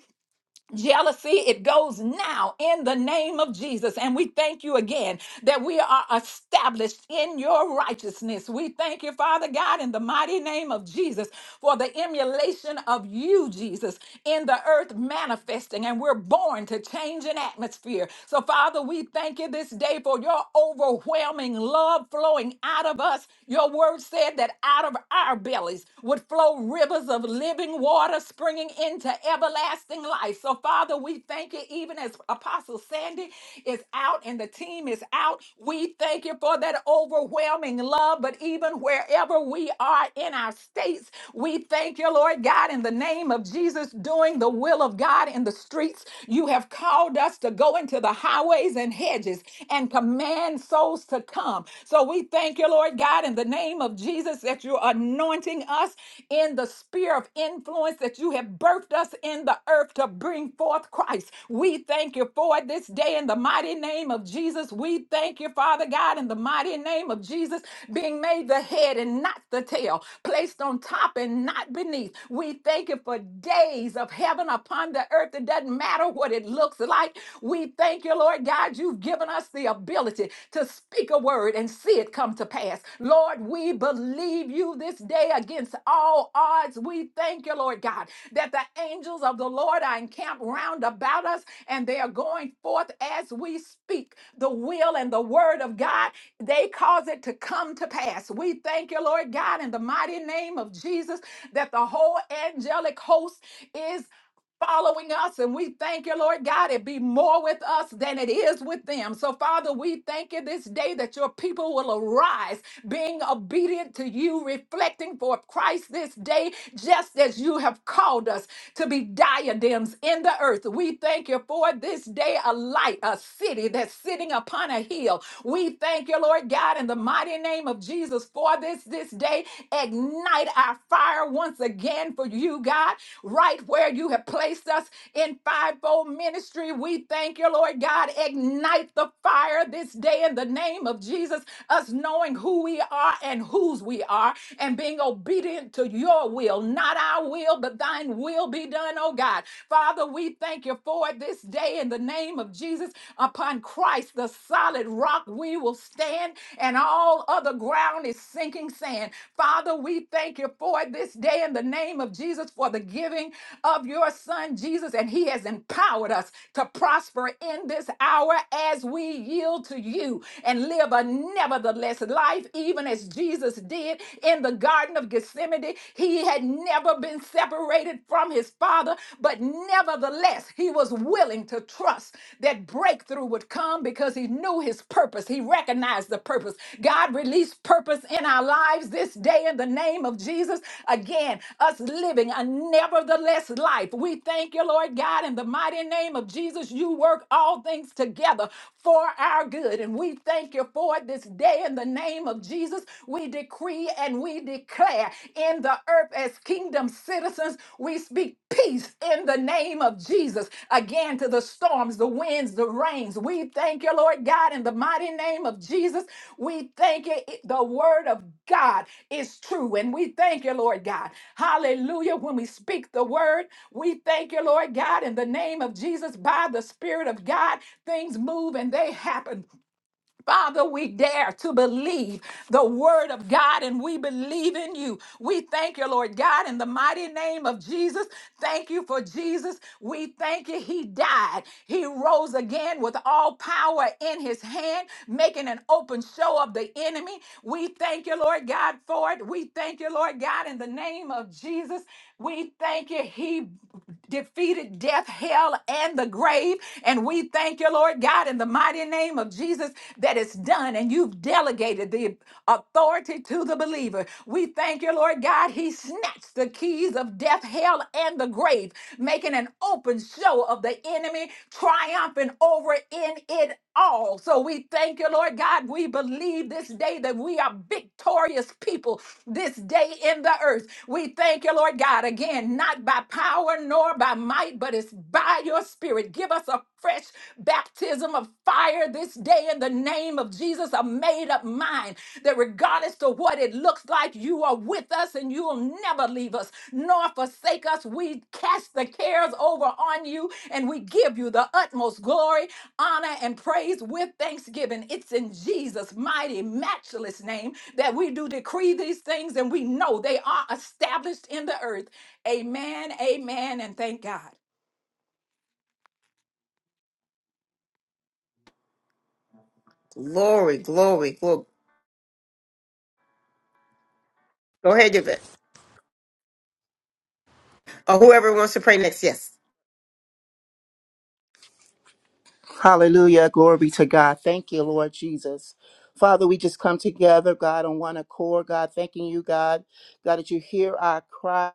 H: Jealousy, it goes now in the name of Jesus. And we thank you again that we are established in your righteousness. We thank you, Father God, in the mighty name of Jesus for the emulation of you, Jesus, in the earth manifesting. And we're born to change an atmosphere. So, Father, we thank you this day for your overwhelming love flowing out of us. Your word said that out of our bellies would flow flow rivers of living water springing into everlasting life. So, Father, we thank you, even as Apostle Sandy is out and the team is out, we thank you for that overwhelming love. But even wherever we are in our states, we thank you, Lord God, in the name of Jesus, doing the will of God in the streets. You have called us to go into the highways and hedges and command souls to come. So, we thank thank you, Lord God, in the name of Jesus, that you're anointing us in the sphere of influence that you have birthed us in the earth to bring forth Christ. We thank you for it this day in the mighty name of Jesus. We thank you, Father God, in the mighty name of Jesus, being made the head and not the tail, placed on top and not beneath. We thank you for days of heaven upon the earth. It doesn't matter what it looks like. We thank you, Lord. Lord God, you've given us the ability to speak a word and see it come to pass. Lord, we believe you this day against all odds. We thank you, Lord God, that the angels of the Lord are encamped round about us and they are going forth as we speak the will and the word of God. They cause it to come to pass. We thank you, Lord God, in the mighty name of Jesus, that the whole angelic host is following us. And we thank you, Lord God, it be more with us than it is with them. So, Father, we thank you this day that your people will arise, being obedient to you, reflecting for Christ this day, just as you have called us to be diadems in the earth. We thank you for this day, a light, a city that's sitting upon a hill. We thank you, Lord God, in the mighty name of Jesus for this this day Ignite our fire once again for you, God, right where you have placed us in fivefold ministry. We thank you, Lord God. Ignite the fire this day in the name of Jesus, us knowing who we are and whose we are, and being obedient to your will, not our will, but thine will be done, oh God. Father, we thank you for it this day in the name of Jesus upon Christ, the Son solid rock we will stand, and all other ground is sinking sand. Father, we thank you for it this day in the name of Jesus for the giving of your son Jesus, and he has empowered us to prosper in this hour as we yield to you and live a nevertheless life, even as Jesus did in the Garden of Gethsemane. He had never been separated from his Father, but Nevertheless, he was willing to trust that breakthrough would come because he knew his purpose. He recognized the purpose. God released purpose in our lives this day in the name of Jesus. Again, us living a nevertheless life. We thank you, Lord God, in the mighty name of Jesus. You work all things together for our good. And we thank you for it this day in the name of Jesus. We decree and we declare in the earth as kingdom citizens. We speak peace in the name of Jesus. Again, to the storms, the winds, the rains. We thank you, Lord God, in the mighty name of Jesus. We thank you. It- The word of God is true. And we thank you, Lord God. Hallelujah. When we speak the word, we thank you, Lord God, in the name of Jesus. By the Spirit of God, things move and they happen. Father, we dare to believe the word of God and we believe in you. We thank you, Lord God, in the mighty name of Jesus. Thank you for Jesus. We thank you. He died. He rose again with all power in his hand, making an open show of the enemy. We thank you, Lord God, for it. We thank you, Lord God, in the name of Jesus. We thank you. He defeated death, hell, and the grave. And we thank you, Lord God, in the mighty name of Jesus, that it's done and you've delegated the authority to the believer. We thank you, Lord God. He snatched the keys of death, hell, and the grave, making an open show of the enemy, triumphing over in it all. So we thank you, Lord God. We believe this day that we are victorious righteous people this day in the earth. We thank you, Lord God, again, not by power nor by might, but it's by your spirit. Give us a fresh baptism of fire this day in the name of Jesus, a made up mind that regardless to what it looks like, you are with us and you will never leave us nor forsake us. We cast the cares over on you and we give you the utmost glory, honor, and praise with thanksgiving. It's in Jesus' mighty, matchless name that we do decree these things and we know they are established in the earth. Amen, amen, and thank God.
A: Glory, glory, glory. Go ahead, Yvette. Or whoever wants to pray next. Yes.
J: Hallelujah. Glory be to God. Thank you, Lord Jesus. Father, we just come together, God, on one accord. God, thanking you, God. God, that you hear our cry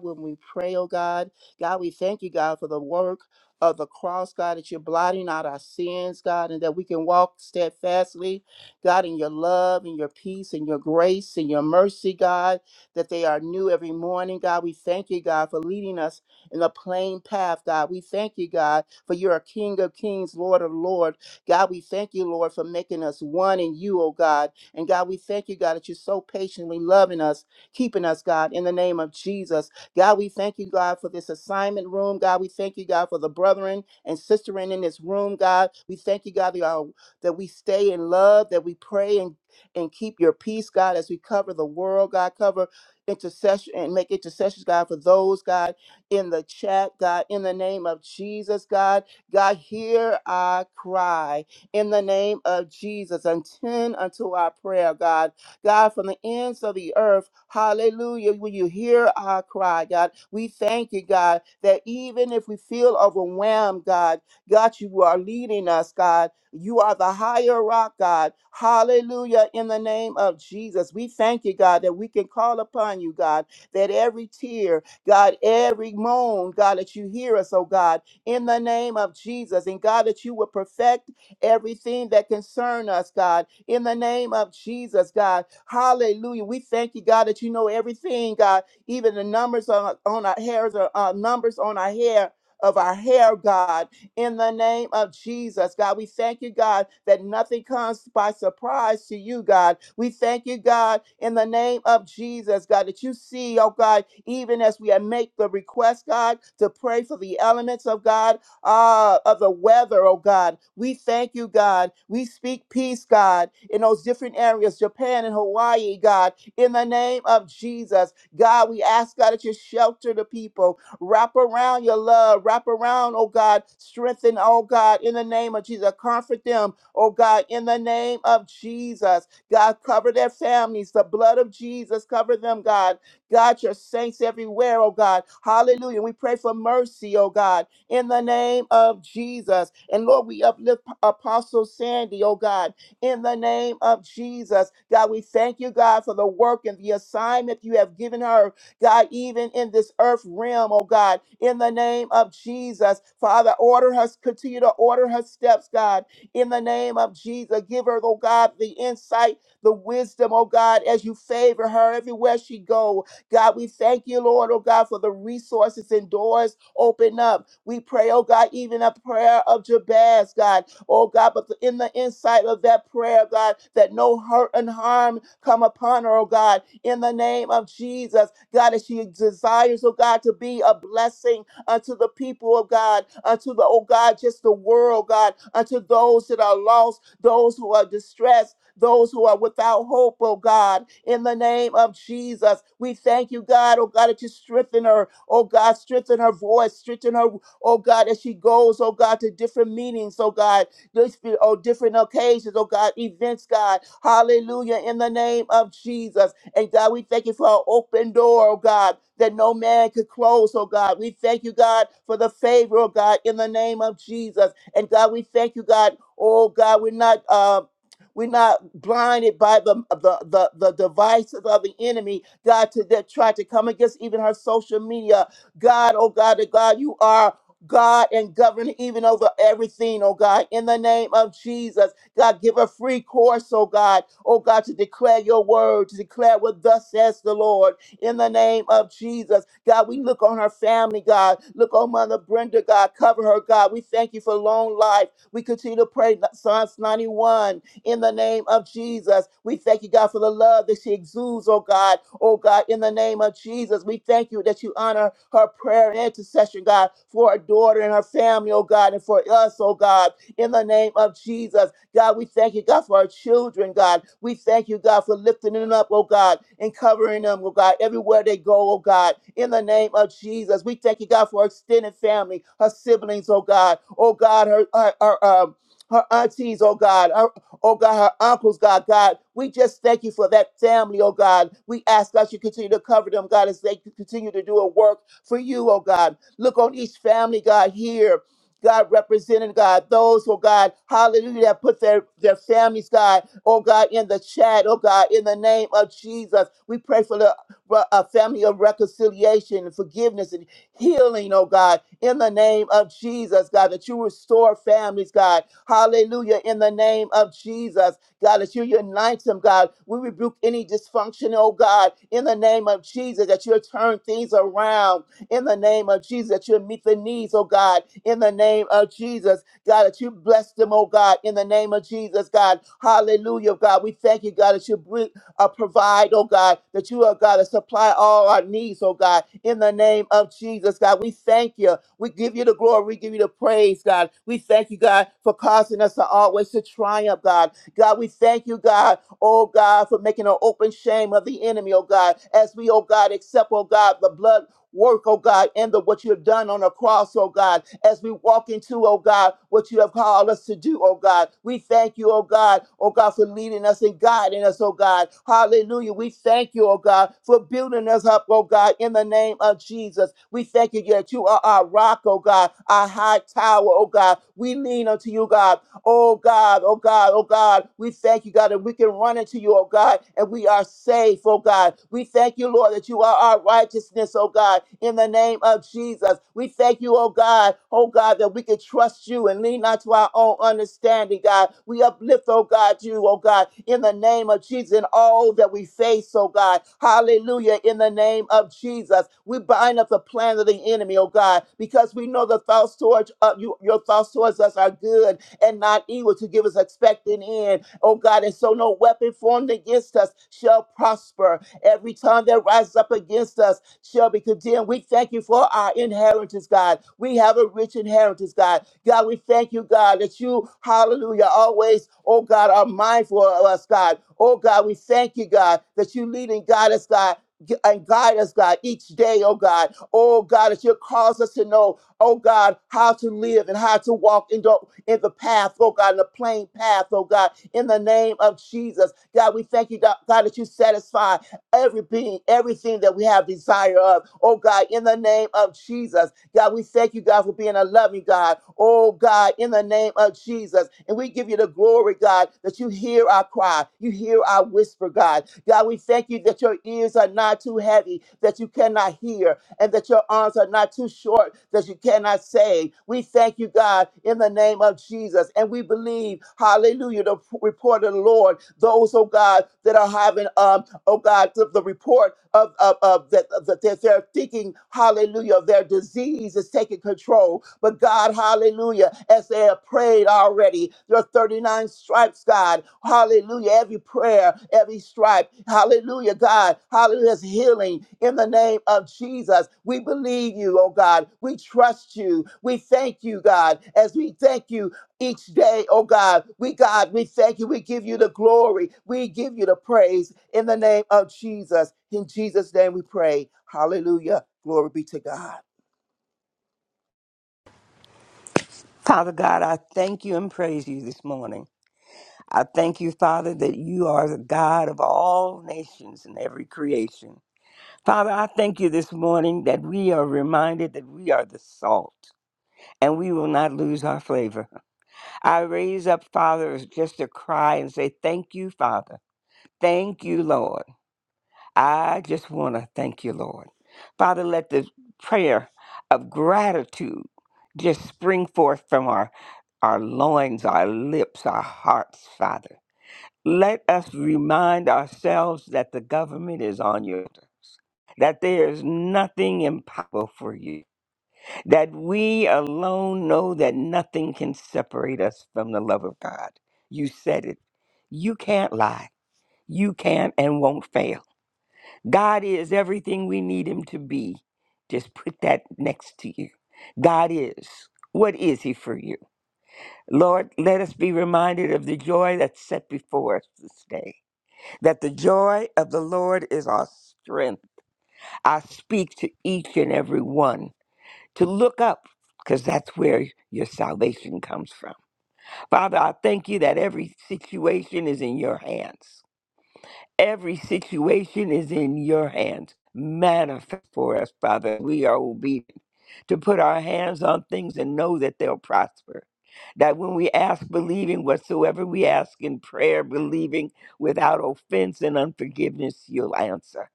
J: when we pray, oh God. God, we thank you, God, for the work of the cross, God, that you're blotting out our sins, God, and that we can walk steadfastly, God, in your love and your peace and your grace and your mercy, God, that they are new every morning. God, we thank you, God, for leading us in a plain path, God. We thank you, God, for you're a King of kings, Lord of lords. God, we thank you, Lord, for making us one in you, oh God. And God, we thank you, God, that you're so patiently loving us, keeping us, God, in the name of Jesus. God, we thank you, God, for this assignment room. God, we thank you, God, for the brethren and sisterin in this room, God. We thank you, God, that our- that we stay in love, that we pray and, and keep your peace, God, as we cover the world, God, cover intercession and make intercessions, God, for those, God in the chat, God, in the name of Jesus, God. God, hear our cry in the name of Jesus. and Attend unto our prayer, God. God, from the ends of the earth, hallelujah, will you hear our cry, God? We thank you, God, that even if we feel overwhelmed, God, God, you are leading us, God. You are the higher rock, God. Hallelujah, in the name of Jesus. We thank you, God, that we can call upon you, God, that every tear, God, every moan, God, that you hear us, oh God, in the name of Jesus. And God, that you will perfect everything that concern us, God, in the name of Jesus, God. Hallelujah. We thank you, God, that you know everything, God, even the numbers on, on our hairs, uh, uh, numbers on our hair, of our hair, God in the name of Jesus. God, we thank you, God, that nothing comes by surprise to you, God. We thank you, God, in the name of Jesus, God, that you see, oh God, even as we make the request, God, to pray for the elements of God, uh, of the weather, oh God. We thank you, God. We speak peace, God, in those different areas, Japan and Hawaii, God, in the name of Jesus. God, we ask, God, that you shelter the people. Wrap around your love. Wrap around, oh God. Strengthen, oh God, in the name of Jesus. Comfort them, oh God, in the name of Jesus. God, cover their families. The blood of Jesus, cover them, God. God, your saints everywhere, oh God. Hallelujah. We pray for mercy, oh God, in the name of Jesus. And Lord, we uplift Apostle Sandy, oh God, in the name of Jesus. God, we thank you, God, for the work and the assignment you have given her God, even in this earth realm, oh God, in the name of Jesus. Father, order her, continue to order her steps, God, in the name of Jesus. Give her, oh God, the insight, the wisdom, oh God, as you favor her everywhere she go. God, we thank you, Lord, oh God, for the resources and doors open up. We pray, oh God, even a prayer of Jabez, God, oh God, but in the insight of that prayer, God, that no hurt and harm come upon her, oh God, in the name of Jesus, God, as she desires, oh God, to be a blessing unto the people of God, unto the, oh God, just the world, God, unto those that are lost, those who are distressed those who are without hope, oh God, in the name of Jesus. We thank you, God, oh God, that you strengthen her, oh God, strengthen her voice, strengthen her, oh God, as she goes, oh God, to different meetings, oh God, this- oh different occasions, oh God, events, God. Hallelujah, in the name of Jesus. And God, we thank you for an open door, oh God, that no man could close, oh God. We thank you, God, for the favor, oh God, in the name of Jesus. And God, we thank you, God. Oh God, we're not um, we're not blinded by the, the, the, the devices of the enemy, God, to that try to come against even her social media. God, oh God, oh God, you are God and govern even over everything, oh God, in the name of Jesus. God, give a free course, oh God, oh God, to declare your word, to declare what thus says the Lord, in the name of Jesus. God, we look on her family, God. Look on Mother Brenda, God. Cover her, God. We thank you for long life. We continue to pray Psalms 91 in the name of Jesus. We thank you, God, for the love that she exudes, oh God. Oh God, in the name of Jesus, we thank you that you honor her prayer and intercession, God, for her daughter and her family, oh God, and for us, oh God, in the name of Jesus. God, we thank you, God, for our children, God. We thank you, God, for lifting them up, oh God, and covering them, oh God, everywhere they go, oh God, in the name of Jesus. We thank you, God, for her extended family, her siblings, oh God, oh God, her, her, her, um, her aunties, oh God, her Oh God, her uncles, God, God, we just thank you for that family, oh God. We ask God you continue to cover them, God, as they continue to do a work for you, oh God. Look on each family, God, here. God representing God, those, oh God, hallelujah, that put their, their families, God, oh God, in the chat, oh God, in the name of Jesus. We pray for the uh, family of reconciliation and forgiveness and healing, oh God, in the name of Jesus, God, that you restore families, God. Hallelujah, in the name of Jesus, God, that you unite them, God. We rebuke any dysfunction, oh God, in the name of Jesus, that you'll turn things around in the name of Jesus, that you'll meet the needs, oh God, in the name of Jesus, God, that you bless them, oh God, in the name of Jesus, God. Hallelujah, God. We thank you, God, that you uh, provide, oh God, that you are God to supply all our needs, oh God, in the name of Jesus, God. We thank you. We give you the glory. We give you the praise, God. We thank you, God, for causing us to always to triumph, God. God, we thank you, God, oh God, for making an open shame of the enemy, oh God, as we, oh God, accept, oh God, the blood work, oh God, and the what you have done on the cross, oh God, as we walk into, oh God, what you have called us to do, oh God. We thank you, oh God, oh God, for leading us and guiding us, oh God. Hallelujah. We thank you, oh God, for building us up, oh God, in the name of Jesus. We thank you that you are our rock, oh God, our high tower, oh God. We lean unto you, God. Oh God, oh God, oh God, we thank you, God, that we can run into you, oh God, and we are safe, oh God. We thank you, Lord, that you are our righteousness, oh God, in the name of Jesus. We thank you, oh God, oh God, that we can trust you and lean not to our own understanding, God. We uplift, oh God, you, oh God, in the name of Jesus, in all that we face, oh God. Hallelujah, in the name of Jesus. We bind up the plan of the enemy, oh God, because we know the thoughts towards uh, you, your thoughts towards us are good and not evil to give us expecting end, oh God. And so no weapon formed against us shall prosper. Every tongue that rises up against us shall be condemned. We thank you for our inheritance, God. We have a rich inheritance, God. God, we thank you, God, that you, hallelujah, always, oh God, are mindful of us, God. Oh God, we thank you, God, that you lead and guide us, God. g- And guide us, God, each day, oh God. Oh God, that you cause us to know, oh God, how to live and how to walk in the, in the path, oh God, in the plain path, oh God, in the name of Jesus. God, we thank you, God, God, that you satisfy everything, everything that we have desire of. Oh God, in the name of Jesus. God, we thank you, God, for being a loving God. Oh God, in the name of Jesus. And we give you the glory, God, that you hear our cry. You hear our whisper, God. God, we thank you that your ears are not too heavy, that you cannot hear and that your arms are not too short that you cannot save. We thank you, God, in the name of Jesus. And we believe, hallelujah, the report of the Lord, those, oh God, that are having, um, oh God, the, the report of, of, of that, that they're thinking, hallelujah, of their disease is taking control control. But God, hallelujah, as they have prayed already, your 39 stripes, God, hallelujah, every prayer, every stripe, hallelujah, God, hallelujah, is healing in the name of Jesus. We believe you, oh God. We trust you. We thank you, God, as we thank you each day, oh God. We, God, we thank you. We give you the glory. We give you the praise in the name of Jesus. In Jesus' name we pray. Hallelujah. Glory be to God.
K: Father God, I thank you and praise you this morning. I thank you, Father, that you are the God of all nations and every creation. Father, I thank you this morning that we are reminded that we are the salt and we will not lose our flavor. I raise up, Father, just a cry and say, Thank you, Father. Thank you, Lord. I just want to thank you, Lord. Father, let the prayer of gratitude just spring forth from our, our loins, our lips, our hearts, Father. Let us remind ourselves that the government is on you, that there is nothing impossible for you, that we alone know that nothing can separate us from the love of God. You said it. You can't lie. You can and won't fail. God is everything we need him to be. Just put that next to you. God is. What is he for you? Lord, let us be reminded of the joy that's set before us this day. That the joy of the Lord is our strength. I speak to each and every one to look up because that's where your salvation comes from. Father, I thank you that every situation is in your hands. Every situation is in your hands. Manifest for us, Father. We are obedient to put our hands on things and know that they'll prosper. That when we ask, believing whatsoever we ask in prayer, believing without offense and unforgiveness, you'll answer.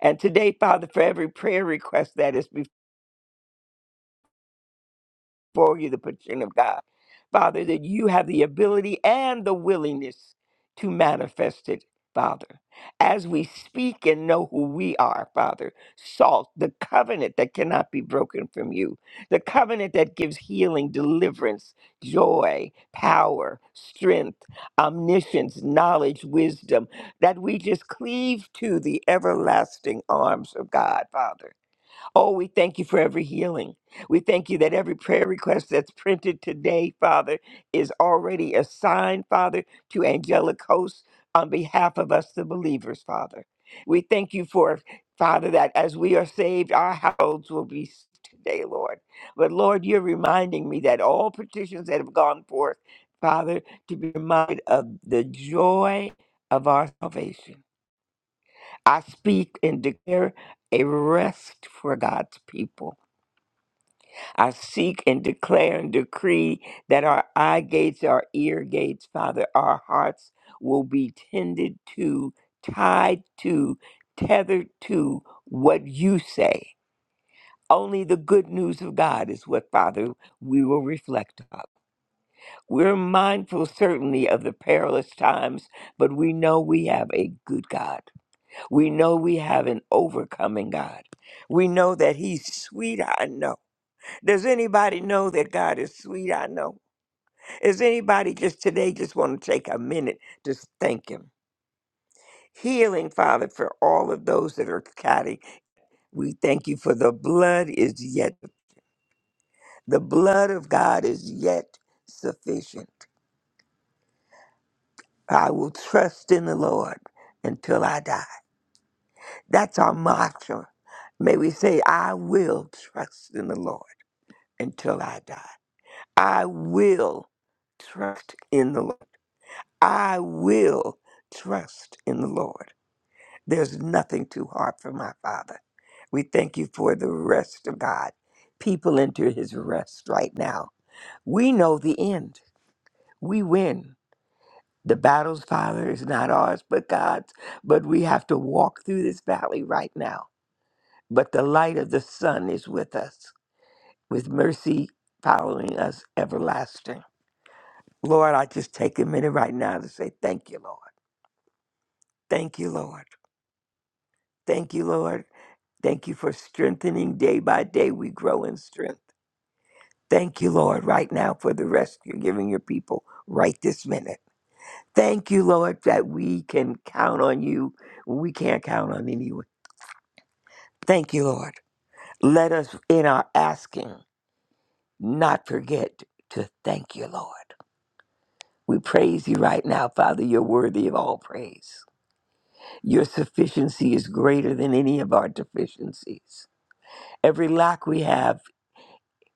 K: And today, Father, for every prayer request that is for you the petition of God. Father, that you have the ability and the willingness to manifest it, Father. As we speak and know who we are, Father, salt, the covenant that cannot be broken from you, the covenant that gives healing, deliverance, joy, power, strength, omniscience, knowledge, wisdom, that we just cleave to the everlasting arms of God, Father Oh, we thank you for every healing. We thank you that every prayer request that's printed today, Father, is already assigned, Father, to angelic hosts on behalf of us, the believers, Father. We thank you for, Father, that as we are saved, our households will be saved today, Lord. But Lord, you're reminding me that all petitions that have gone forth, Father, to be reminded of the joy of our salvation. I speak and declare a rest for God's people I seek and declare and decree that our eye gates, our ear gates, Father, our hearts will be tended to, tied to, tethered to what you say. Only the good news of God is what, Father, we will reflect on. We're mindful, certainly, of the perilous times, but we know we have a good God. We know we have an overcoming God. We know that He's sweet. I know. Does anybody know that God is sweet? I know. Is anybody just today just want to take a minute to thank Him? Healing, Father, for all of those that are counting. We thank you for the blood is yet, the blood of God is yet sufficient. I will trust in the Lord until I die. That's our mantra. May we say, I will trust in the Lord until I die. I will trust in the Lord I will trust in the Lord. There's nothing too hard for my Father. We thank you for the rest of God. People enter his rest right now. We know the end. We win. The battle's Father is not ours, but God's. But we have to walk through this valley right now. But the light of the sun is with us, with mercy following us everlasting. Lord, I just take a minute right now to say thank you, Lord. Thank you, Lord. Thank you, Lord. Thank you for strengthening day by day. We grow in strength. Thank you, Lord, right now for the rest you're giving your people right this minute. Thank you, Lord, that we can count on you when we can't count on anyone. Thank you, Lord. Let us, in our asking, not forget to thank you, Lord. We praise you right now, Father. You're worthy of all praise. Your sufficiency is greater than any of our deficiencies. Every lack we have,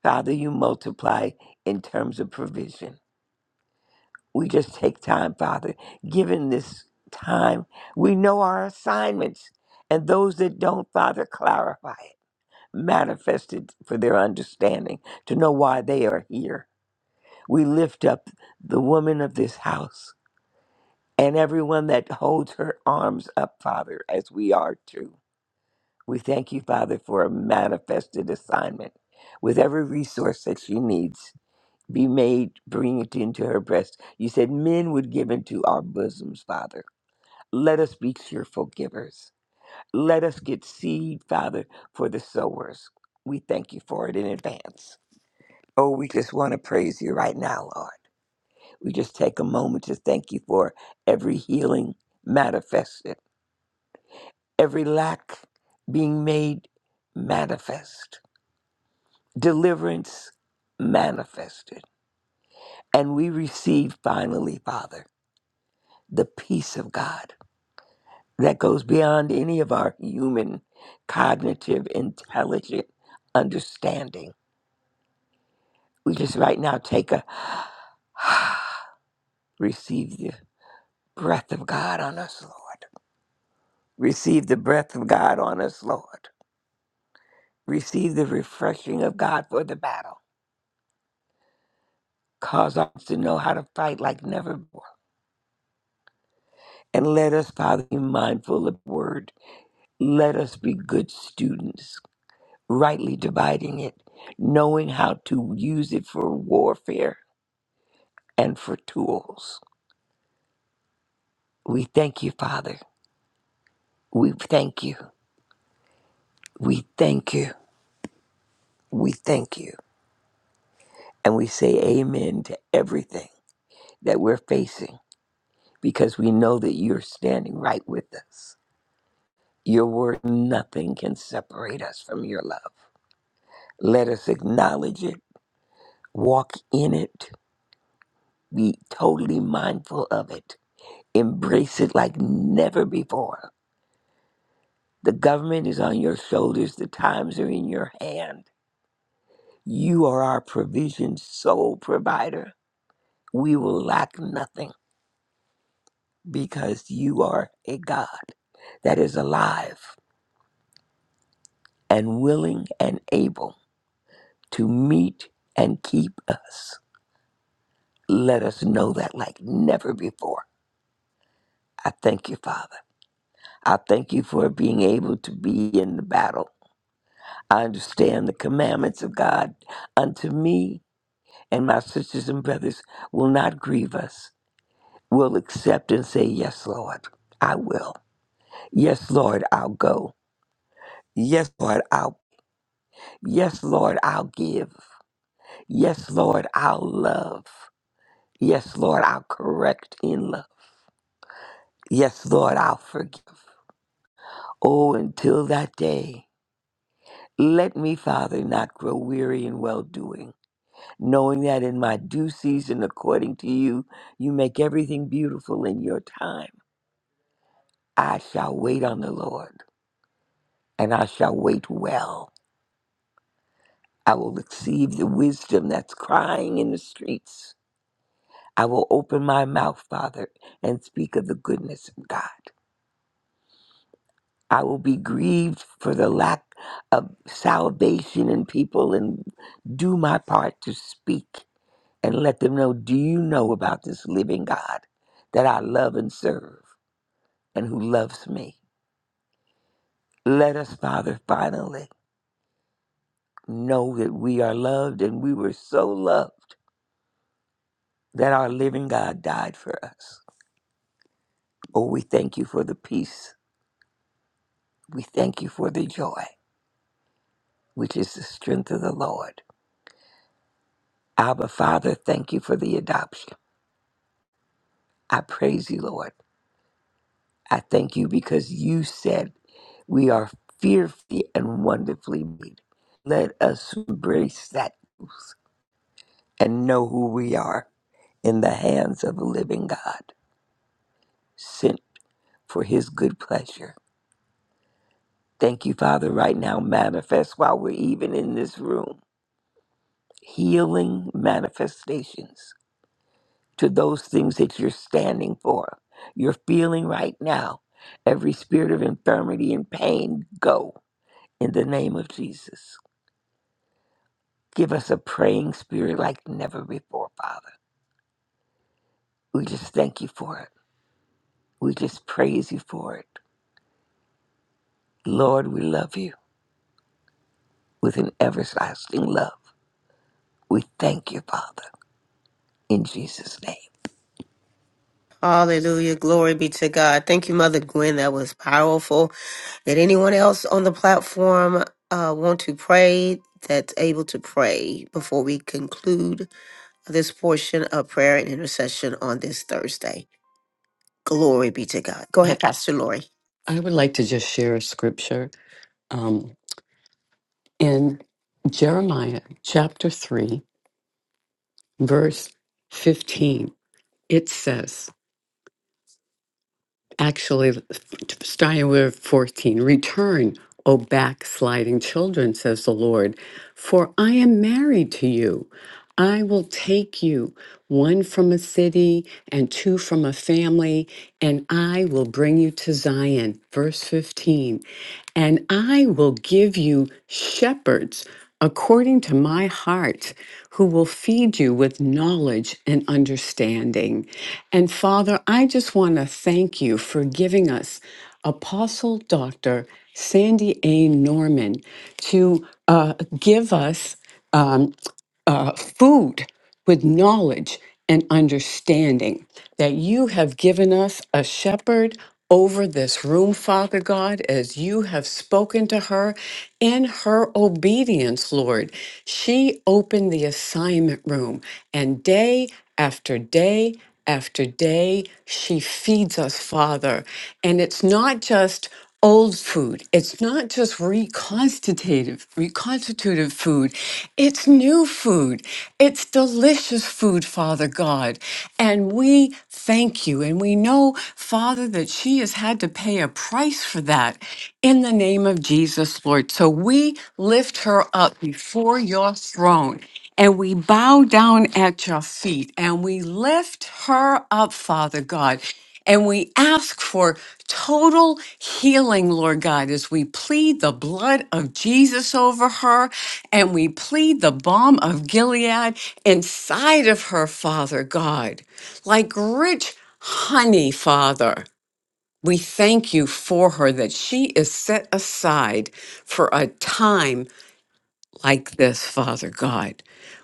K: Father, you multiply in terms of provision. We just take time, Father. Given this time, we know our assignments, and those that don't, Father, clarify it, manifest it for their understanding to know why they are here. We lift up the woman of this house and everyone that holds her arms up, Father, as we are too. We thank you, Father, for a manifested assignment with every resource that she needs. be made, bring it into her breast. You said men would give into our bosoms, Father. Let us be cheerful givers. Let us get seed, Father, for the sowers. We thank you for it in advance. Oh, we just want to praise you right now, Lord. We just take a moment to thank you for every healing manifested, every lack being made manifest, deliverance manifested. And we receive finally, Father. the peace of God that goes beyond any of our human cognitive intelligent understanding. We just right now take a receive the breath of God on us, Lord. Receive the breath of God on us, Lord. Receive the refreshing of God for the battle. Cause us to know how to fight like never before. And let us, Father, be mindful of the word. Let us be good students rightly dividing it, knowing how to use it for warfare and for tools. We thank you, Father. We thank you. We thank you. We thank you. And we say amen to everything that we're facing because we know that you're standing right with us. Your word, nothing can separate us from your love. Let us acknowledge it, walk in it, be totally mindful of it, embrace it like never before The government is on your shoulders, the times are in your hand. You are our provision, sole provider. We will lack nothing because you are a God that is alive and willing and able to meet and keep us. Let us know that like never before. I thank you, Father. I thank you for being able to be in the battle. I understand the commandments of God unto me and my sisters and brothers will not grieve us. We'll accept and say, Yes, Lord, I will. Yes, Lord, I'll go. Yes, Lord, I'll yes, Lord, I'll give. Yes, Lord, I'll love. Yes, Lord, I'll correct in love. Yes, Lord, I'll forgive. Oh, until that day. Let me, Father, not grow weary in well doing, knowing that in my due season, according to you, you make everything beautiful in your time. I shall wait on the Lord. and I shall wait well. I will receive the wisdom that's crying in the streets. I will open my mouth, Father, and speak of the goodness of God. I will be grieved for the lack of salvation in people and do my part to speak and let them know do you know about this living God that I love and serve and who loves me? Let us, Father, finally know that we are loved and we were so loved that our living God died for us. Oh, we thank you for the peace. We thank you for the joy, which is the strength of the Lord. Abba, Father, thank you for the adoption. I praise you, Lord. I thank you because you said we are fearfully and wonderfully made. Let us embrace that and know who we are in the hands of the living God, sent for his good pleasure. Thank you, Father, right now. Manifest while we're even in this room healing manifestations to those things that you're standing for. You're feeling right now. Every spirit of infirmity and pain, go in the name of Jesus. Give us a praying spirit like never before, Father. We just thank you for it. We just praise you for it. Lord, we love you with an everlasting love. We thank you, Father, in Jesus' name.
A: Hallelujah. Glory be to God. Thank you, Mother Gwen. That was powerful. Did anyone else on the platform uh, want to pray that's able to pray before we conclude this portion of prayer and intercession on this Thursday? Glory be to God. Go ahead,
L: I,
A: Pastor Lori.
L: I would like to just share a scripture um, in Jeremiah chapter 3, verse 15. It says, actually starting with 14 return o backsliding children says the lord for i am married to you i will take you one from a city and two from a family and i will bring you to zion verse 15 and i will give you shepherds according to my heart, who will feed you with knowledge and understanding. And Father, I just want to thank you for giving us Apostle Dr. Sandy A. Norman to uh, give us. um, uh, food with knowledge and understanding that you have given us a shepherd over this room, Father God, as you have spoken to her in her obedience, Lord. She opened the assignment room, and day after day after day, she feeds us, Father. And it's not just old food. It's not just reconstitutive, reconstitutive food. It's new food. It's delicious food, Father God. And we thank you. And we know, Father, that she has had to pay a price for that in the name of Jesus, Lord. So we lift her up before your throne and we bow down at your feet and we lift her up, Father God. And we ask for total healing, Lord God, as we plead the blood of Jesus over her and we plead the balm of Gilead inside of her, Father God, like rich honey, Father. We thank you for her that she is set aside for a time like this, Father God,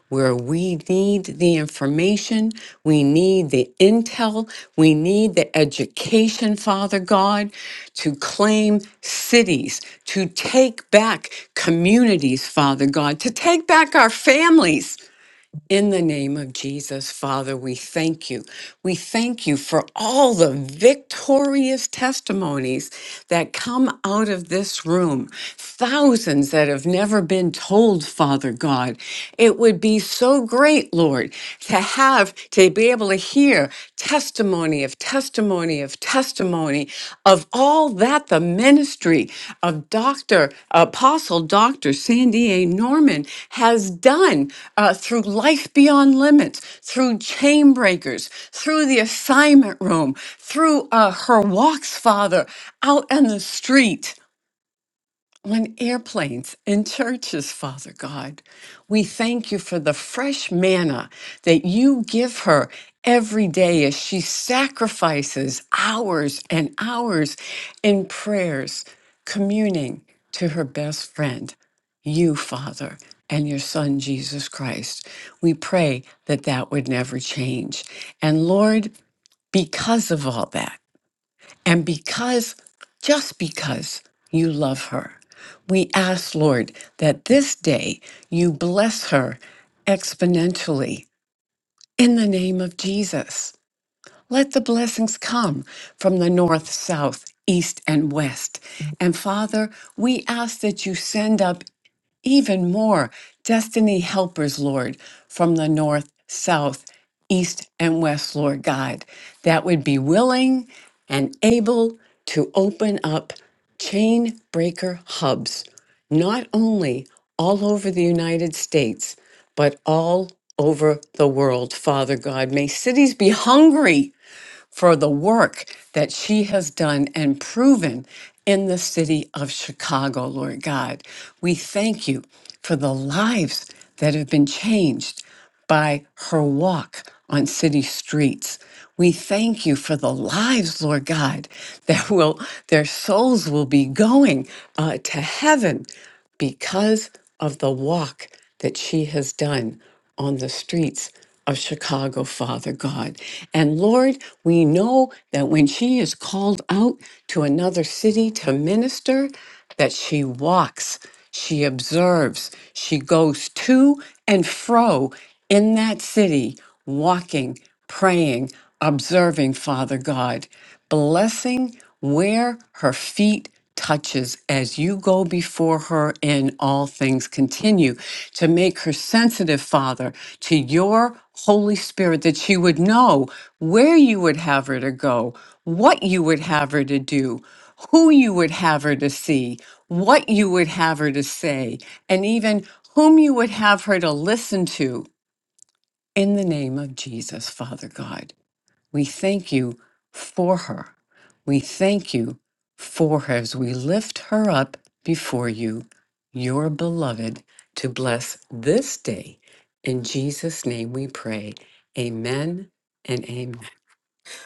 L: where we need the information, we need the intel, we need the education, Father God, to claim cities, to take back communities, Father God, to take back our families. In the name of Jesus, Father, we thank you. We thank you for all the victorious testimonies that come out of this room. Thousands that have never been told, Father God. It would be so great, Lord, to have, to be able to hear testimony of of testimony of testimony of all that the ministry of Dr. Apostle Dr. Sandy A. Norman has done uh, through Life Beyond Limits, through Chain Breakers, through the assignment room, through uh, her walks, Father, out on the street on airplanes and churches, Father God. We thank you for the fresh manna that you give her every day as she sacrifices hours and hours in prayers, communing to her best friend, you, Father. And your son, Jesus Christ. We pray that that would never change. And Lord, because of all that. And because, just because you love her, we ask, Lord, that this day you bless her exponentially in the name of Jesus. Let the blessings come from the north, south, east, and west. And Father, we ask that you send up even more destiny helpers, Lord, from the north, south, east, and west, Lord God, that would be willing and able to open up chain breaker hubs, not only all over the United States, but all over the world, Father God. May cities be hungry for the work that she has done and proven in the city of Chicago, Lord God. We thank you for the lives that have been changed by her walk on city streets. We thank you for the lives, Lord God, that will their souls will be going uh, to heaven because of the walk that she has done on the streets of Chicago, Father God. And Lord, we know that when she is called out to another city to minister, that she walks, she observes, she goes to and fro in that city, walking, praying, observing Father God, blessing where her feet touches as you go before her in all things continue to make her sensitive father to your holy spirit that she would know where you would have her to go what you would have her to do who you would have her to see what you would have her to say and even whom you would have her to listen to in the name of Jesus, Father God, we thank you for her. We thank you for her as we lift her up before you, your beloved, to bless this day. In Jesus' name we pray. Amen and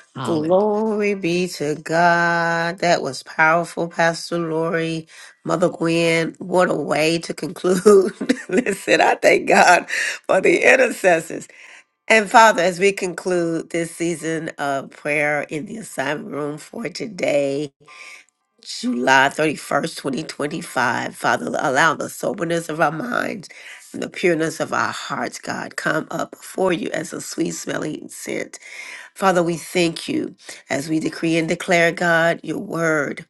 L: amen.
A: Glory be to God. That was powerful, Pastor Lori. Mother Gwen, what a way to conclude. Listen, I thank God for the intercessors. And Father, as we conclude this season of prayer in the assignment room for today, July 31st, 2025. Father, allow the soberness of our minds and the pureness of our hearts, God, come up before you as a sweet smelling scent. Father, we thank you as we decree and declare, God, your word.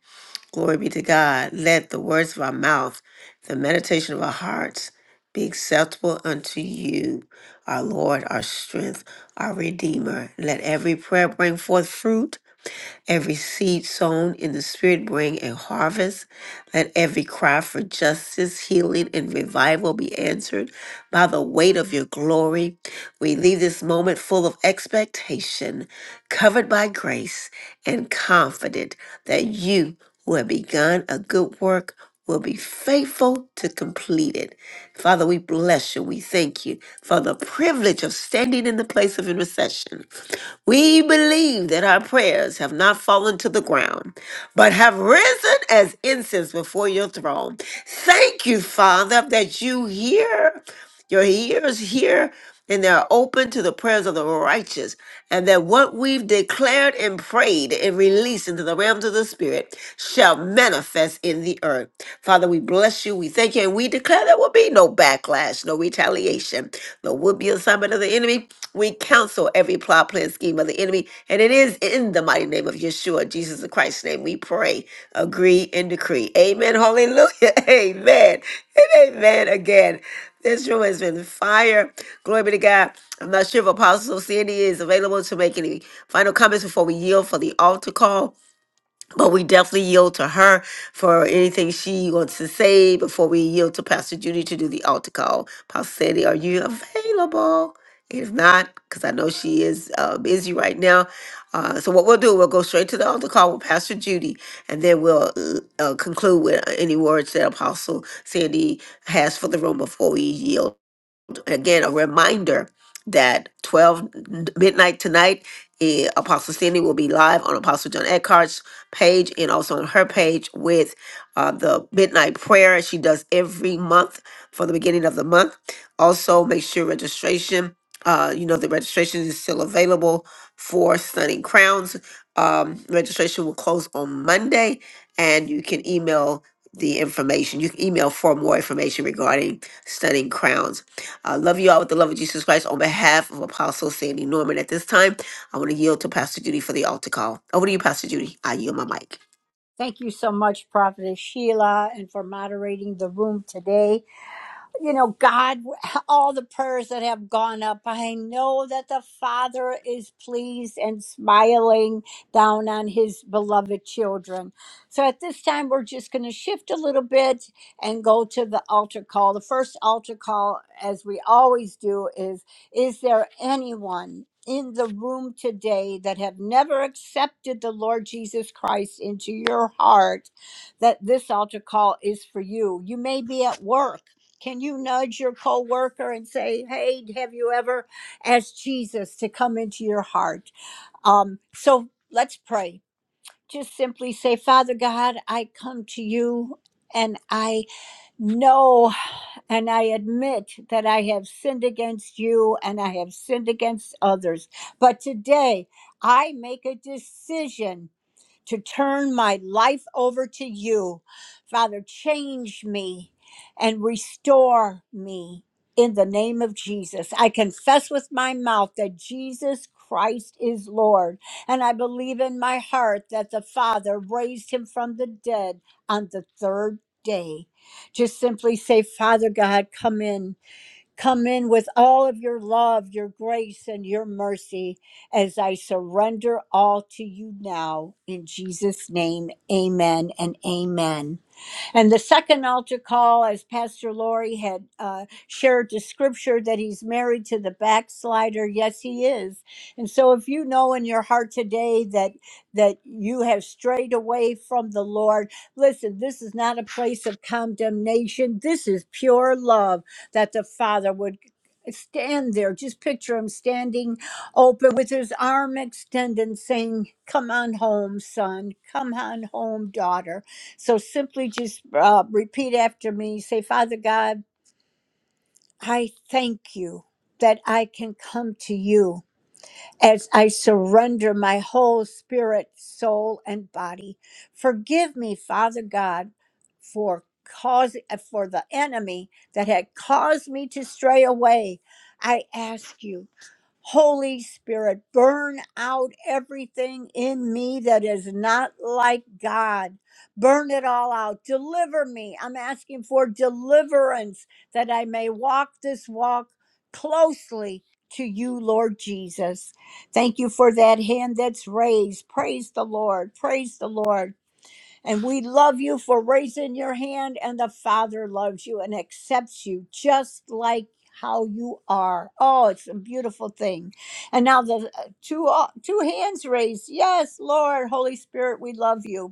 A: Glory be to God. Let the words of our mouth, the meditation of our hearts, be acceptable unto you, our Lord, our strength, our Redeemer. Let every prayer bring forth fruit, every service. justice, healing, and revival be answered by the weight of your glory. We leave this moment full of expectation, covered by grace, and confident. You who have begun a good work, faithful to complete it. Father, we bless you. We thank you for the privilege of standing in the place of intercession. We believe that our prayers have not fallen to the ground, but have risen as incense before you. Thank you, Father. hear, your ears hear, and they're open to the prayers of the righteous. And that what we've declared and prayed and released into the realms of the Spirit shall manifest in the earth. Father, we bless you. We thank you. And we declare there will be no backlash, no retaliation, no would be assignment of the enemy. We counsel every plot, plan, scheme of the enemy. And it is in the mighty name of Yeshua, Jesus Christ's name, we pray, agree, and decree. Amen. Hallelujah. Amen. And amen again. This room has been fire. Glory be to God. I'm not sure if Apostle Sandy is available to make any final comments before we yield for the altar call, but we definitely yield to her for anything she wants to say before we yield to Pastor Judy to do the altar call. Pastor Sandy, are you available? If not, because I know she is uh, busy right now. Uh, so what we'll do, we'll go straight to the altar call with Pastor Judy, and then uh, we'll see how and her that much page and also on her page with uh, the midnight prayer she does every month for the beginning of the month. Also, make sure regist- uh, you know, available crowns um, registration will close on Monday, and you can email the information. You can email for more information regarding studying crowns. I love you all with the love of Jesus Christ. On behalf of Apostle Sandy Norman, at this time, I want to yield to Pastor Judy for the altar call. Over to you, Pastor Judy. I yield my mic.
B: Thank you so much, Prophetess Sheila, and for moderating the room today you know, God, all the prayers that have gone up, I know that the Father is pleased and smiling down on his beloved children. So at this time, we're just going to shift a little bit and go to the altar call. The first altar call, as we always do, is Is there anyone? In the room today that have never accepted the Lord Jesus Christ into your heart, that this altar call is for you. You may be at work can you nudge your coworker and say, "Hey, have you ever asked Jesus to come into your heart?" Um, so let's pray. Just simply say, "Father God, I come to you, and I know, and I admit that I have sinned against you, and I have sinned against others. But today, I make a decision." to turn my life over to you. Father, change me and restore me in the name of Jesus. I confess with my mouth that Jesus Christ is Lord, and I believe in my heart that the Father raised him from the dead on the third day. Just simply say, Father God, come in. Come in with all of your love, your grace, and your mercy as I surrender all to you now. In Jesus' name, amen and amen. And the second altar call, as Pastor Lori had uh, shared the scripture that he's married to the backslider. Yes, he is. And so if you know in your heart today that that you have strayed away from the Lord, listen, this is not a place of condemnation. This is pure love that the Father would stand there. Just picture him standing open with his arm extended, saying, Come on home, son. Come on home, daughter so simply just uh, repeat after me. Say, Father God, I thank you that I can come to you as I surrender my whole spirit, soul, and body. Forgive me, Father God, for cause for the enemy that had caused me to stray away. I ask you Holy Spirit, burn out everything in me that is not like God. Burn it all out. Deliver me. I'm asking for deliverance that I may walk this walk closely to you, Lord Jesus. Thank you for that hand that's raised. Praise the Lord. Praise the Lord. And we love you for raising your hand, and the Father loves you and accepts you just like how you are. Oh, it's a beautiful thing. And now the uh, two uh, two hands raised. Yes, Lord, Holy Spirit, we love you.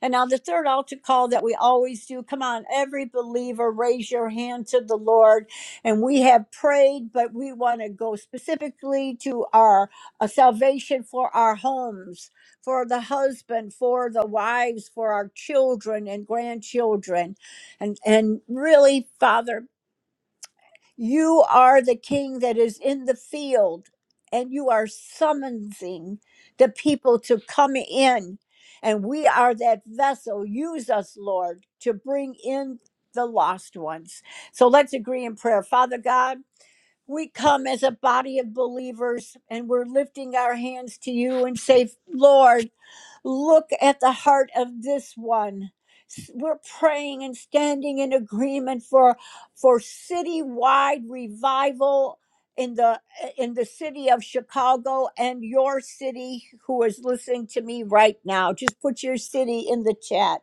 B: And now the third altar call that we always do. Come on, every believer, raise your hand to the Lord. And we have prayed, but we want to go specifically to our uh, salvation for our homes, for the husband, for the wives, for our children and grandchildren. And and really, Father. You are the king that is in the field, and you are summoning the people to come in. And we are that vessel. Use us, Lord, to bring in the lost ones. So let's agree in prayer. Father God, we come as a body of believers and we're lifting our hands to you and say, Lord, Look at the heart of this one. S- We're praying and standing in agreement for for citywide revival in the in the city of Chicago and your city who is listening to me right now. Just put your city in the chat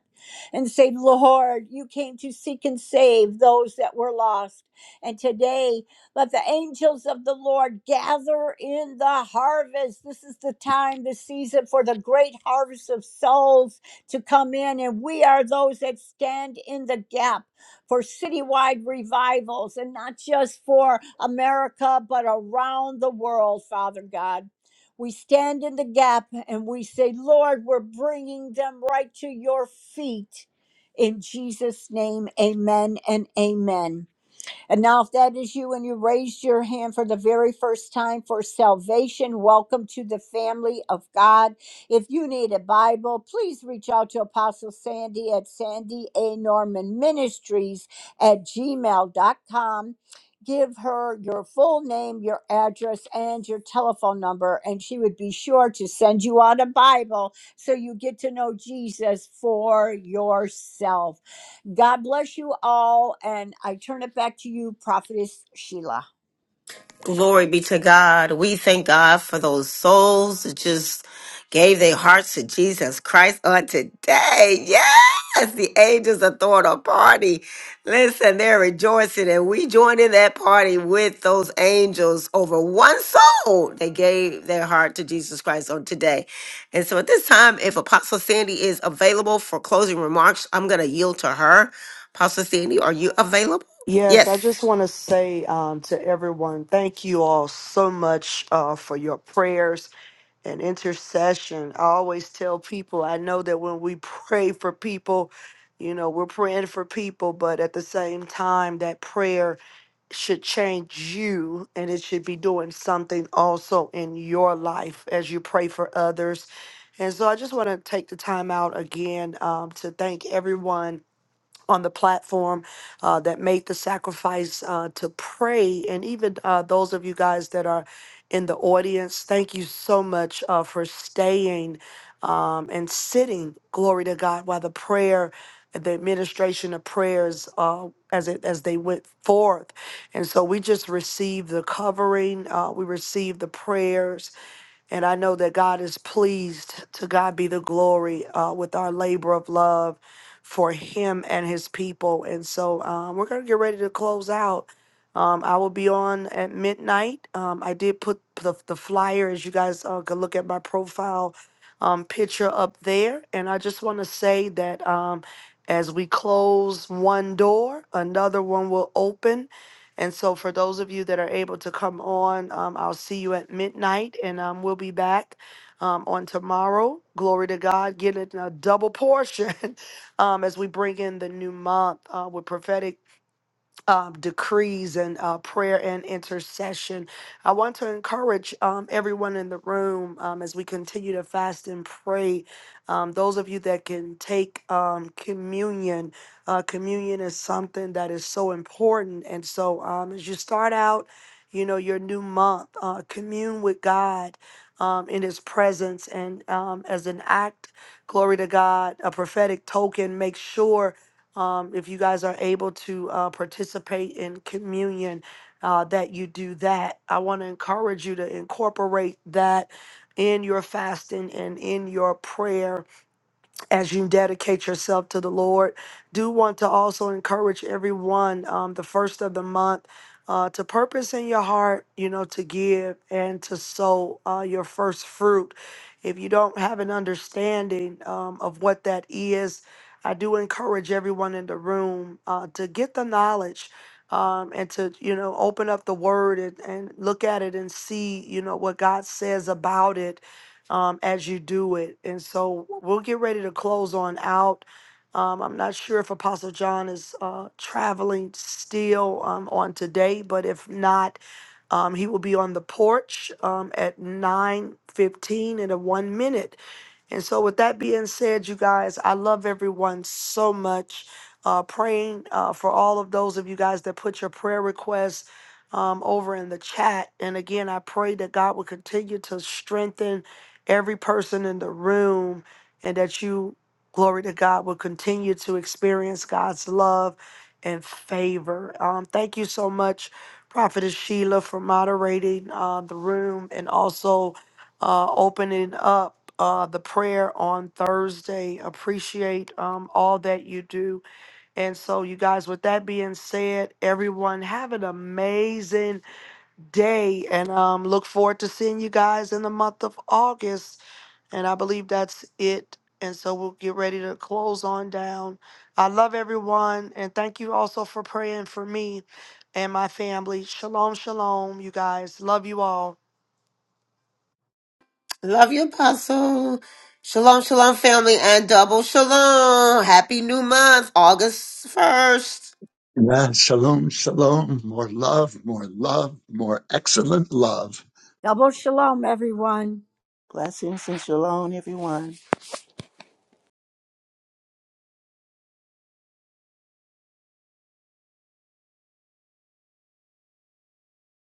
B: and say, Lord, you came to seek and save those that were lost. And today let the angels of the Lord gather in the harvest. This is the time, the season for the great harvest of souls to come in. And we are those that stand in the gap for citywide revivals and not just for America, but around the world, Father God. We stand in the gap and we say, Lord, we're bringing them right to your feet. In Jesus' name, amen and amen. And now, if that is you and you raised your hand for the very first time for salvation, welcome to the family of God. If you need a Bible, please reach out to Apostle Sandy at Sandy A. Norman Ministries at gmail dot com. Give her your full name, your address, and your telephone number, and she would be sure to send you out a Bible so you get to know Jesus for yourself. God bless you all. And I turn it back to you, Prophetess Sheila.
A: God. We thank God for those souls that just gave their hearts to Jesus Christ on today. Yes, the angels are throwing a party. Listen, they're rejoicing, and we joined in that party with those angels over one soul. They gave their heart to Jesus Christ on today. And so at this time, if Apostle Sandy is available for closing remarks, I'm going to yield to her. Apostle Sandy, are you available?
I: Yes, I
A: Yes.
I: just want to say um, to everyone, thank you all so much uh, for your prayers and intercession. I always tell people, I know that when we pray for people, you know, we're praying for people, but at the same time, that prayer should change you and it should be doing something also in your life as you pray for others. And so I just want to take the time out again um, to thank everyone on the platform uh, that made the sacrifice uh, to pray, and even uh, those of you guys that are in the audience, thank you so much uh, for staying um, and sitting, glory to God, while the prayer, the administration of prayers, uh, as it as they went forth, and so we just received the covering, uh, we received the prayers, and I know that God is pleased. To God be the glory uh, with our labor of love for Him and His people. And so um, we're going to get ready to close out. Um, I will be on at midnight. Um, I did put the, the flyer, as you guys uh, can look at my profile um, picture up there. And I just want to say that um, as we close one door, another one will open. And so, for those of you that are able to come on, um, I'll see you at midnight, and um, we'll be back um, on tomorrow. Glory to God, getting a double portion um, as we bring in the new month uh, with prophetic um, decrees and uh, prayer and intercession. I want to encourage um, everyone in the room um, as we continue to fast and pray. Um, those of you that can take um, communion, uh, communion is something that is so important. And so, um, as you start out, you know, your new month, uh, commune with God um, in His presence and um, as an act, glory to God, a prophetic token, make sure um, if you guys are able to uh, participate in communion, uh, that you do that. I want to encourage you to incorporate that in your fasting and in your prayer as you dedicate yourself to the Lord. Do want to also encourage everyone um, the first of the month uh, to purpose in your heart, you know, to give and to sow uh, your first fruit. If you don't have an understanding um, of what that is, I do encourage everyone in the room uh, to get the knowledge. Um, and to you know open up the word and, and look at it and see you know what god says about it um, as you do it. And so we'll get ready to close on out. Um, I'm not sure if Apostle John is uh, traveling still um, on today, but if not, um, he will be on the porch um, at 9:15 in a one minute. And so, with that being said, you guys, I love everyone so much. Uh, praying uh, for all of those of you guys that put your prayer requests um, over in the chat. And again, I pray that God will continue to strengthen every person in the room and that you, glory to God, will continue to experience God's love and favor. Um, thank you so much, Prophetess Sheila, for moderating uh, the room and also uh, opening up uh, the prayer on Thursday. Appreciate um, all that you do. And so, you guys, with that being said, everyone have an amazing day and um, look forward to seeing you guys in the month of August. And I believe that's it. And so, we'll get ready to close on down. I love everyone. And thank you also for praying for me and my family. Shalom, shalom, you guys. Love you all.
A: Love you, Apostle. Shalom, shalom, family, and double shalom. Happy new month, August 1st.
F: Yeah, shalom, shalom. More love, more love, more excellent love.
B: Double shalom, everyone.
J: Blessings and shalom, everyone.